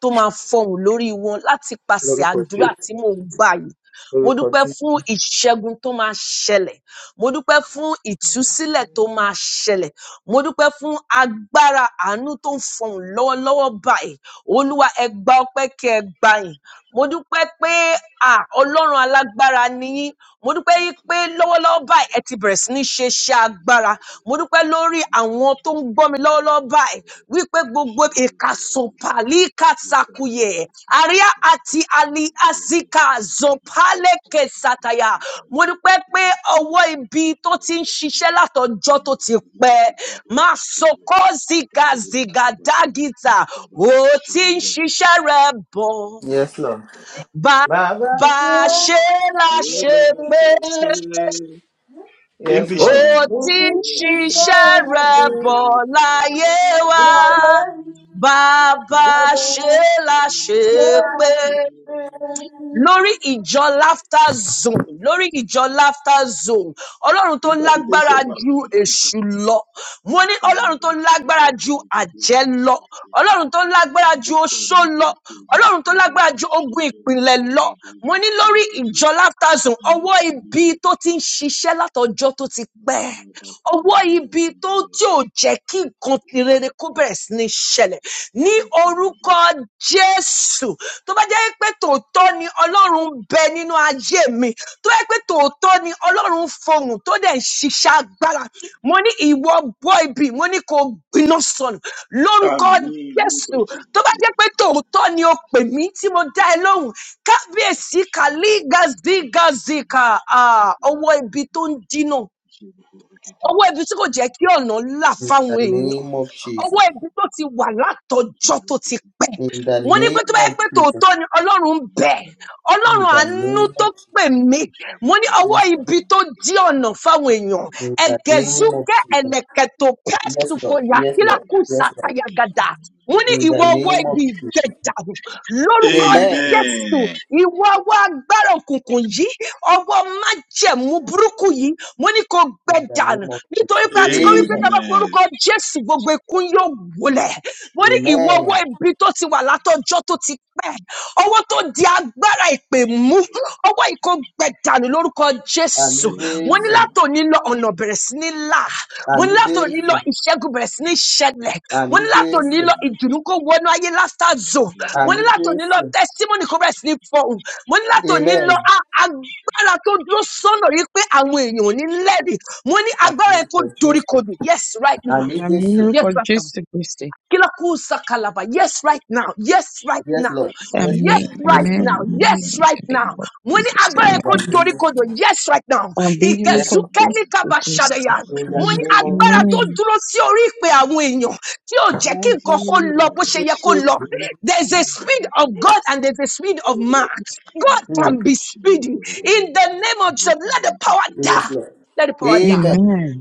Speaker 4: tó máa fọhùn lórí wọn láti pàṣẹ
Speaker 1: lórúkọ
Speaker 4: àdúrà
Speaker 1: Jí-
Speaker 4: tí mò ń gbà yìí. Mo
Speaker 1: lórúkọ
Speaker 4: dúpẹ́
Speaker 1: Jí.
Speaker 4: fún ìṣẹ́gun tó máa ṣẹlẹ̀. Mo dúpẹ́ fún ìtúsílẹ̀ tó máa ṣẹlẹ̀. Mo dúpẹ́ fún agbára àánú tó ń fọhùn lọ́wọ́lọ́wọ́ báyìí. Olúwa ẹ gba ọpẹ́ kí ẹ gbà yìí. Mo dúpẹ́ pé à ọlọ́run alágbára ni yín mo dúpẹ́ yí pé lọ́wọ́lọ́wọ́ báyìí ẹ ti bẹ̀rẹ̀ sí ní ṣe iṣẹ́ agbára mo dúpẹ́ lórí àwọn tó ń gbọ́ mi lọ́wọ́lọ́wọ́ báyìí wípé gbogbo ìkàsọ̀pàlì kàsàkùyẹ àríyá àti àlì àzíkà zọpálẹ̀kẹ̀ sàtàyà mo dúpẹ́ pé ọwọ́ ibi tó ti ń ṣiṣẹ́ látọjọ́ tó ti pẹ́ máa sọkọ́ zìgàzìgà dágìtà ó ti ń ṣiṣẹ́ rẹ̀ bọ̀
Speaker 1: Yes, Lord.
Speaker 4: Bá
Speaker 1: Bàbá ṣe
Speaker 4: bá a ṣe
Speaker 1: é.
Speaker 4: láṣẹ pé
Speaker 1: Yes,
Speaker 4: ó
Speaker 1: Lord. Mo
Speaker 3: Englishman.
Speaker 4: ti
Speaker 1: ti
Speaker 4: ń
Speaker 1: fi
Speaker 4: ṣiṣẹ́
Speaker 1: sẹ́yìn
Speaker 4: rẹ̀
Speaker 1: ọdún
Speaker 4: bọ̀ láyé wa.
Speaker 1: láyé.
Speaker 4: Bàbá ṣe láṣẹ pé lórí ìjọ laughter zone lórí ìjọ laughter zone ọlọ́run tó
Speaker 3: Interpretation.
Speaker 4: lágbára ju èṣù lọ mo ní ọlọ́run tó lágbára ju àjẹ́ lọ ọlọ́run tó lágbára ju oṣó lọ ọlọ́run tó lágbára ju ogun ìpìlẹ̀ lọ mo ní lórí ìjọ laughter zone ọwọ́ ibi tó ti ń ṣiṣẹ́ látọjọ́ tó ti pẹ́ ọwọ́ ibi tó tí ò jẹ́ kí nǹkan rere kó bẹ̀rẹ̀ sí ní ṣẹlẹ̀ ní orúkọ Jésù tó bá jẹ́ pé tòótọ́ ni Ọlọ́run ń bẹ nínú ayé mi tó bá jẹ́ pé tòótọ́ ni Ọlọ́run ń fohùn tó dẹ̀ ń ṣiṣẹ́ agbára mo ní ìwọ bọ́ ibi mo ní kó gbiná sọnù lórúkọ
Speaker 3: Amen. Lórúkọ
Speaker 4: Jésù
Speaker 3: Jésù.
Speaker 4: tó bá jẹ́ pé tòótọ́ ni o pè mí tí mo dá ẹ lóhùn kábíyèsí kàlí gazigazika ah, ọwọ́ ibi tó ń dínà ọwọ́ ibi tí kò jẹ́ kí ọ̀nà là
Speaker 1: In the
Speaker 4: fáwọn èèyàn
Speaker 1: name of
Speaker 4: ọwọ́
Speaker 1: Jesus.
Speaker 4: ibi tó ti wà látọjọ́ tó ti pẹ́
Speaker 1: In the
Speaker 4: mo ní pé tó
Speaker 1: name
Speaker 4: bá
Speaker 1: of
Speaker 4: yẹ pé
Speaker 1: Jesus.
Speaker 4: tòótọ́ ni ọlọ́run bẹ̀
Speaker 1: In
Speaker 4: ọlọ́run
Speaker 1: the
Speaker 4: àánú
Speaker 1: name of
Speaker 4: tó
Speaker 1: Jesus.
Speaker 4: pè mí mo ní ọwọ́
Speaker 1: Yes, Lord.
Speaker 4: ibi tó dí ọ̀nà fáwọn èèyàn
Speaker 1: In the name of
Speaker 4: ẹ̀gẹ̀zúkẹ́
Speaker 1: Jesus.
Speaker 4: ẹ̀lẹ̀kẹ̀tò
Speaker 1: Yes, Lord.
Speaker 4: pẹ́sùkọ̀yà
Speaker 1: Yes, Lord.
Speaker 4: kílákùsà
Speaker 1: Yes, Lord.
Speaker 4: tayagada mo ní
Speaker 1: In
Speaker 4: ìwọ
Speaker 1: the
Speaker 4: ọwọ́
Speaker 1: name of
Speaker 4: ibi
Speaker 1: Jesus.
Speaker 4: ìgbẹ́jà lórúkọ
Speaker 1: Amen.
Speaker 4: jésù
Speaker 3: Amen.
Speaker 4: Ìwọ ọwọ́ agbára òkùnkùn yìí, ọwọ́ májẹ̀mú burúkú yìí, mo ní kò gbẹ
Speaker 1: In the
Speaker 4: dànù
Speaker 1: name of
Speaker 4: nítorí
Speaker 3: Amen.
Speaker 4: pé a ti kọ́
Speaker 1: Jesus.
Speaker 4: wípé tá a
Speaker 1: Amen.
Speaker 4: bá
Speaker 3: Amen.
Speaker 4: porúkọ Jésù gbogbo ikún yóò wólẹ̀. Mo ní ìwọ ọwọ́
Speaker 1: Amen.
Speaker 4: ibi tó ti wà látọjọ́ tó ti pẹ́, ọwọ́ tó di agbára ìpè mú, ọwọ́ ìkó gbẹ dànù lórúkọ
Speaker 1: Ami
Speaker 4: Jésù mo ní
Speaker 1: Jesu.
Speaker 3: Amen. Amen. Amen.
Speaker 4: látòní lọ ọ̀nà bẹ̀rẹ̀ sí ní là mo ní
Speaker 1: Ami
Speaker 4: látòní lọ
Speaker 1: Jesu.
Speaker 4: ìṣẹ́gun bẹ̀rẹ̀ sí ní ṣẹlẹ̀ mo ní
Speaker 1: Ami
Speaker 4: látòní lọ
Speaker 1: Jesu.
Speaker 4: ìdùnnú kó wọnú ayé lástá zone mo ní
Speaker 1: Ami
Speaker 4: látòní lọ
Speaker 1: Jesu.
Speaker 4: testimony kó bẹ̀rẹ̀ sí ní fọhùn mo ní látòní lọ
Speaker 1: Amen.
Speaker 4: a- agbára tó dúró sọ́nà yìí pé àwọn èèyàn ò ní lẹ́rìí mo ní agbára
Speaker 1: Ami
Speaker 4: yẹn kó
Speaker 1: for
Speaker 4: dorí
Speaker 1: Jesus.
Speaker 4: yes right now
Speaker 1: Ami
Speaker 2: àmì
Speaker 1: Jesu.
Speaker 2: lórúkọ
Speaker 4: yes right now.
Speaker 2: Jésù Kristì.
Speaker 4: Kilakusa kalaba. Yes, right now. Yes, right
Speaker 1: Yes,
Speaker 4: now.
Speaker 1: Lord. Yes,
Speaker 2: Àmì
Speaker 4: Yes,
Speaker 1: Lord.
Speaker 4: right
Speaker 1: Yes,
Speaker 2: àmì
Speaker 1: Lord.
Speaker 4: now.
Speaker 2: àmì
Speaker 4: Yes, right
Speaker 2: ìdílé
Speaker 4: now.
Speaker 2: ìwọ
Speaker 4: Mwini agbára
Speaker 1: In
Speaker 4: ẹ̀kọ́
Speaker 1: the name
Speaker 4: torí
Speaker 1: of
Speaker 4: kodò. Yes, right now.
Speaker 2: Amen. Àmì
Speaker 1: Yes,
Speaker 2: lórúkọ
Speaker 1: Lord.
Speaker 4: Ìgẹ̀zúkẹ́lì
Speaker 2: Jésù Kristì.
Speaker 4: kabashadaya.
Speaker 1: In the
Speaker 2: Amen.
Speaker 4: Mwini
Speaker 1: name of
Speaker 4: agbára tó
Speaker 2: Amen.
Speaker 1: Jesus.
Speaker 4: dúró sí orí ìpè àwọn èèyàn tí ò jẹ́ kí
Speaker 1: In the
Speaker 4: nǹkan kó
Speaker 1: name
Speaker 4: lọ bó ṣe yẹ
Speaker 1: of
Speaker 4: kó lọ. There's a speed of God and there's a speed of man. God can
Speaker 1: Jesus.
Speaker 4: be speedy. In the name of Jesus, let the power
Speaker 1: Yes,
Speaker 4: die.
Speaker 1: Lord.
Speaker 4: Let the power die
Speaker 1: Amen.
Speaker 2: Amen.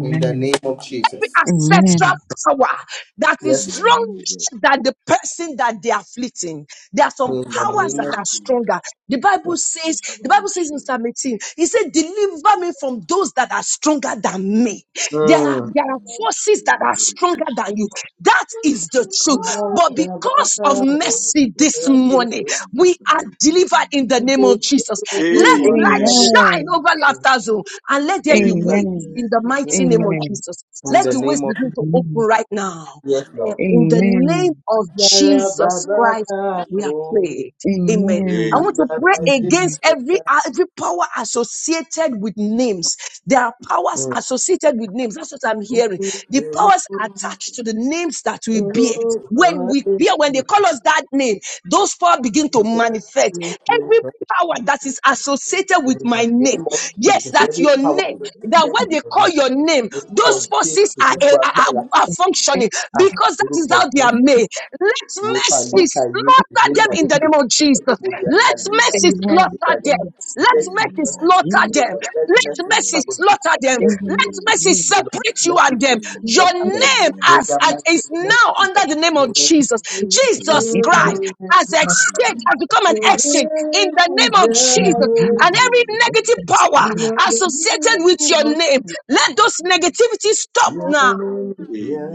Speaker 1: In the name of
Speaker 4: every
Speaker 1: Jesus.
Speaker 2: Amen.
Speaker 4: ancestral power that is
Speaker 1: Yes,
Speaker 4: stronger than the person that they are afflicting. There are some
Speaker 1: Lord. In the
Speaker 4: powers
Speaker 1: name
Speaker 4: that
Speaker 1: of
Speaker 4: are stronger. The Bible says, the Bible says in Psalm 18, he said, deliver me from those that are stronger than me. There are, there are forces that are stronger than you. That is the truth. But because of mercy this morning, we are delivered in the name of Jesus. Let
Speaker 2: Amen.
Speaker 4: light shine over laughter zone and let there be
Speaker 2: Amen.
Speaker 4: waves in the mighty
Speaker 2: Amen.
Speaker 4: name of
Speaker 2: Amen.
Speaker 4: Jesus.
Speaker 1: in
Speaker 4: Let
Speaker 1: the
Speaker 4: the waves
Speaker 1: name of
Speaker 4: begin to open right now.
Speaker 1: yes,
Speaker 4: Eh,
Speaker 1: Lord.
Speaker 4: In the name
Speaker 2: Amen.
Speaker 4: of Jesus Christ, we are prayed. Amen. I
Speaker 2: Amen.
Speaker 4: want to pray against every every power associated with names. There are powers
Speaker 1: Mm.
Speaker 4: associated with names. That's what I'm hearing. The powers are attached to the names that we bear. When we bear, when they call us that name, those powers begin to manifest. Every power that is associated
Speaker 1: In
Speaker 4: with my
Speaker 1: the
Speaker 4: name,
Speaker 1: name of
Speaker 4: yes,
Speaker 1: Jesus,
Speaker 4: that's
Speaker 1: every
Speaker 4: your
Speaker 1: power
Speaker 4: name. That
Speaker 1: associated
Speaker 4: when
Speaker 1: with
Speaker 4: they call
Speaker 1: your name,
Speaker 4: your name,
Speaker 1: orúkọ
Speaker 4: those forces
Speaker 1: Jésù
Speaker 4: are, eh,
Speaker 1: gbogbo
Speaker 4: are, are
Speaker 1: agbára,
Speaker 4: are functioning
Speaker 1: ah,
Speaker 4: because that is
Speaker 1: orúkọ
Speaker 4: how they are
Speaker 1: Jésù,
Speaker 4: made. Let
Speaker 1: ìwépa
Speaker 4: mercy
Speaker 1: léka yéèkì
Speaker 4: slaughter them
Speaker 1: zéńdà
Speaker 4: in the
Speaker 1: lékè
Speaker 4: name of
Speaker 1: síkèké
Speaker 4: Jesus.
Speaker 1: lébòrí
Speaker 4: Let
Speaker 1: àtàlébà
Speaker 4: mercy
Speaker 1: lékè
Speaker 2: Amen.
Speaker 1: zéńdà
Speaker 4: slaughter them.
Speaker 1: yẹn.
Speaker 2: Amen.
Speaker 4: Let
Speaker 1: Let
Speaker 4: mercy
Speaker 1: mercy
Speaker 3: Amen.
Speaker 4: slaughter
Speaker 1: speak
Speaker 2: Mimi
Speaker 1: for
Speaker 4: them.
Speaker 1: us, let
Speaker 4: Let
Speaker 1: mercy
Speaker 4: mercy
Speaker 1: speak
Speaker 2: kwa
Speaker 3: Amen.
Speaker 1: for us,
Speaker 4: slaughter them.
Speaker 1: let
Speaker 2: kujenga
Speaker 4: Let
Speaker 2: mwili
Speaker 1: mercy
Speaker 4: mercy
Speaker 2: mwenye
Speaker 1: speak for us, let
Speaker 4: separate you
Speaker 1: mercy
Speaker 4: and them.
Speaker 1: speak for us.
Speaker 4: Your
Speaker 3: Amen.
Speaker 1: Father.
Speaker 2: kuweza
Speaker 4: name
Speaker 2: kuishi
Speaker 3: Amen.
Speaker 1: May
Speaker 4: as,
Speaker 1: the
Speaker 4: as
Speaker 1: mighty
Speaker 4: is
Speaker 1: name
Speaker 2: na
Speaker 1: of
Speaker 4: now
Speaker 1: Jesus.
Speaker 4: under the name
Speaker 1: May
Speaker 4: of
Speaker 1: the
Speaker 4: Jesus.
Speaker 2: katika
Speaker 3: Amen.
Speaker 4: Jesus
Speaker 2: jamii hii
Speaker 4: Christ has
Speaker 2: na
Speaker 4: exchanged,
Speaker 3: Amen.
Speaker 4: has become an
Speaker 1: Your
Speaker 2: kwa
Speaker 4: exchange in the
Speaker 1: name is
Speaker 4: name of
Speaker 2: kujenga
Speaker 4: Jesus.
Speaker 2: mwili
Speaker 1: Yahweh.
Speaker 4: And
Speaker 2: na
Speaker 4: every negative power
Speaker 1: You
Speaker 2: kujenga
Speaker 1: are the name
Speaker 4: associated with your name,
Speaker 1: of
Speaker 4: let those negativity stop now
Speaker 1: Amen.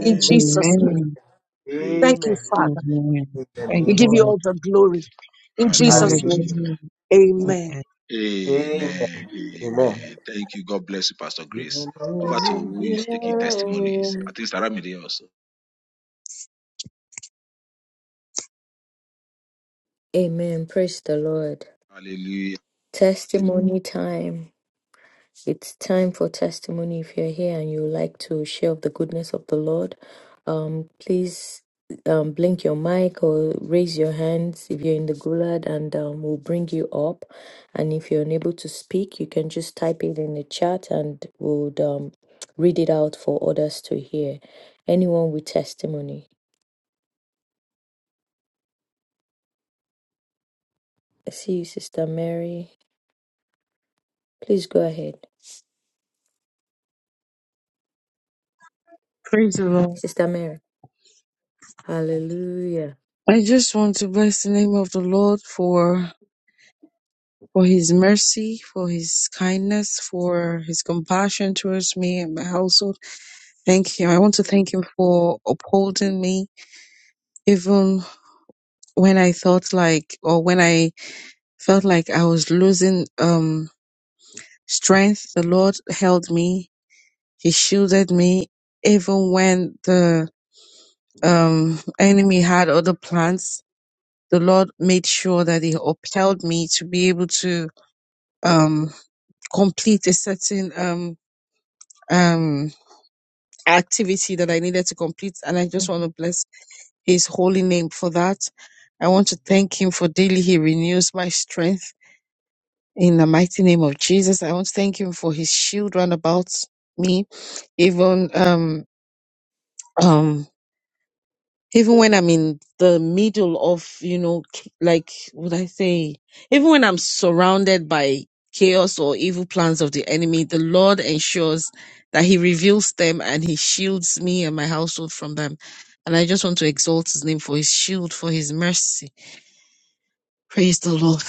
Speaker 4: in Jesus' name.
Speaker 2: Amen.
Speaker 4: Thank
Speaker 3: Amen.
Speaker 4: you,
Speaker 1: Amen.
Speaker 4: Father.
Speaker 2: Amen.
Speaker 1: In the
Speaker 2: Thank
Speaker 3: Thank
Speaker 4: We
Speaker 1: name
Speaker 2: you,
Speaker 4: give
Speaker 3: you,
Speaker 1: of
Speaker 4: you
Speaker 2: Lord.
Speaker 3: Lord.
Speaker 4: all the glory in Jesus'
Speaker 1: Hallelujah.
Speaker 4: name.
Speaker 3: Hallelujah.
Speaker 2: Hallelujah.
Speaker 4: Amen.
Speaker 2: Amen.
Speaker 3: Amen.
Speaker 1: Amen.
Speaker 3: Amen. Thank you. God bless you, Pastor Grace. Over to who is taking testimonies.
Speaker 1: Amen.
Speaker 3: I think Saramide also.
Speaker 5: Amen. Praise the Lord.
Speaker 3: Hallelujah.
Speaker 5: Testimony time. It's time for testimony. If you're here and you would like to share of the goodness of the Lord, um, please um, blink your mic or raise your hands if you're in the gulag, and um, we'll bring you up. And if you're unable to speak, you can just type it in the chat, and we'll um, read it out for others to hear. Anyone with testimony. I see you, Sister Mary. Please go ahead,
Speaker 2: Praise the Lord.
Speaker 5: Sister Mary. Hallelujah.
Speaker 2: I just want to bless the name of the Lord for for his mercy, for his kindness, for his compassion towards me and my household. Thank him. I want to thank him for upholding me even when I thought like or when I felt like I was losing um, strength. The Lord held me. He shielded me. Even when the um, enemy had other plans, the Lord made sure that He upheld me to be able to um, complete a certain um, um, activity that I needed to complete. And I just want to bless His holy name for that. I want to thank Him for daily He renews my strength. In the mighty name of Jesus, I want to thank him for his shield round about me, even um um even when I'm in the middle of you know ch- like would I say even when I'm surrounded by chaos or evil plans of the enemy, the Lord ensures that He reveals them and He shields me and my household from them. And I just want to exalt His name for His shield, for His mercy. Praise the Lord.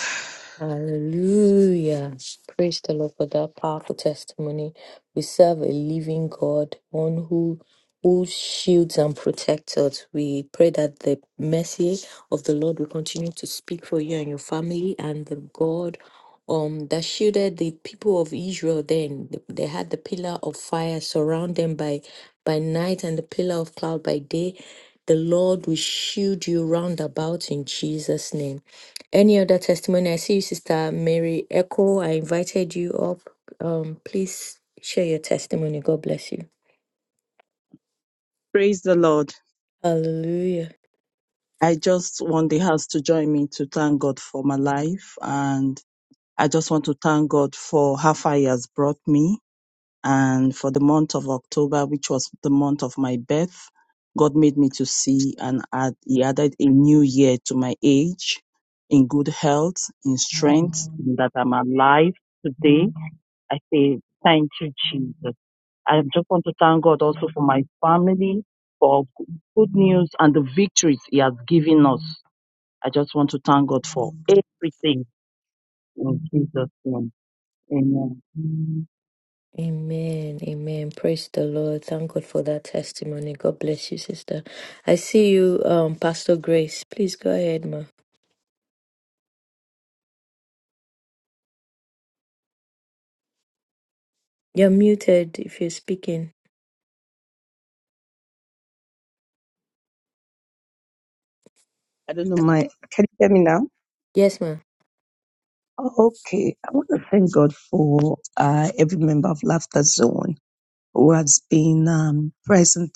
Speaker 5: Hallelujah. Praise the Lord for that powerful testimony. We serve a living God, one who who shields and protects us. We pray that the mercy of the Lord will continue to speak for you and your family and the God um that shielded the people of Israel then. They had the pillar of fire surround them by by night and the pillar of cloud by day. The Lord will shield you round about in Jesus' name. Any other testimony? I see you, Sister Mary Echo. I invited you up. Um, please share your testimony. God bless you.
Speaker 6: Praise the Lord.
Speaker 5: Hallelujah.
Speaker 6: I just want the house to join me to thank God for my life. And I just want to thank God for how far He has brought me and for the month of October, which was the month of my birth. God made me to see and add, He added a new year to my age in good health, in strength, and that I'm alive today. I say, thank you, Jesus. I just want to thank God also for my family, for good news and the victories He has given us. I just want to thank God for everything in Jesus' name. Amen.
Speaker 5: Amen. Amen. Praise the Lord. Thank God for that testimony. God bless you, sister. I see you, um, Pastor Grace. Please go ahead, ma. You're muted if you're speaking.
Speaker 4: I don't know. my.
Speaker 5: Yes, ma.
Speaker 4: Okay, I want to thank God for uh, every member of Laughter Zone who has been um, present.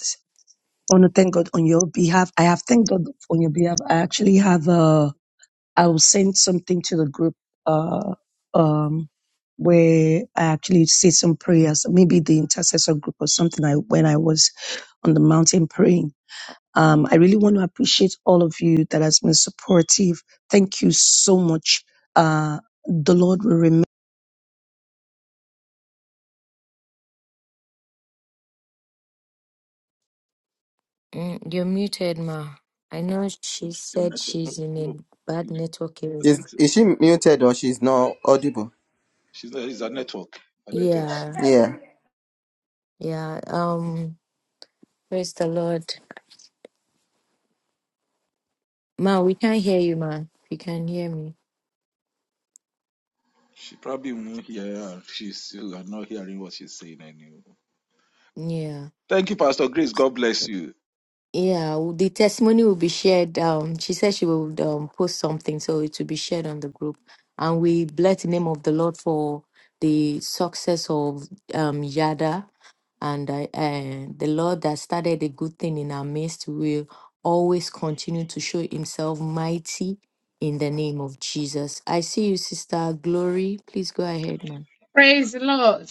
Speaker 4: I want to thank God on your behalf. I have thanked God on your behalf. I actually have uh, I will send something to the group uh, um, where I actually say some prayers, maybe the intercessor group or something. I when I was on the mountain praying. Um, I really want to appreciate all of you that has been supportive. Thank you so much. Uh, the Lord will remember.
Speaker 5: Mm, you're muted, ma. I know she
Speaker 3: Your
Speaker 5: said
Speaker 3: network. No,
Speaker 5: she's in a
Speaker 3: no.
Speaker 5: bad network
Speaker 3: I
Speaker 5: area.
Speaker 3: think so. she's not, it's a network. Her networks.
Speaker 5: Yeah. Yeah. Um, praise the Lord. Ma, we can't hear you, ma. If you can hear me.
Speaker 3: She probably won't hear her. She's you are not hearing what she's saying anymore.
Speaker 5: Yeah.
Speaker 3: Thank you, Pastor Grace. God bless you.
Speaker 5: Yeah, w- the testimony will be shared. Um, she said she will um, post something, so it will be shared on the group. And we bless the name of the Lord for the success of um, Yada. And uh, uh, the Lord that started a good thing in our midst will always continue to show himself mighty in the name of Jesus. I see you, Sister Glory. Please go ahead, man.
Speaker 7: Praise the Lord.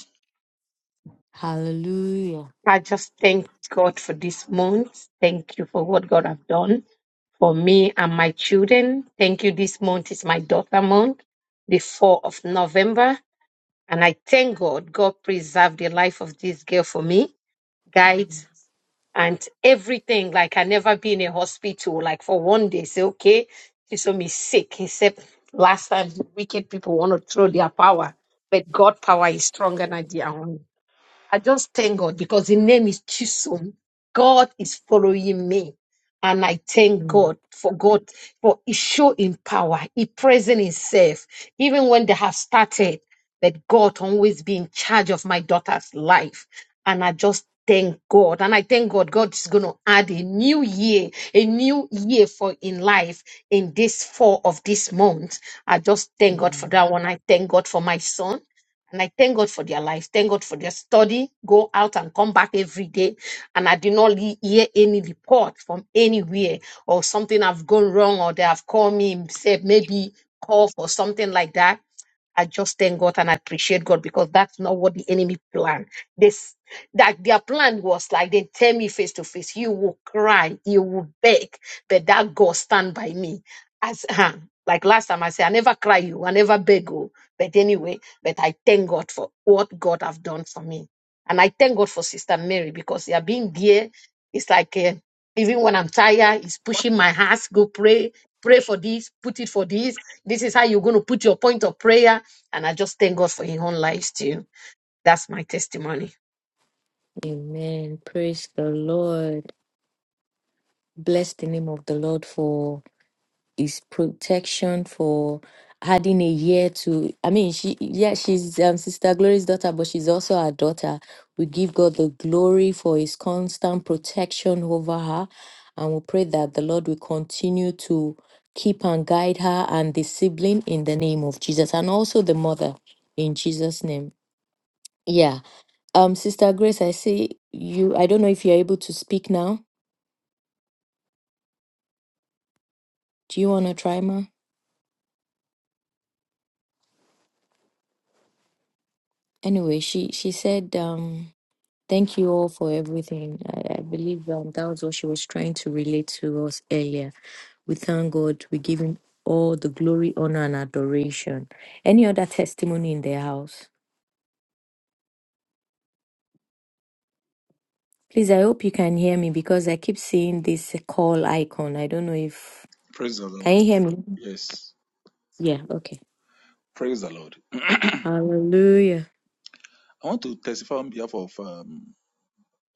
Speaker 5: Hallelujah.
Speaker 7: I just thank God for this month. Thank you for what God have done for me and my children. Thank you. This month is my daughter month, the 4th of November. And I thank God. God preserved the life of this girl for me, guides and everything. Like I never been in a hospital, like for one day, say, okay, she saw me sick. Except last time, wicked people want to throw their power. But God power is stronger than their own. I just thank God because the name is Chisum. God is following me. And I thank God for God for He show in power, He present Himself, even when they have started. That God always be in charge of my daughter's life. And I just thank God. And I thank God, God is going to add a new year, a new year for in life in this fall of this month. I just thank God for
Speaker 5: Mm.
Speaker 7: that one. I thank God for my son. And I thank God for their life. Thank God for their study. Go out and come back every day. And I did not le- hear any report from anywhere or something have gone wrong or they have called me and said maybe cough or something like that. I just thank God and I appreciate God because that's not what the enemy planned. This that their plan was like they tell me face to face, you will cry, you will beg, but that God stand by me. As like last time I said, I never cry you, I never beg you. But anyway, but I thank God for what God have done for me. And I thank God for Sister Mary because they are being there. It's like eh, even when I'm tired, it's pushing my heart, go pray, pray for this, put it for this. This is how you're going to put your point of prayer. And I just thank God for His own life too. That's my testimony.
Speaker 5: Amen. Praise the Lord. Bless the name of the Lord for his protection, for adding a year to I mean she yeah, she's um Sister Glory's daughter, but she's also our daughter. We give God the glory for his constant protection over her. And we pray that the Lord will continue to keep and guide her and the sibling in the name of Jesus and also the mother in Jesus' name. Yeah. Um, Sister Grace, I see you. I don't know if you're able to speak now. Do you wanna try ma? Anyway, she she said, um, thank you all for everything. I, I believe um, that was what she was trying to relate to us earlier. We thank God. We give him all the glory, honor, and adoration. Any other testimony in the house? Please, I hope you can hear me because I keep seeing this call icon. I don't know if
Speaker 3: Praise the
Speaker 5: can
Speaker 3: Lord.
Speaker 5: you hear me?
Speaker 3: Yes.
Speaker 5: Yeah, okay.
Speaker 3: Praise the Lord.
Speaker 5: Hallelujah.
Speaker 3: I want to testify on behalf of um,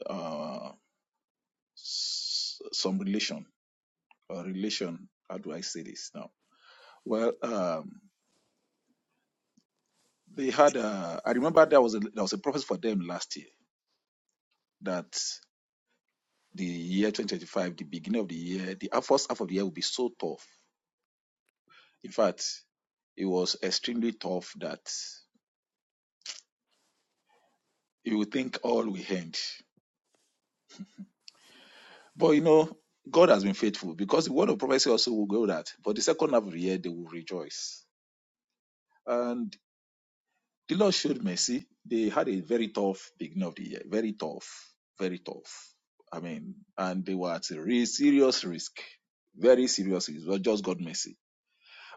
Speaker 3: uh, some relation, uh, relation. How do I say? Well, um, they had. Uh, I remember there was a, there was a prophecy for them last year that the year 2025, the beginning of the year, the first half of the year will be so tough. You will, you will think all will end, but you know God has been faithful because the word of prophecy also will go that. But the second half of the year they will rejoice. and. The Lord showed mercy. They had a very tough beginning of the year, very tough, very tough. I mean, and they were at a real serious risk, very serious risk. But just God mercy.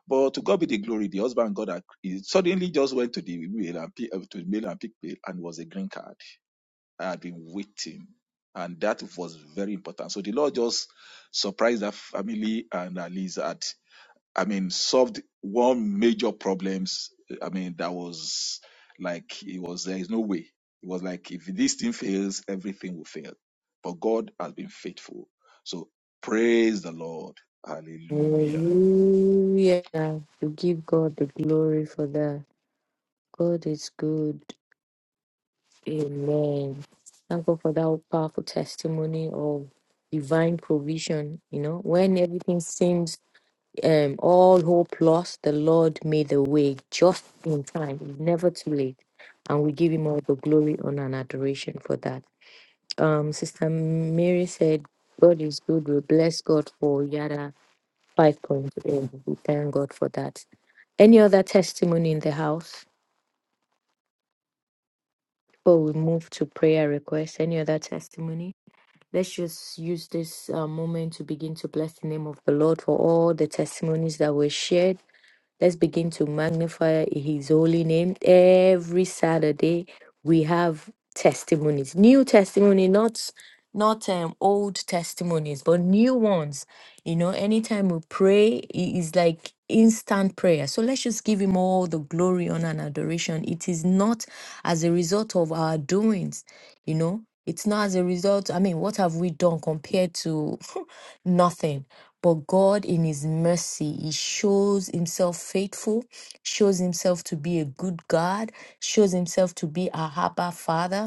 Speaker 3: But to God be the glory. The husband God had- he suddenly just went to the mail and pick, to the mail and pick mail and was a green card. I had been waiting, and that was very important. So the Lord just surprised that family and Aliza. I mean, solved one major problems. I mean, that was like it was there is no way. It was like if this thing fails, everything will fail. But God has been faithful. So praise the Lord. Hallelujah.
Speaker 5: Hallelujah. We give God the glory for that. God is good. Amen. Thank God for that powerful testimony of divine provision. You know, when everything seems um all hope lost, the Lord made the way just in time. It's never too late. And we give him all the glory, honor, and adoration for that. Um, Sister Mary said, God is good. We bless God for Yara 5.0. We thank God for that. Any other testimony in the house before we move to prayer requests? Any other testimony? Let's just use this uh, moment to begin to bless the name of the Lord for all the testimonies that were shared. Let's begin to magnify his holy name. Every Saturday we have testimonies, new testimony, not not um old testimonies, but new ones. You know, anytime we pray, it is like instant prayer. So let's just give him all the glory, honor, and adoration. It is not as a result of our doings, you know. It's not as a result. I mean, what have we done compared to nothing? But God, in His mercy, He shows Himself faithful, shows Himself to be a good God, shows Himself to be our Abba Father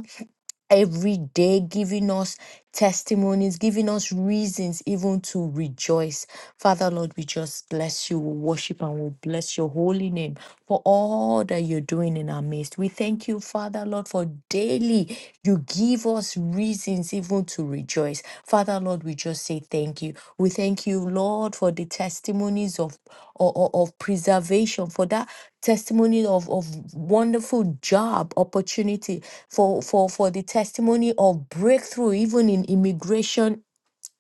Speaker 5: every day, giving us testimonies, giving us reasons even to rejoice. Father, Lord, we just bless you, we worship and we bless your holy name for all that you're doing in our midst. We thank you, Father, Lord, for daily you give us reasons even to rejoice. Father, Lord, we just say thank you. We thank you, Lord, for the testimonies of, of, of preservation, for that testimony of, of wonderful job opportunity for for for the testimony of breakthrough even in immigration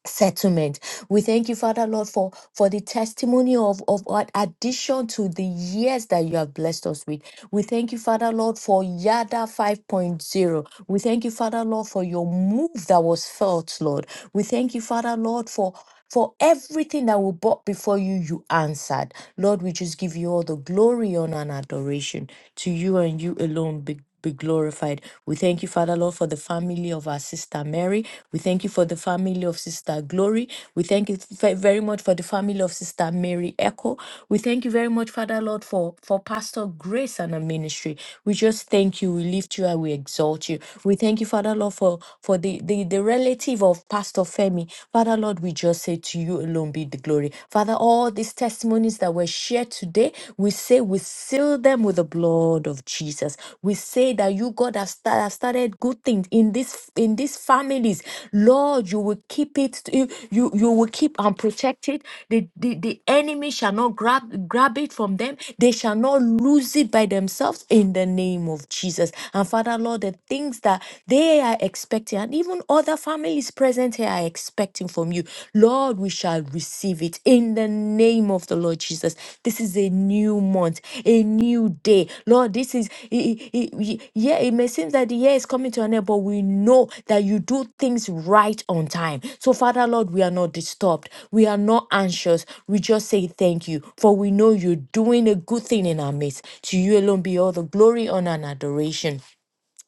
Speaker 5: settlement we thank you father lord for for the testimony of of what addition to the years that you have blessed us with we thank you father lord for yada 5.0 we thank you father lord for your move that was felt lord we thank you father lord for for everything that we brought before you you answered Lord, we just give you all the glory, honor, and adoration. To you and you alone be, be glorified. We thank you, Father Lord, for the family of our sister Mary. We thank you for the family of Sister Glory. We thank you fe- very much for the family of Sister Mary Echo. We thank you very much, Father Lord, for, for Pastor Grace and her ministry. We just thank you. We lift you and we exalt you. We thank you, Father Lord, for, for the, the, the relative of Pastor Femi. Father Lord, we just say say, To you alone be the glory. Father, all these testimonies that were shared today, we say we seal them with the blood of Jesus. We say that you, God, have, sta- have started good things in this in these families. Lord, you will keep it, you, you, you will keep and protect it. The, the, the enemy shall not grab grab it from them, they shall not lose it by themselves in the name of Jesus. And Father, Lord, the things that they are expecting, and even even other families present here are expecting from you. Lord, we shall receive it in the name of the Lord Jesus. This is a new month, a new day. Lord, this is, i- i- i- y- yeah, it may seem that the year is coming to an end, but we know that you do things right on time. So, Father, Lord, we are not disturbed. We are not anxious. We just say thank you, for we know you're doing a good thing in our midst. To you alone be all the glory, honor, and adoration.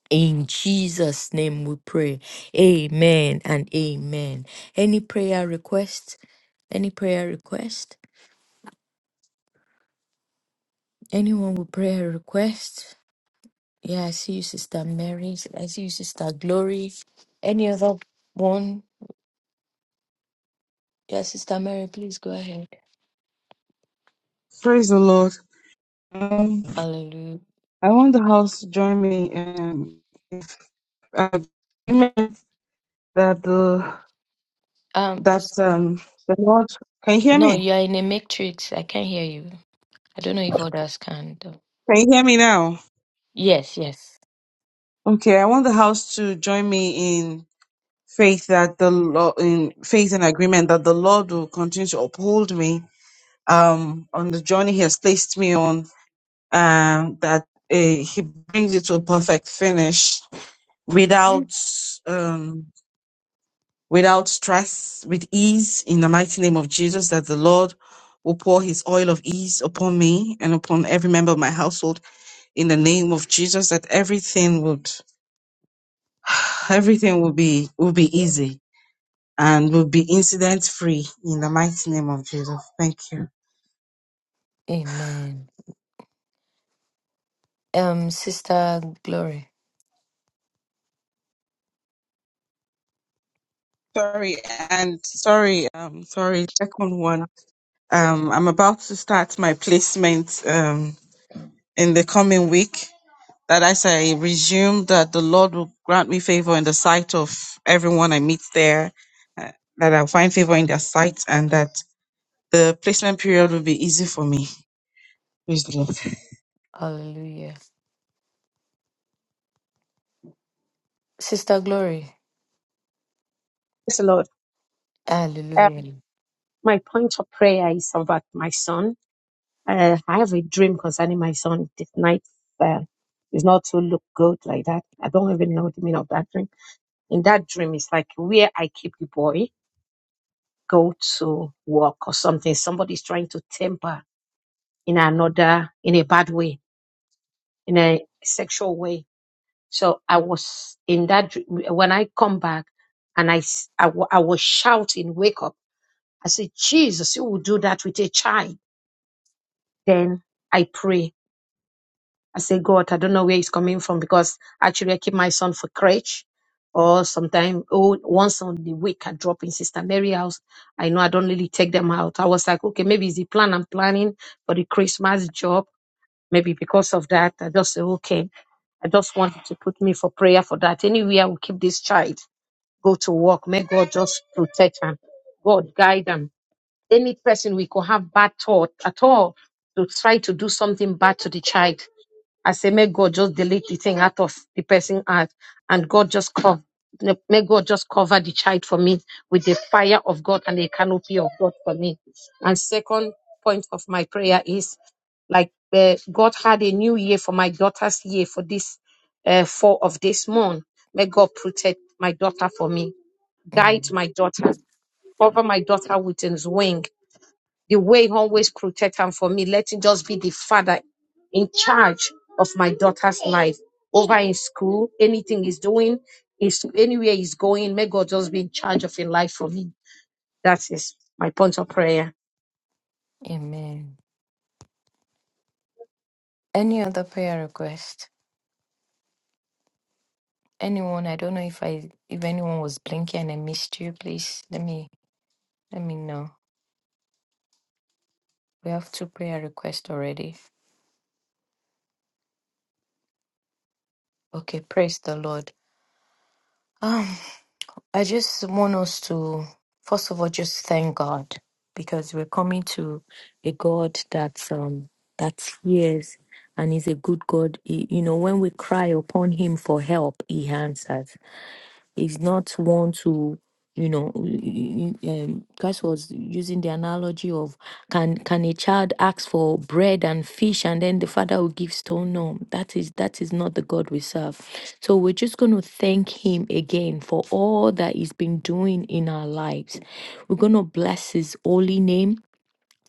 Speaker 5: In Jesus' name we pray. Amen and amen. Any prayer request? Any prayer request? Anyone with prayer request? Yeah, I see you, Sister Mary. I see you, Sister Glory. Any other one? Yeah, Sister Mary, please go ahead.
Speaker 2: Praise the Lord.
Speaker 5: Hallelujah.
Speaker 2: I want the house to join me in if uh, agreement that the
Speaker 5: Um, s-
Speaker 2: that um the Lord can you hear
Speaker 5: no,
Speaker 2: me?
Speaker 5: you are in a matrix. I can't hear you. I don't know if others can. Though.
Speaker 2: Can you hear me now?
Speaker 5: Yes, yes.
Speaker 2: Okay, I want the house to join me in faith that the Lord in faith and agreement that the Lord will continue to uphold me um on the journey He has placed me on and that uh, He brings it to a perfect finish without um without stress, with ease, in the mighty name of Jesus, that the Lord will pour his oil of ease upon me and upon every member of my household in the name of Jesus, that everything would everything will be will be easy and will be incident free in the mighty name of Jesus. Thank you.
Speaker 5: Amen. Um, Sister Glory.
Speaker 2: Sorry, and sorry, um sorry, second one. Um I'm about to start my placement um in the coming week. that as I resume, that the Lord will grant me favor in the sight of everyone I meet there, uh, that I'll find favor in their sight, and that the placement period will be easy for me. Praise the Lord.
Speaker 5: Hallelujah. Sister Glory.
Speaker 7: Praise the Lord.
Speaker 5: Hallelujah.
Speaker 7: My point of prayer is about my son. Uh, I have a dream concerning my son this night. Uh, it's not to look good like that. I don't even know the meaning of that dream. In that dream, it's like where I keep the boy go to work or something. Somebody's trying to temper in another, in a bad way, in a sexual way. So I was in that dream. When I come back and I, s- I, wa- I was shouting, wake up. I said, Jesus, you will do that with a child. Then I pray. I say, God, I don't know where he's coming from because actually I keep my son for crutch or sometimes, oh, once on the week I drop in Sister Mary house. I know I don't really take them out. I was like, okay, maybe it's the plan I'm planning for the Christmas job. Maybe because of that, I just say, okay, I just wanted to put me for prayer for that. Anyway, I will keep this child, go to work. May God just protect them. God guide them. Any person we could have bad thought at all to try to do something bad to the child. I say, may God just delete the thing out of the person's heart, and God just cover. May God just cover the child for me with the fire of God and the canopy of God for me. And second point of my prayer is, like eh, God had a new year for my daughter's year for this uh, fall of this month. May God protect my daughter for me, guide
Speaker 5: Mm.
Speaker 7: my daughter, cover my daughter with His wing, the way always protect and for me. Let him just be the father in charge of my daughter's life. Over in school, anything he's doing, is anywhere he's going, may God just be in charge of his life for me. That is my point of prayer.
Speaker 5: Amen. Any other prayer request? Anyone? I don't know if I if anyone was blinking and I missed you. Please let me let me know. We have two prayer requests already. Okay, praise the Lord. Um, I just want us to first of all just thank God because we're coming to a God that um that hears and is a good God. He- you know, when we cry upon Him for help, He answers is not one to you know y- y- y- um, christ was using the analogy of can can a child ask for bread and fish and then the father will give stone no that is that is not the god we serve so we're just going to thank him again for all that he's been doing in our lives we're going to bless his holy name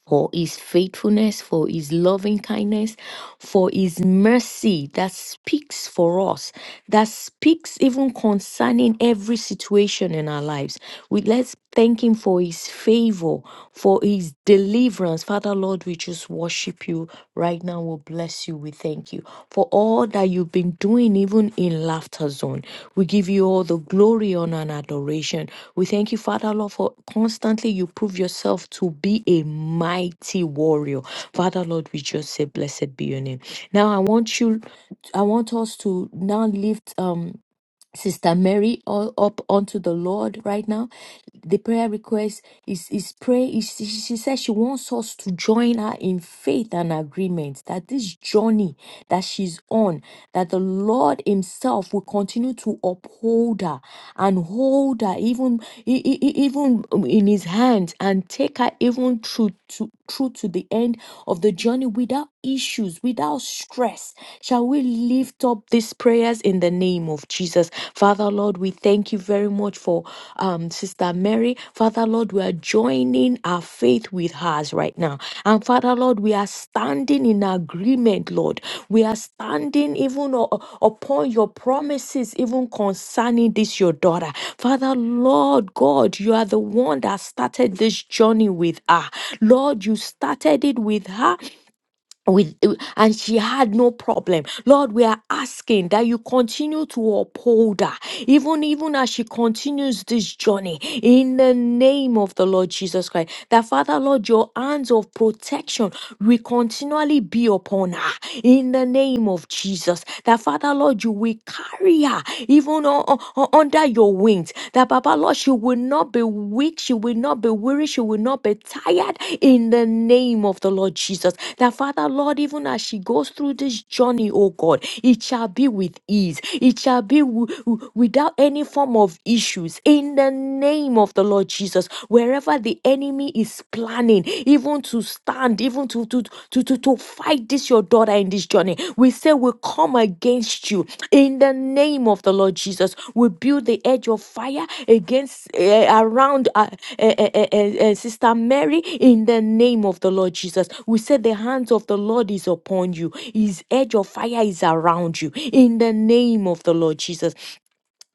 Speaker 5: for his faithfulness, for his loving kindness, for his mercy that speaks for us, that speaks even concerning every situation in our lives. We let's thank him for his favor, for his deliverance. Father Lord, we just worship you Right. Right now, we bless you. We thank you for all that you've been doing, even in Laughter Zone. We give you all the glory, honor, and adoration. We thank you, Father Lord, for constantly you prove yourself to be a mighty warrior. Father Lord, we just say, Blessed be your name. Now, I want you, I want us to now lift. Um, Sister Mary all up unto the Lord right now. The prayer request is is pray. is- She, she says she wants us to join her in faith and agreement that this journey that she's on, that the Lord Himself will continue to uphold her and hold her even e- e- e- even um, in His hands and take her even through to through to the end of the journey without issues, without stress. Shall we lift up these prayers in the name of Jesus? Father Lord, we thank you very much for um, Sister Mary. Father Lord, we are joining our faith with hers right now. and. Father, Lord, we are standing in agreement, Lord. We are standing even o- upon your promises, even concerning this, your daughter. Father, Lord God, you are the one that started this journey with her. Lord, you started it with her with uh, and she had no problem lord we are asking that you continue to uphold her even even as she continues this journey in the name of the lord jesus christ that father lord your hands of protection will continually be upon her in the name of jesus that father lord you will carry her even u- u- u- under your wings that baba lord she will not be weak, she will not be weary, she will not be tired in the name of the Lord Jesus. That Father, Lord, even as she goes through this journey, oh God, it shall be with ease, it shall be wi- wi- without any form of issues in the name of the Lord Jesus. Wherever the enemy is planning, even to stand, even to, to, to, to, to fight this, your daughter in this journey, we say we come against you in the name of the Lord Jesus, we build the edge of fire against eh, around uh, eh, eh, eh, eh, eh, Sister Mary. In the name of the Lord Jesus, we say the hands of the Lord is upon you. His edge of fire is around you. In the name of the Lord Jesus,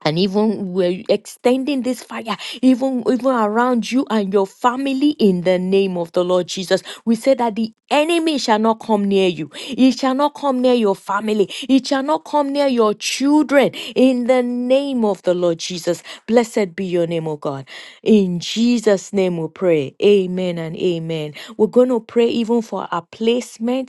Speaker 5: and even we're extending this fire even even around you and your family in the name of the lord jesus we say that the enemy shall not come near you it shall not come near your family it shall not come near your children in the name of the lord jesus blessed be your name o god in jesus name we pray amen and amen we're going to pray even for our placement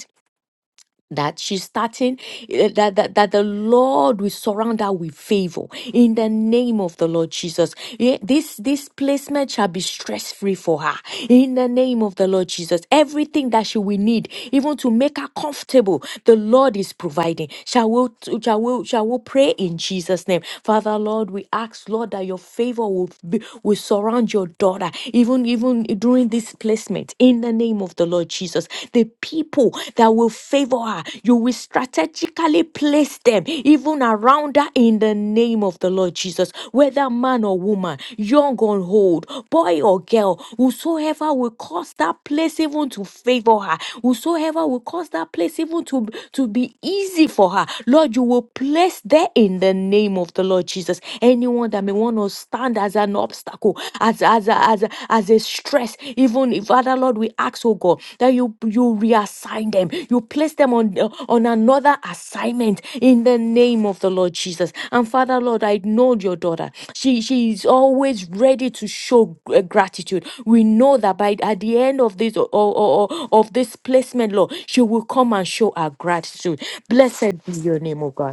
Speaker 5: that she's starting eh, that, that that the lord will surround her with favor in the name of the lord jesus Eh, this this placement shall be stress free for her in the name of the lord jesus everything that she will need even to make her comfortable the lord is providing shall we shall we shall we pray in jesus name father lord we ask lord that your favor will be, will surround your daughter even even during this placement placement in the name of the Lord Jesus. The people that will favor her, you will strategically place them even around her in the name of the Lord Jesus. Whether man or woman, young or old, boy or girl, whosoever will cause that place even to favor her, whosoever will cause that place even to, to be easy for her, Lord, you will place there in the name of the Lord Jesus. Anyone that may want to start stand as an obstacle, as as a, as a, as a stress. Even if Father Lord, we ask, oh God, that you you reassign them, you place them on on another assignment in the name of the Lord Jesus. And Father Lord, I know your daughter. She she is always ready to show gr- uh, gratitude. We know that by at the end of this or, or, or of this placement, Lord, she will come and show her gratitude. Blessed be your name, O God.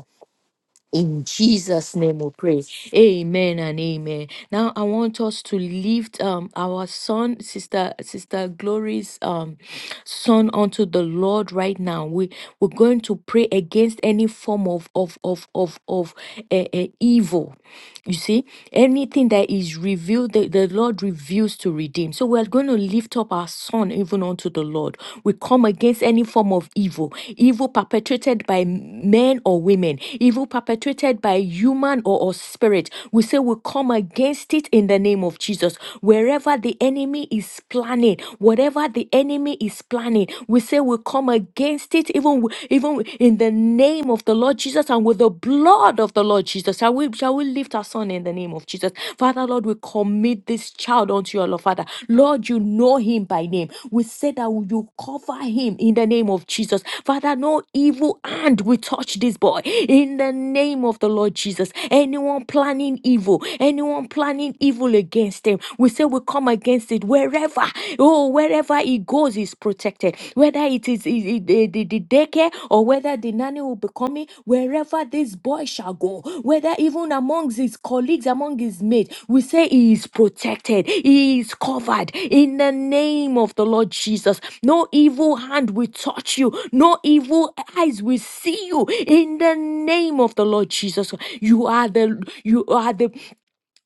Speaker 5: In Jesus' name we pray. Amen and amen. Now I want us to lift um our son, sister, sister Glory's um son unto the Lord right now. We we're going to pray against any form of of of of of uh, evil. You see, anything that is revealed, the, the Lord reveals to redeem. So we are going to lift up our son and even unto the Lord. We come against any form of evil, evil perpetrated by men or women, evil perpetrated by human or, or spirit. We say we come against it in the name of Jesus. Wherever the enemy is planning, whatever the enemy is planning, we say we come against it even, w- even in the name of the Lord Jesus and with the blood of the Lord Jesus we shall we lift our son in the name of Jesus. Father, Lord, we commit this child unto your Lord, Father. Lord, you know him by name. We say that you cover him in the name of Jesus. Father, no evil hand will touch this boy in the name of the Lord Jesus. Anyone planning evil, anyone planning evil against him, we say we come against it wherever. Oh, wherever he goes, he's protected impacted, whether it is is- is the, the, the daycare or whether the nanny will be coming, wherever this boy shall go, whether even amongst his colleagues, among his mates, we say he is protected, he is covered in the name of the Lord Jesus. No evil hand will touch you, no evil eyes will see you in the name of the Lord Jesus. You are the you are the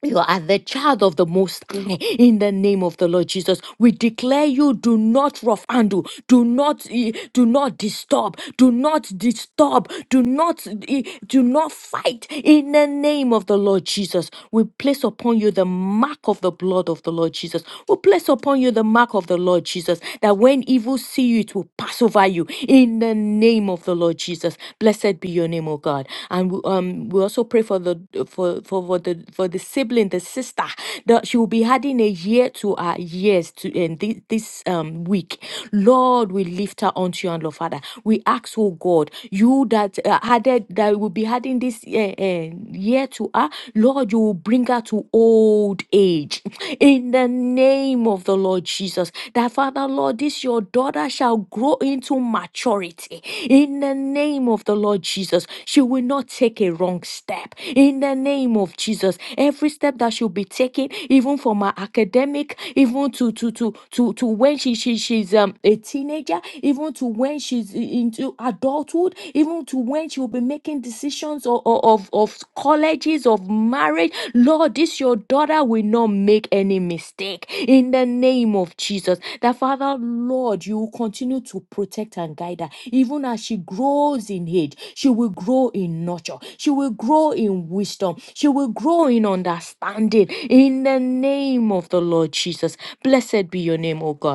Speaker 5: you are the child of the Most High in the name of the Lord Jesus. We declare you do not rough handle, do not, eh, do not disturb, do not disturb, do not, eh, do not fight in the name of the Lord Jesus. We place upon you the mark of the blood of the Lord Jesus. We place upon you the mark of the Lord Jesus that when evil see you, it will pass over you in the name name of the Lord Jesus. Blessed be your name, O God. And we, um, we also pray for the for for, for the for the sibling, the sister, that she will be adding a year to our years to in this, this um week. Lord, we lift her unto you, and Lord Father. We ask, oh God, you that uh, added that will be adding this uh, uh, year to her, Lord, you will bring her to old age. In the the name of the Lord Jesus. That Father, Lord, this your daughter shall grow into maturity in the name of the Lord Jesus. She will not take a wrong step in the name of Jesus. Every step that she'll be taking, even from her academic, even to to to to to when she, she she's um a teenager, even to when she's i- into adulthood, even to when she will be making making decisions of, of, of colleges, of marriage. Lord, this your daughter will not make any mistake in the name of Jesus. That Father, Lord, you will continue to protect and guide her. Even as she grows in age, she will grow in nurture, she will grow in wisdom, she will grow in understanding in the name of the Lord Jesus. Blessed be your name, O God.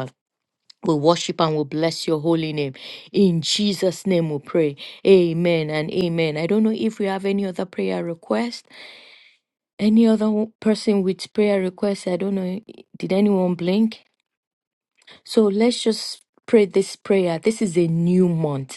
Speaker 5: We worship and we bless your holy name. In Jesus' name we pray. Amen and amen. I don't know if we have any other prayer request. Any other w- person with prayer request? I don't know. Did anyone blink? So let's just pray this prayer. This is a new month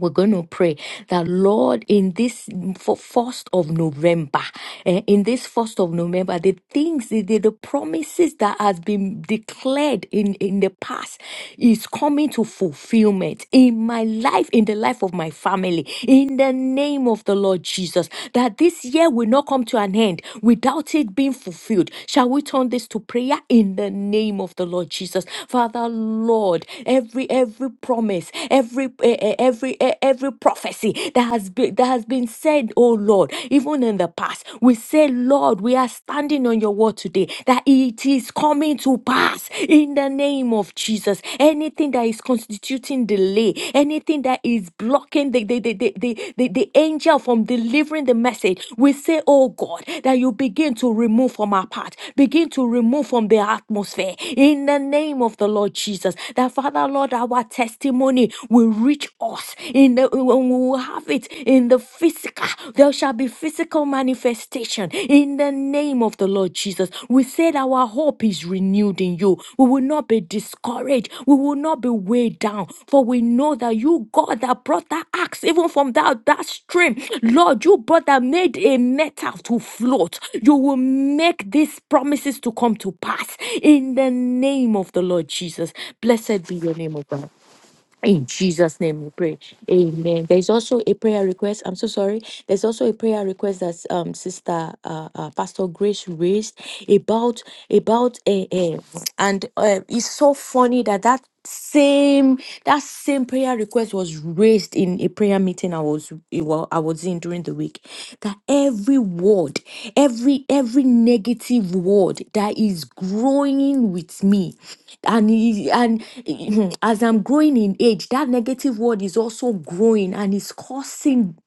Speaker 5: we're going to pray that Lord, in this f- first of November, eh, in this first of November, the things, the, the, the promises that has been declared in, in the past is coming to fulfillment in my life, in the life of my family, in the name of the Lord Jesus, that this year will not come to an end without it being fulfilled. Shall we turn this to prayer in the name of the Lord Jesus? Father, Lord, every every promise, every eh, eh, every eh, every prophecy that has been that has been said, oh Lord, even in the past. We say, Lord, we are standing on your word today that it is coming to pass in the name of Jesus. Anything that is constituting delay, anything that is blocking the the, the, the, the, the, the angel from delivering the message, we say, oh God, that you begin to remove from our path, begin to remove from the atmosphere in the name of the Lord Jesus. That Father, Lord, our testimony testimony will reach us in the when we will have it in the physical. There shall be physical manifestation in the name of the Lord Jesus. We said our hope is renewed in you. We will not be discouraged. We will not be weighed down. For we know that you, God, that brought that axe, even from that, that stream, Lord, you brought that made a metal to float. You will make these promises to come to pass in the name of the Lord Jesus. Blessed be your name, O God. In Jesus' name we pray. Amen. There's also a prayer request. I'm so sorry. There's also a prayer request that um sister uh, uh Pastor Grace raised about about a uh, uh, and uh, it's so funny that that same that same prayer request was raised in a prayer meeting I was well, I was in during the week that every word, every every negative word that is growing with me, and i- and as I'm growing in age, that negative word is also growing and is causing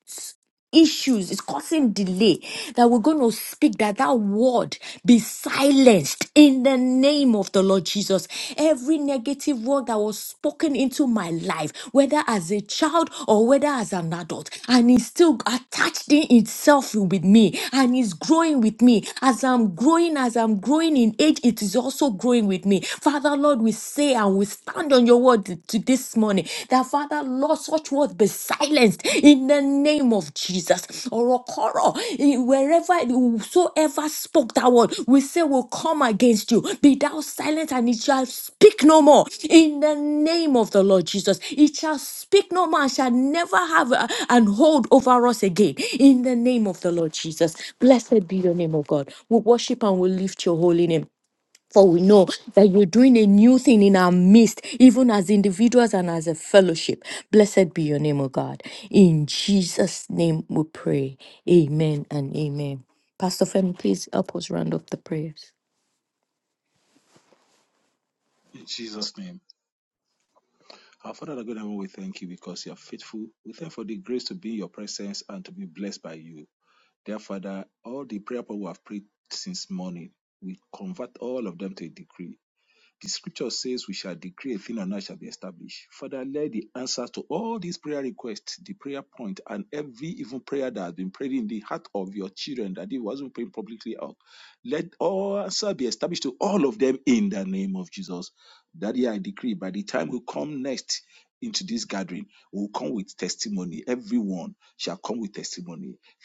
Speaker 5: issues, it's causing delay. That we're going to speak that that word be silenced in the name of the Lord Jesus. Every negative word that was spoken into my life, whether as a child or whether as an adult, and it's still attached in itself with me and it's growing with me. As I'm growing, as I'm growing in age, it is also growing with me. Father Lord, we say and we stand on your word to this morning that, Father, Lord, such words be silenced in the name of Jesus. Orokoro, eh, wherever, whosoever spoke that word, we say will come against you. Be thou silent and it shall speak no more in the name of the Lord Jesus. It shall speak no more and shall never have a- an hold over us again in the name of the Lord Jesus. Blessed be your name, O God. We worship and we lift your holy name. For we know that you're doing a new thing in our midst, even as individuals and as a fellowship. Blessed be your name, O God. In Jesus' name we pray. Amen and amen. Pastor Femi, please help us round up the prayers.
Speaker 3: In Jesus' name. Our Father, our God,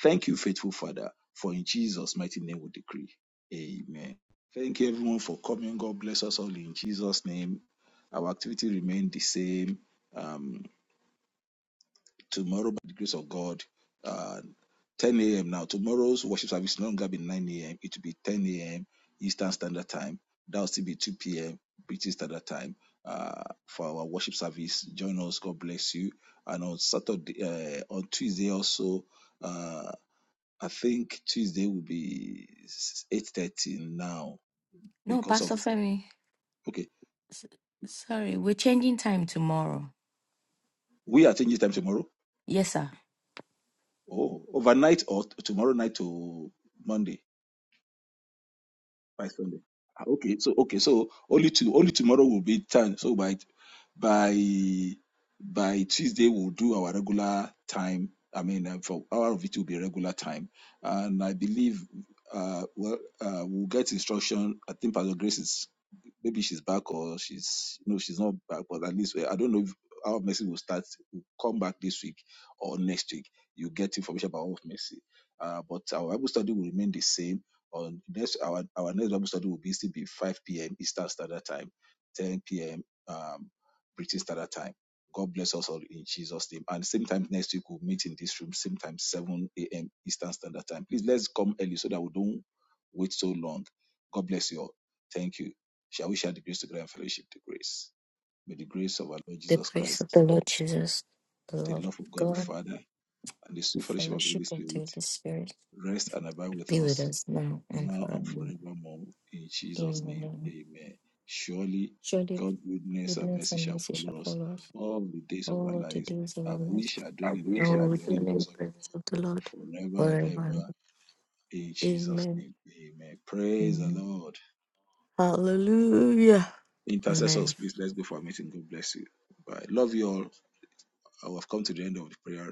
Speaker 3: thank you, faithful Father. Time that will still be two preachers at a time. Uh, for our one us come to you. And on Saturday, uh, on Tuesday also, uh, I think Tuesday will be eight thirty now
Speaker 5: No,
Speaker 3: because of
Speaker 5: Pastor Femi, s- sorry, we're changing time tomorrow. Yes, sir.
Speaker 3: By night, Monday, by Sunday. Ah, Okay, so okay, so only to only tomorrow will be time. So by by by Tuesday we'll do our regular time. I mean, uh, for our of it will be regular time, and I believe uh well uh we'll get instruction. I think Pastor Grace is maybe she's back or she's no she's not back, but at least we- I don't know if our message will start will come back this week or next week. You get it from uh, but our Bible study will remain the same.
Speaker 5: The grace of the Lord Jesus, the
Speaker 3: The
Speaker 5: love of
Speaker 3: love of God the
Speaker 5: God,
Speaker 3: Father and the
Speaker 5: the
Speaker 3: sweet fellowship of the
Speaker 5: fellowship
Speaker 3: Holy
Speaker 5: of the
Speaker 3: Spirit
Speaker 5: Holy Spirit
Speaker 3: rest and abide with
Speaker 5: be with
Speaker 3: us
Speaker 5: us now and
Speaker 3: now
Speaker 5: forever.
Speaker 3: and forevermore. In Jesus' name,
Speaker 5: Amen.
Speaker 3: amen. Surely
Speaker 5: Surely
Speaker 3: God's goodness and
Speaker 5: goodness
Speaker 3: mercy
Speaker 5: and
Speaker 3: shall
Speaker 5: mercy shall
Speaker 3: follow us
Speaker 5: follow us.
Speaker 3: all the days of our
Speaker 5: all the
Speaker 3: lives,
Speaker 5: days of our
Speaker 3: and we
Speaker 5: lives.
Speaker 3: shall dwell in the
Speaker 5: We And
Speaker 3: presence of
Speaker 5: shall
Speaker 3: the
Speaker 5: we dwell
Speaker 3: Lord
Speaker 5: in the in of the presence of the Lord forever.
Speaker 3: forever. In Jesus'
Speaker 5: Amen.
Speaker 3: name,
Speaker 5: Mhm. Hallelujah. Amen.
Speaker 3: God bless you. Bye. Love you all. I have come to the end of the prayer.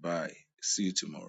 Speaker 3: Bye. See you tomorrow.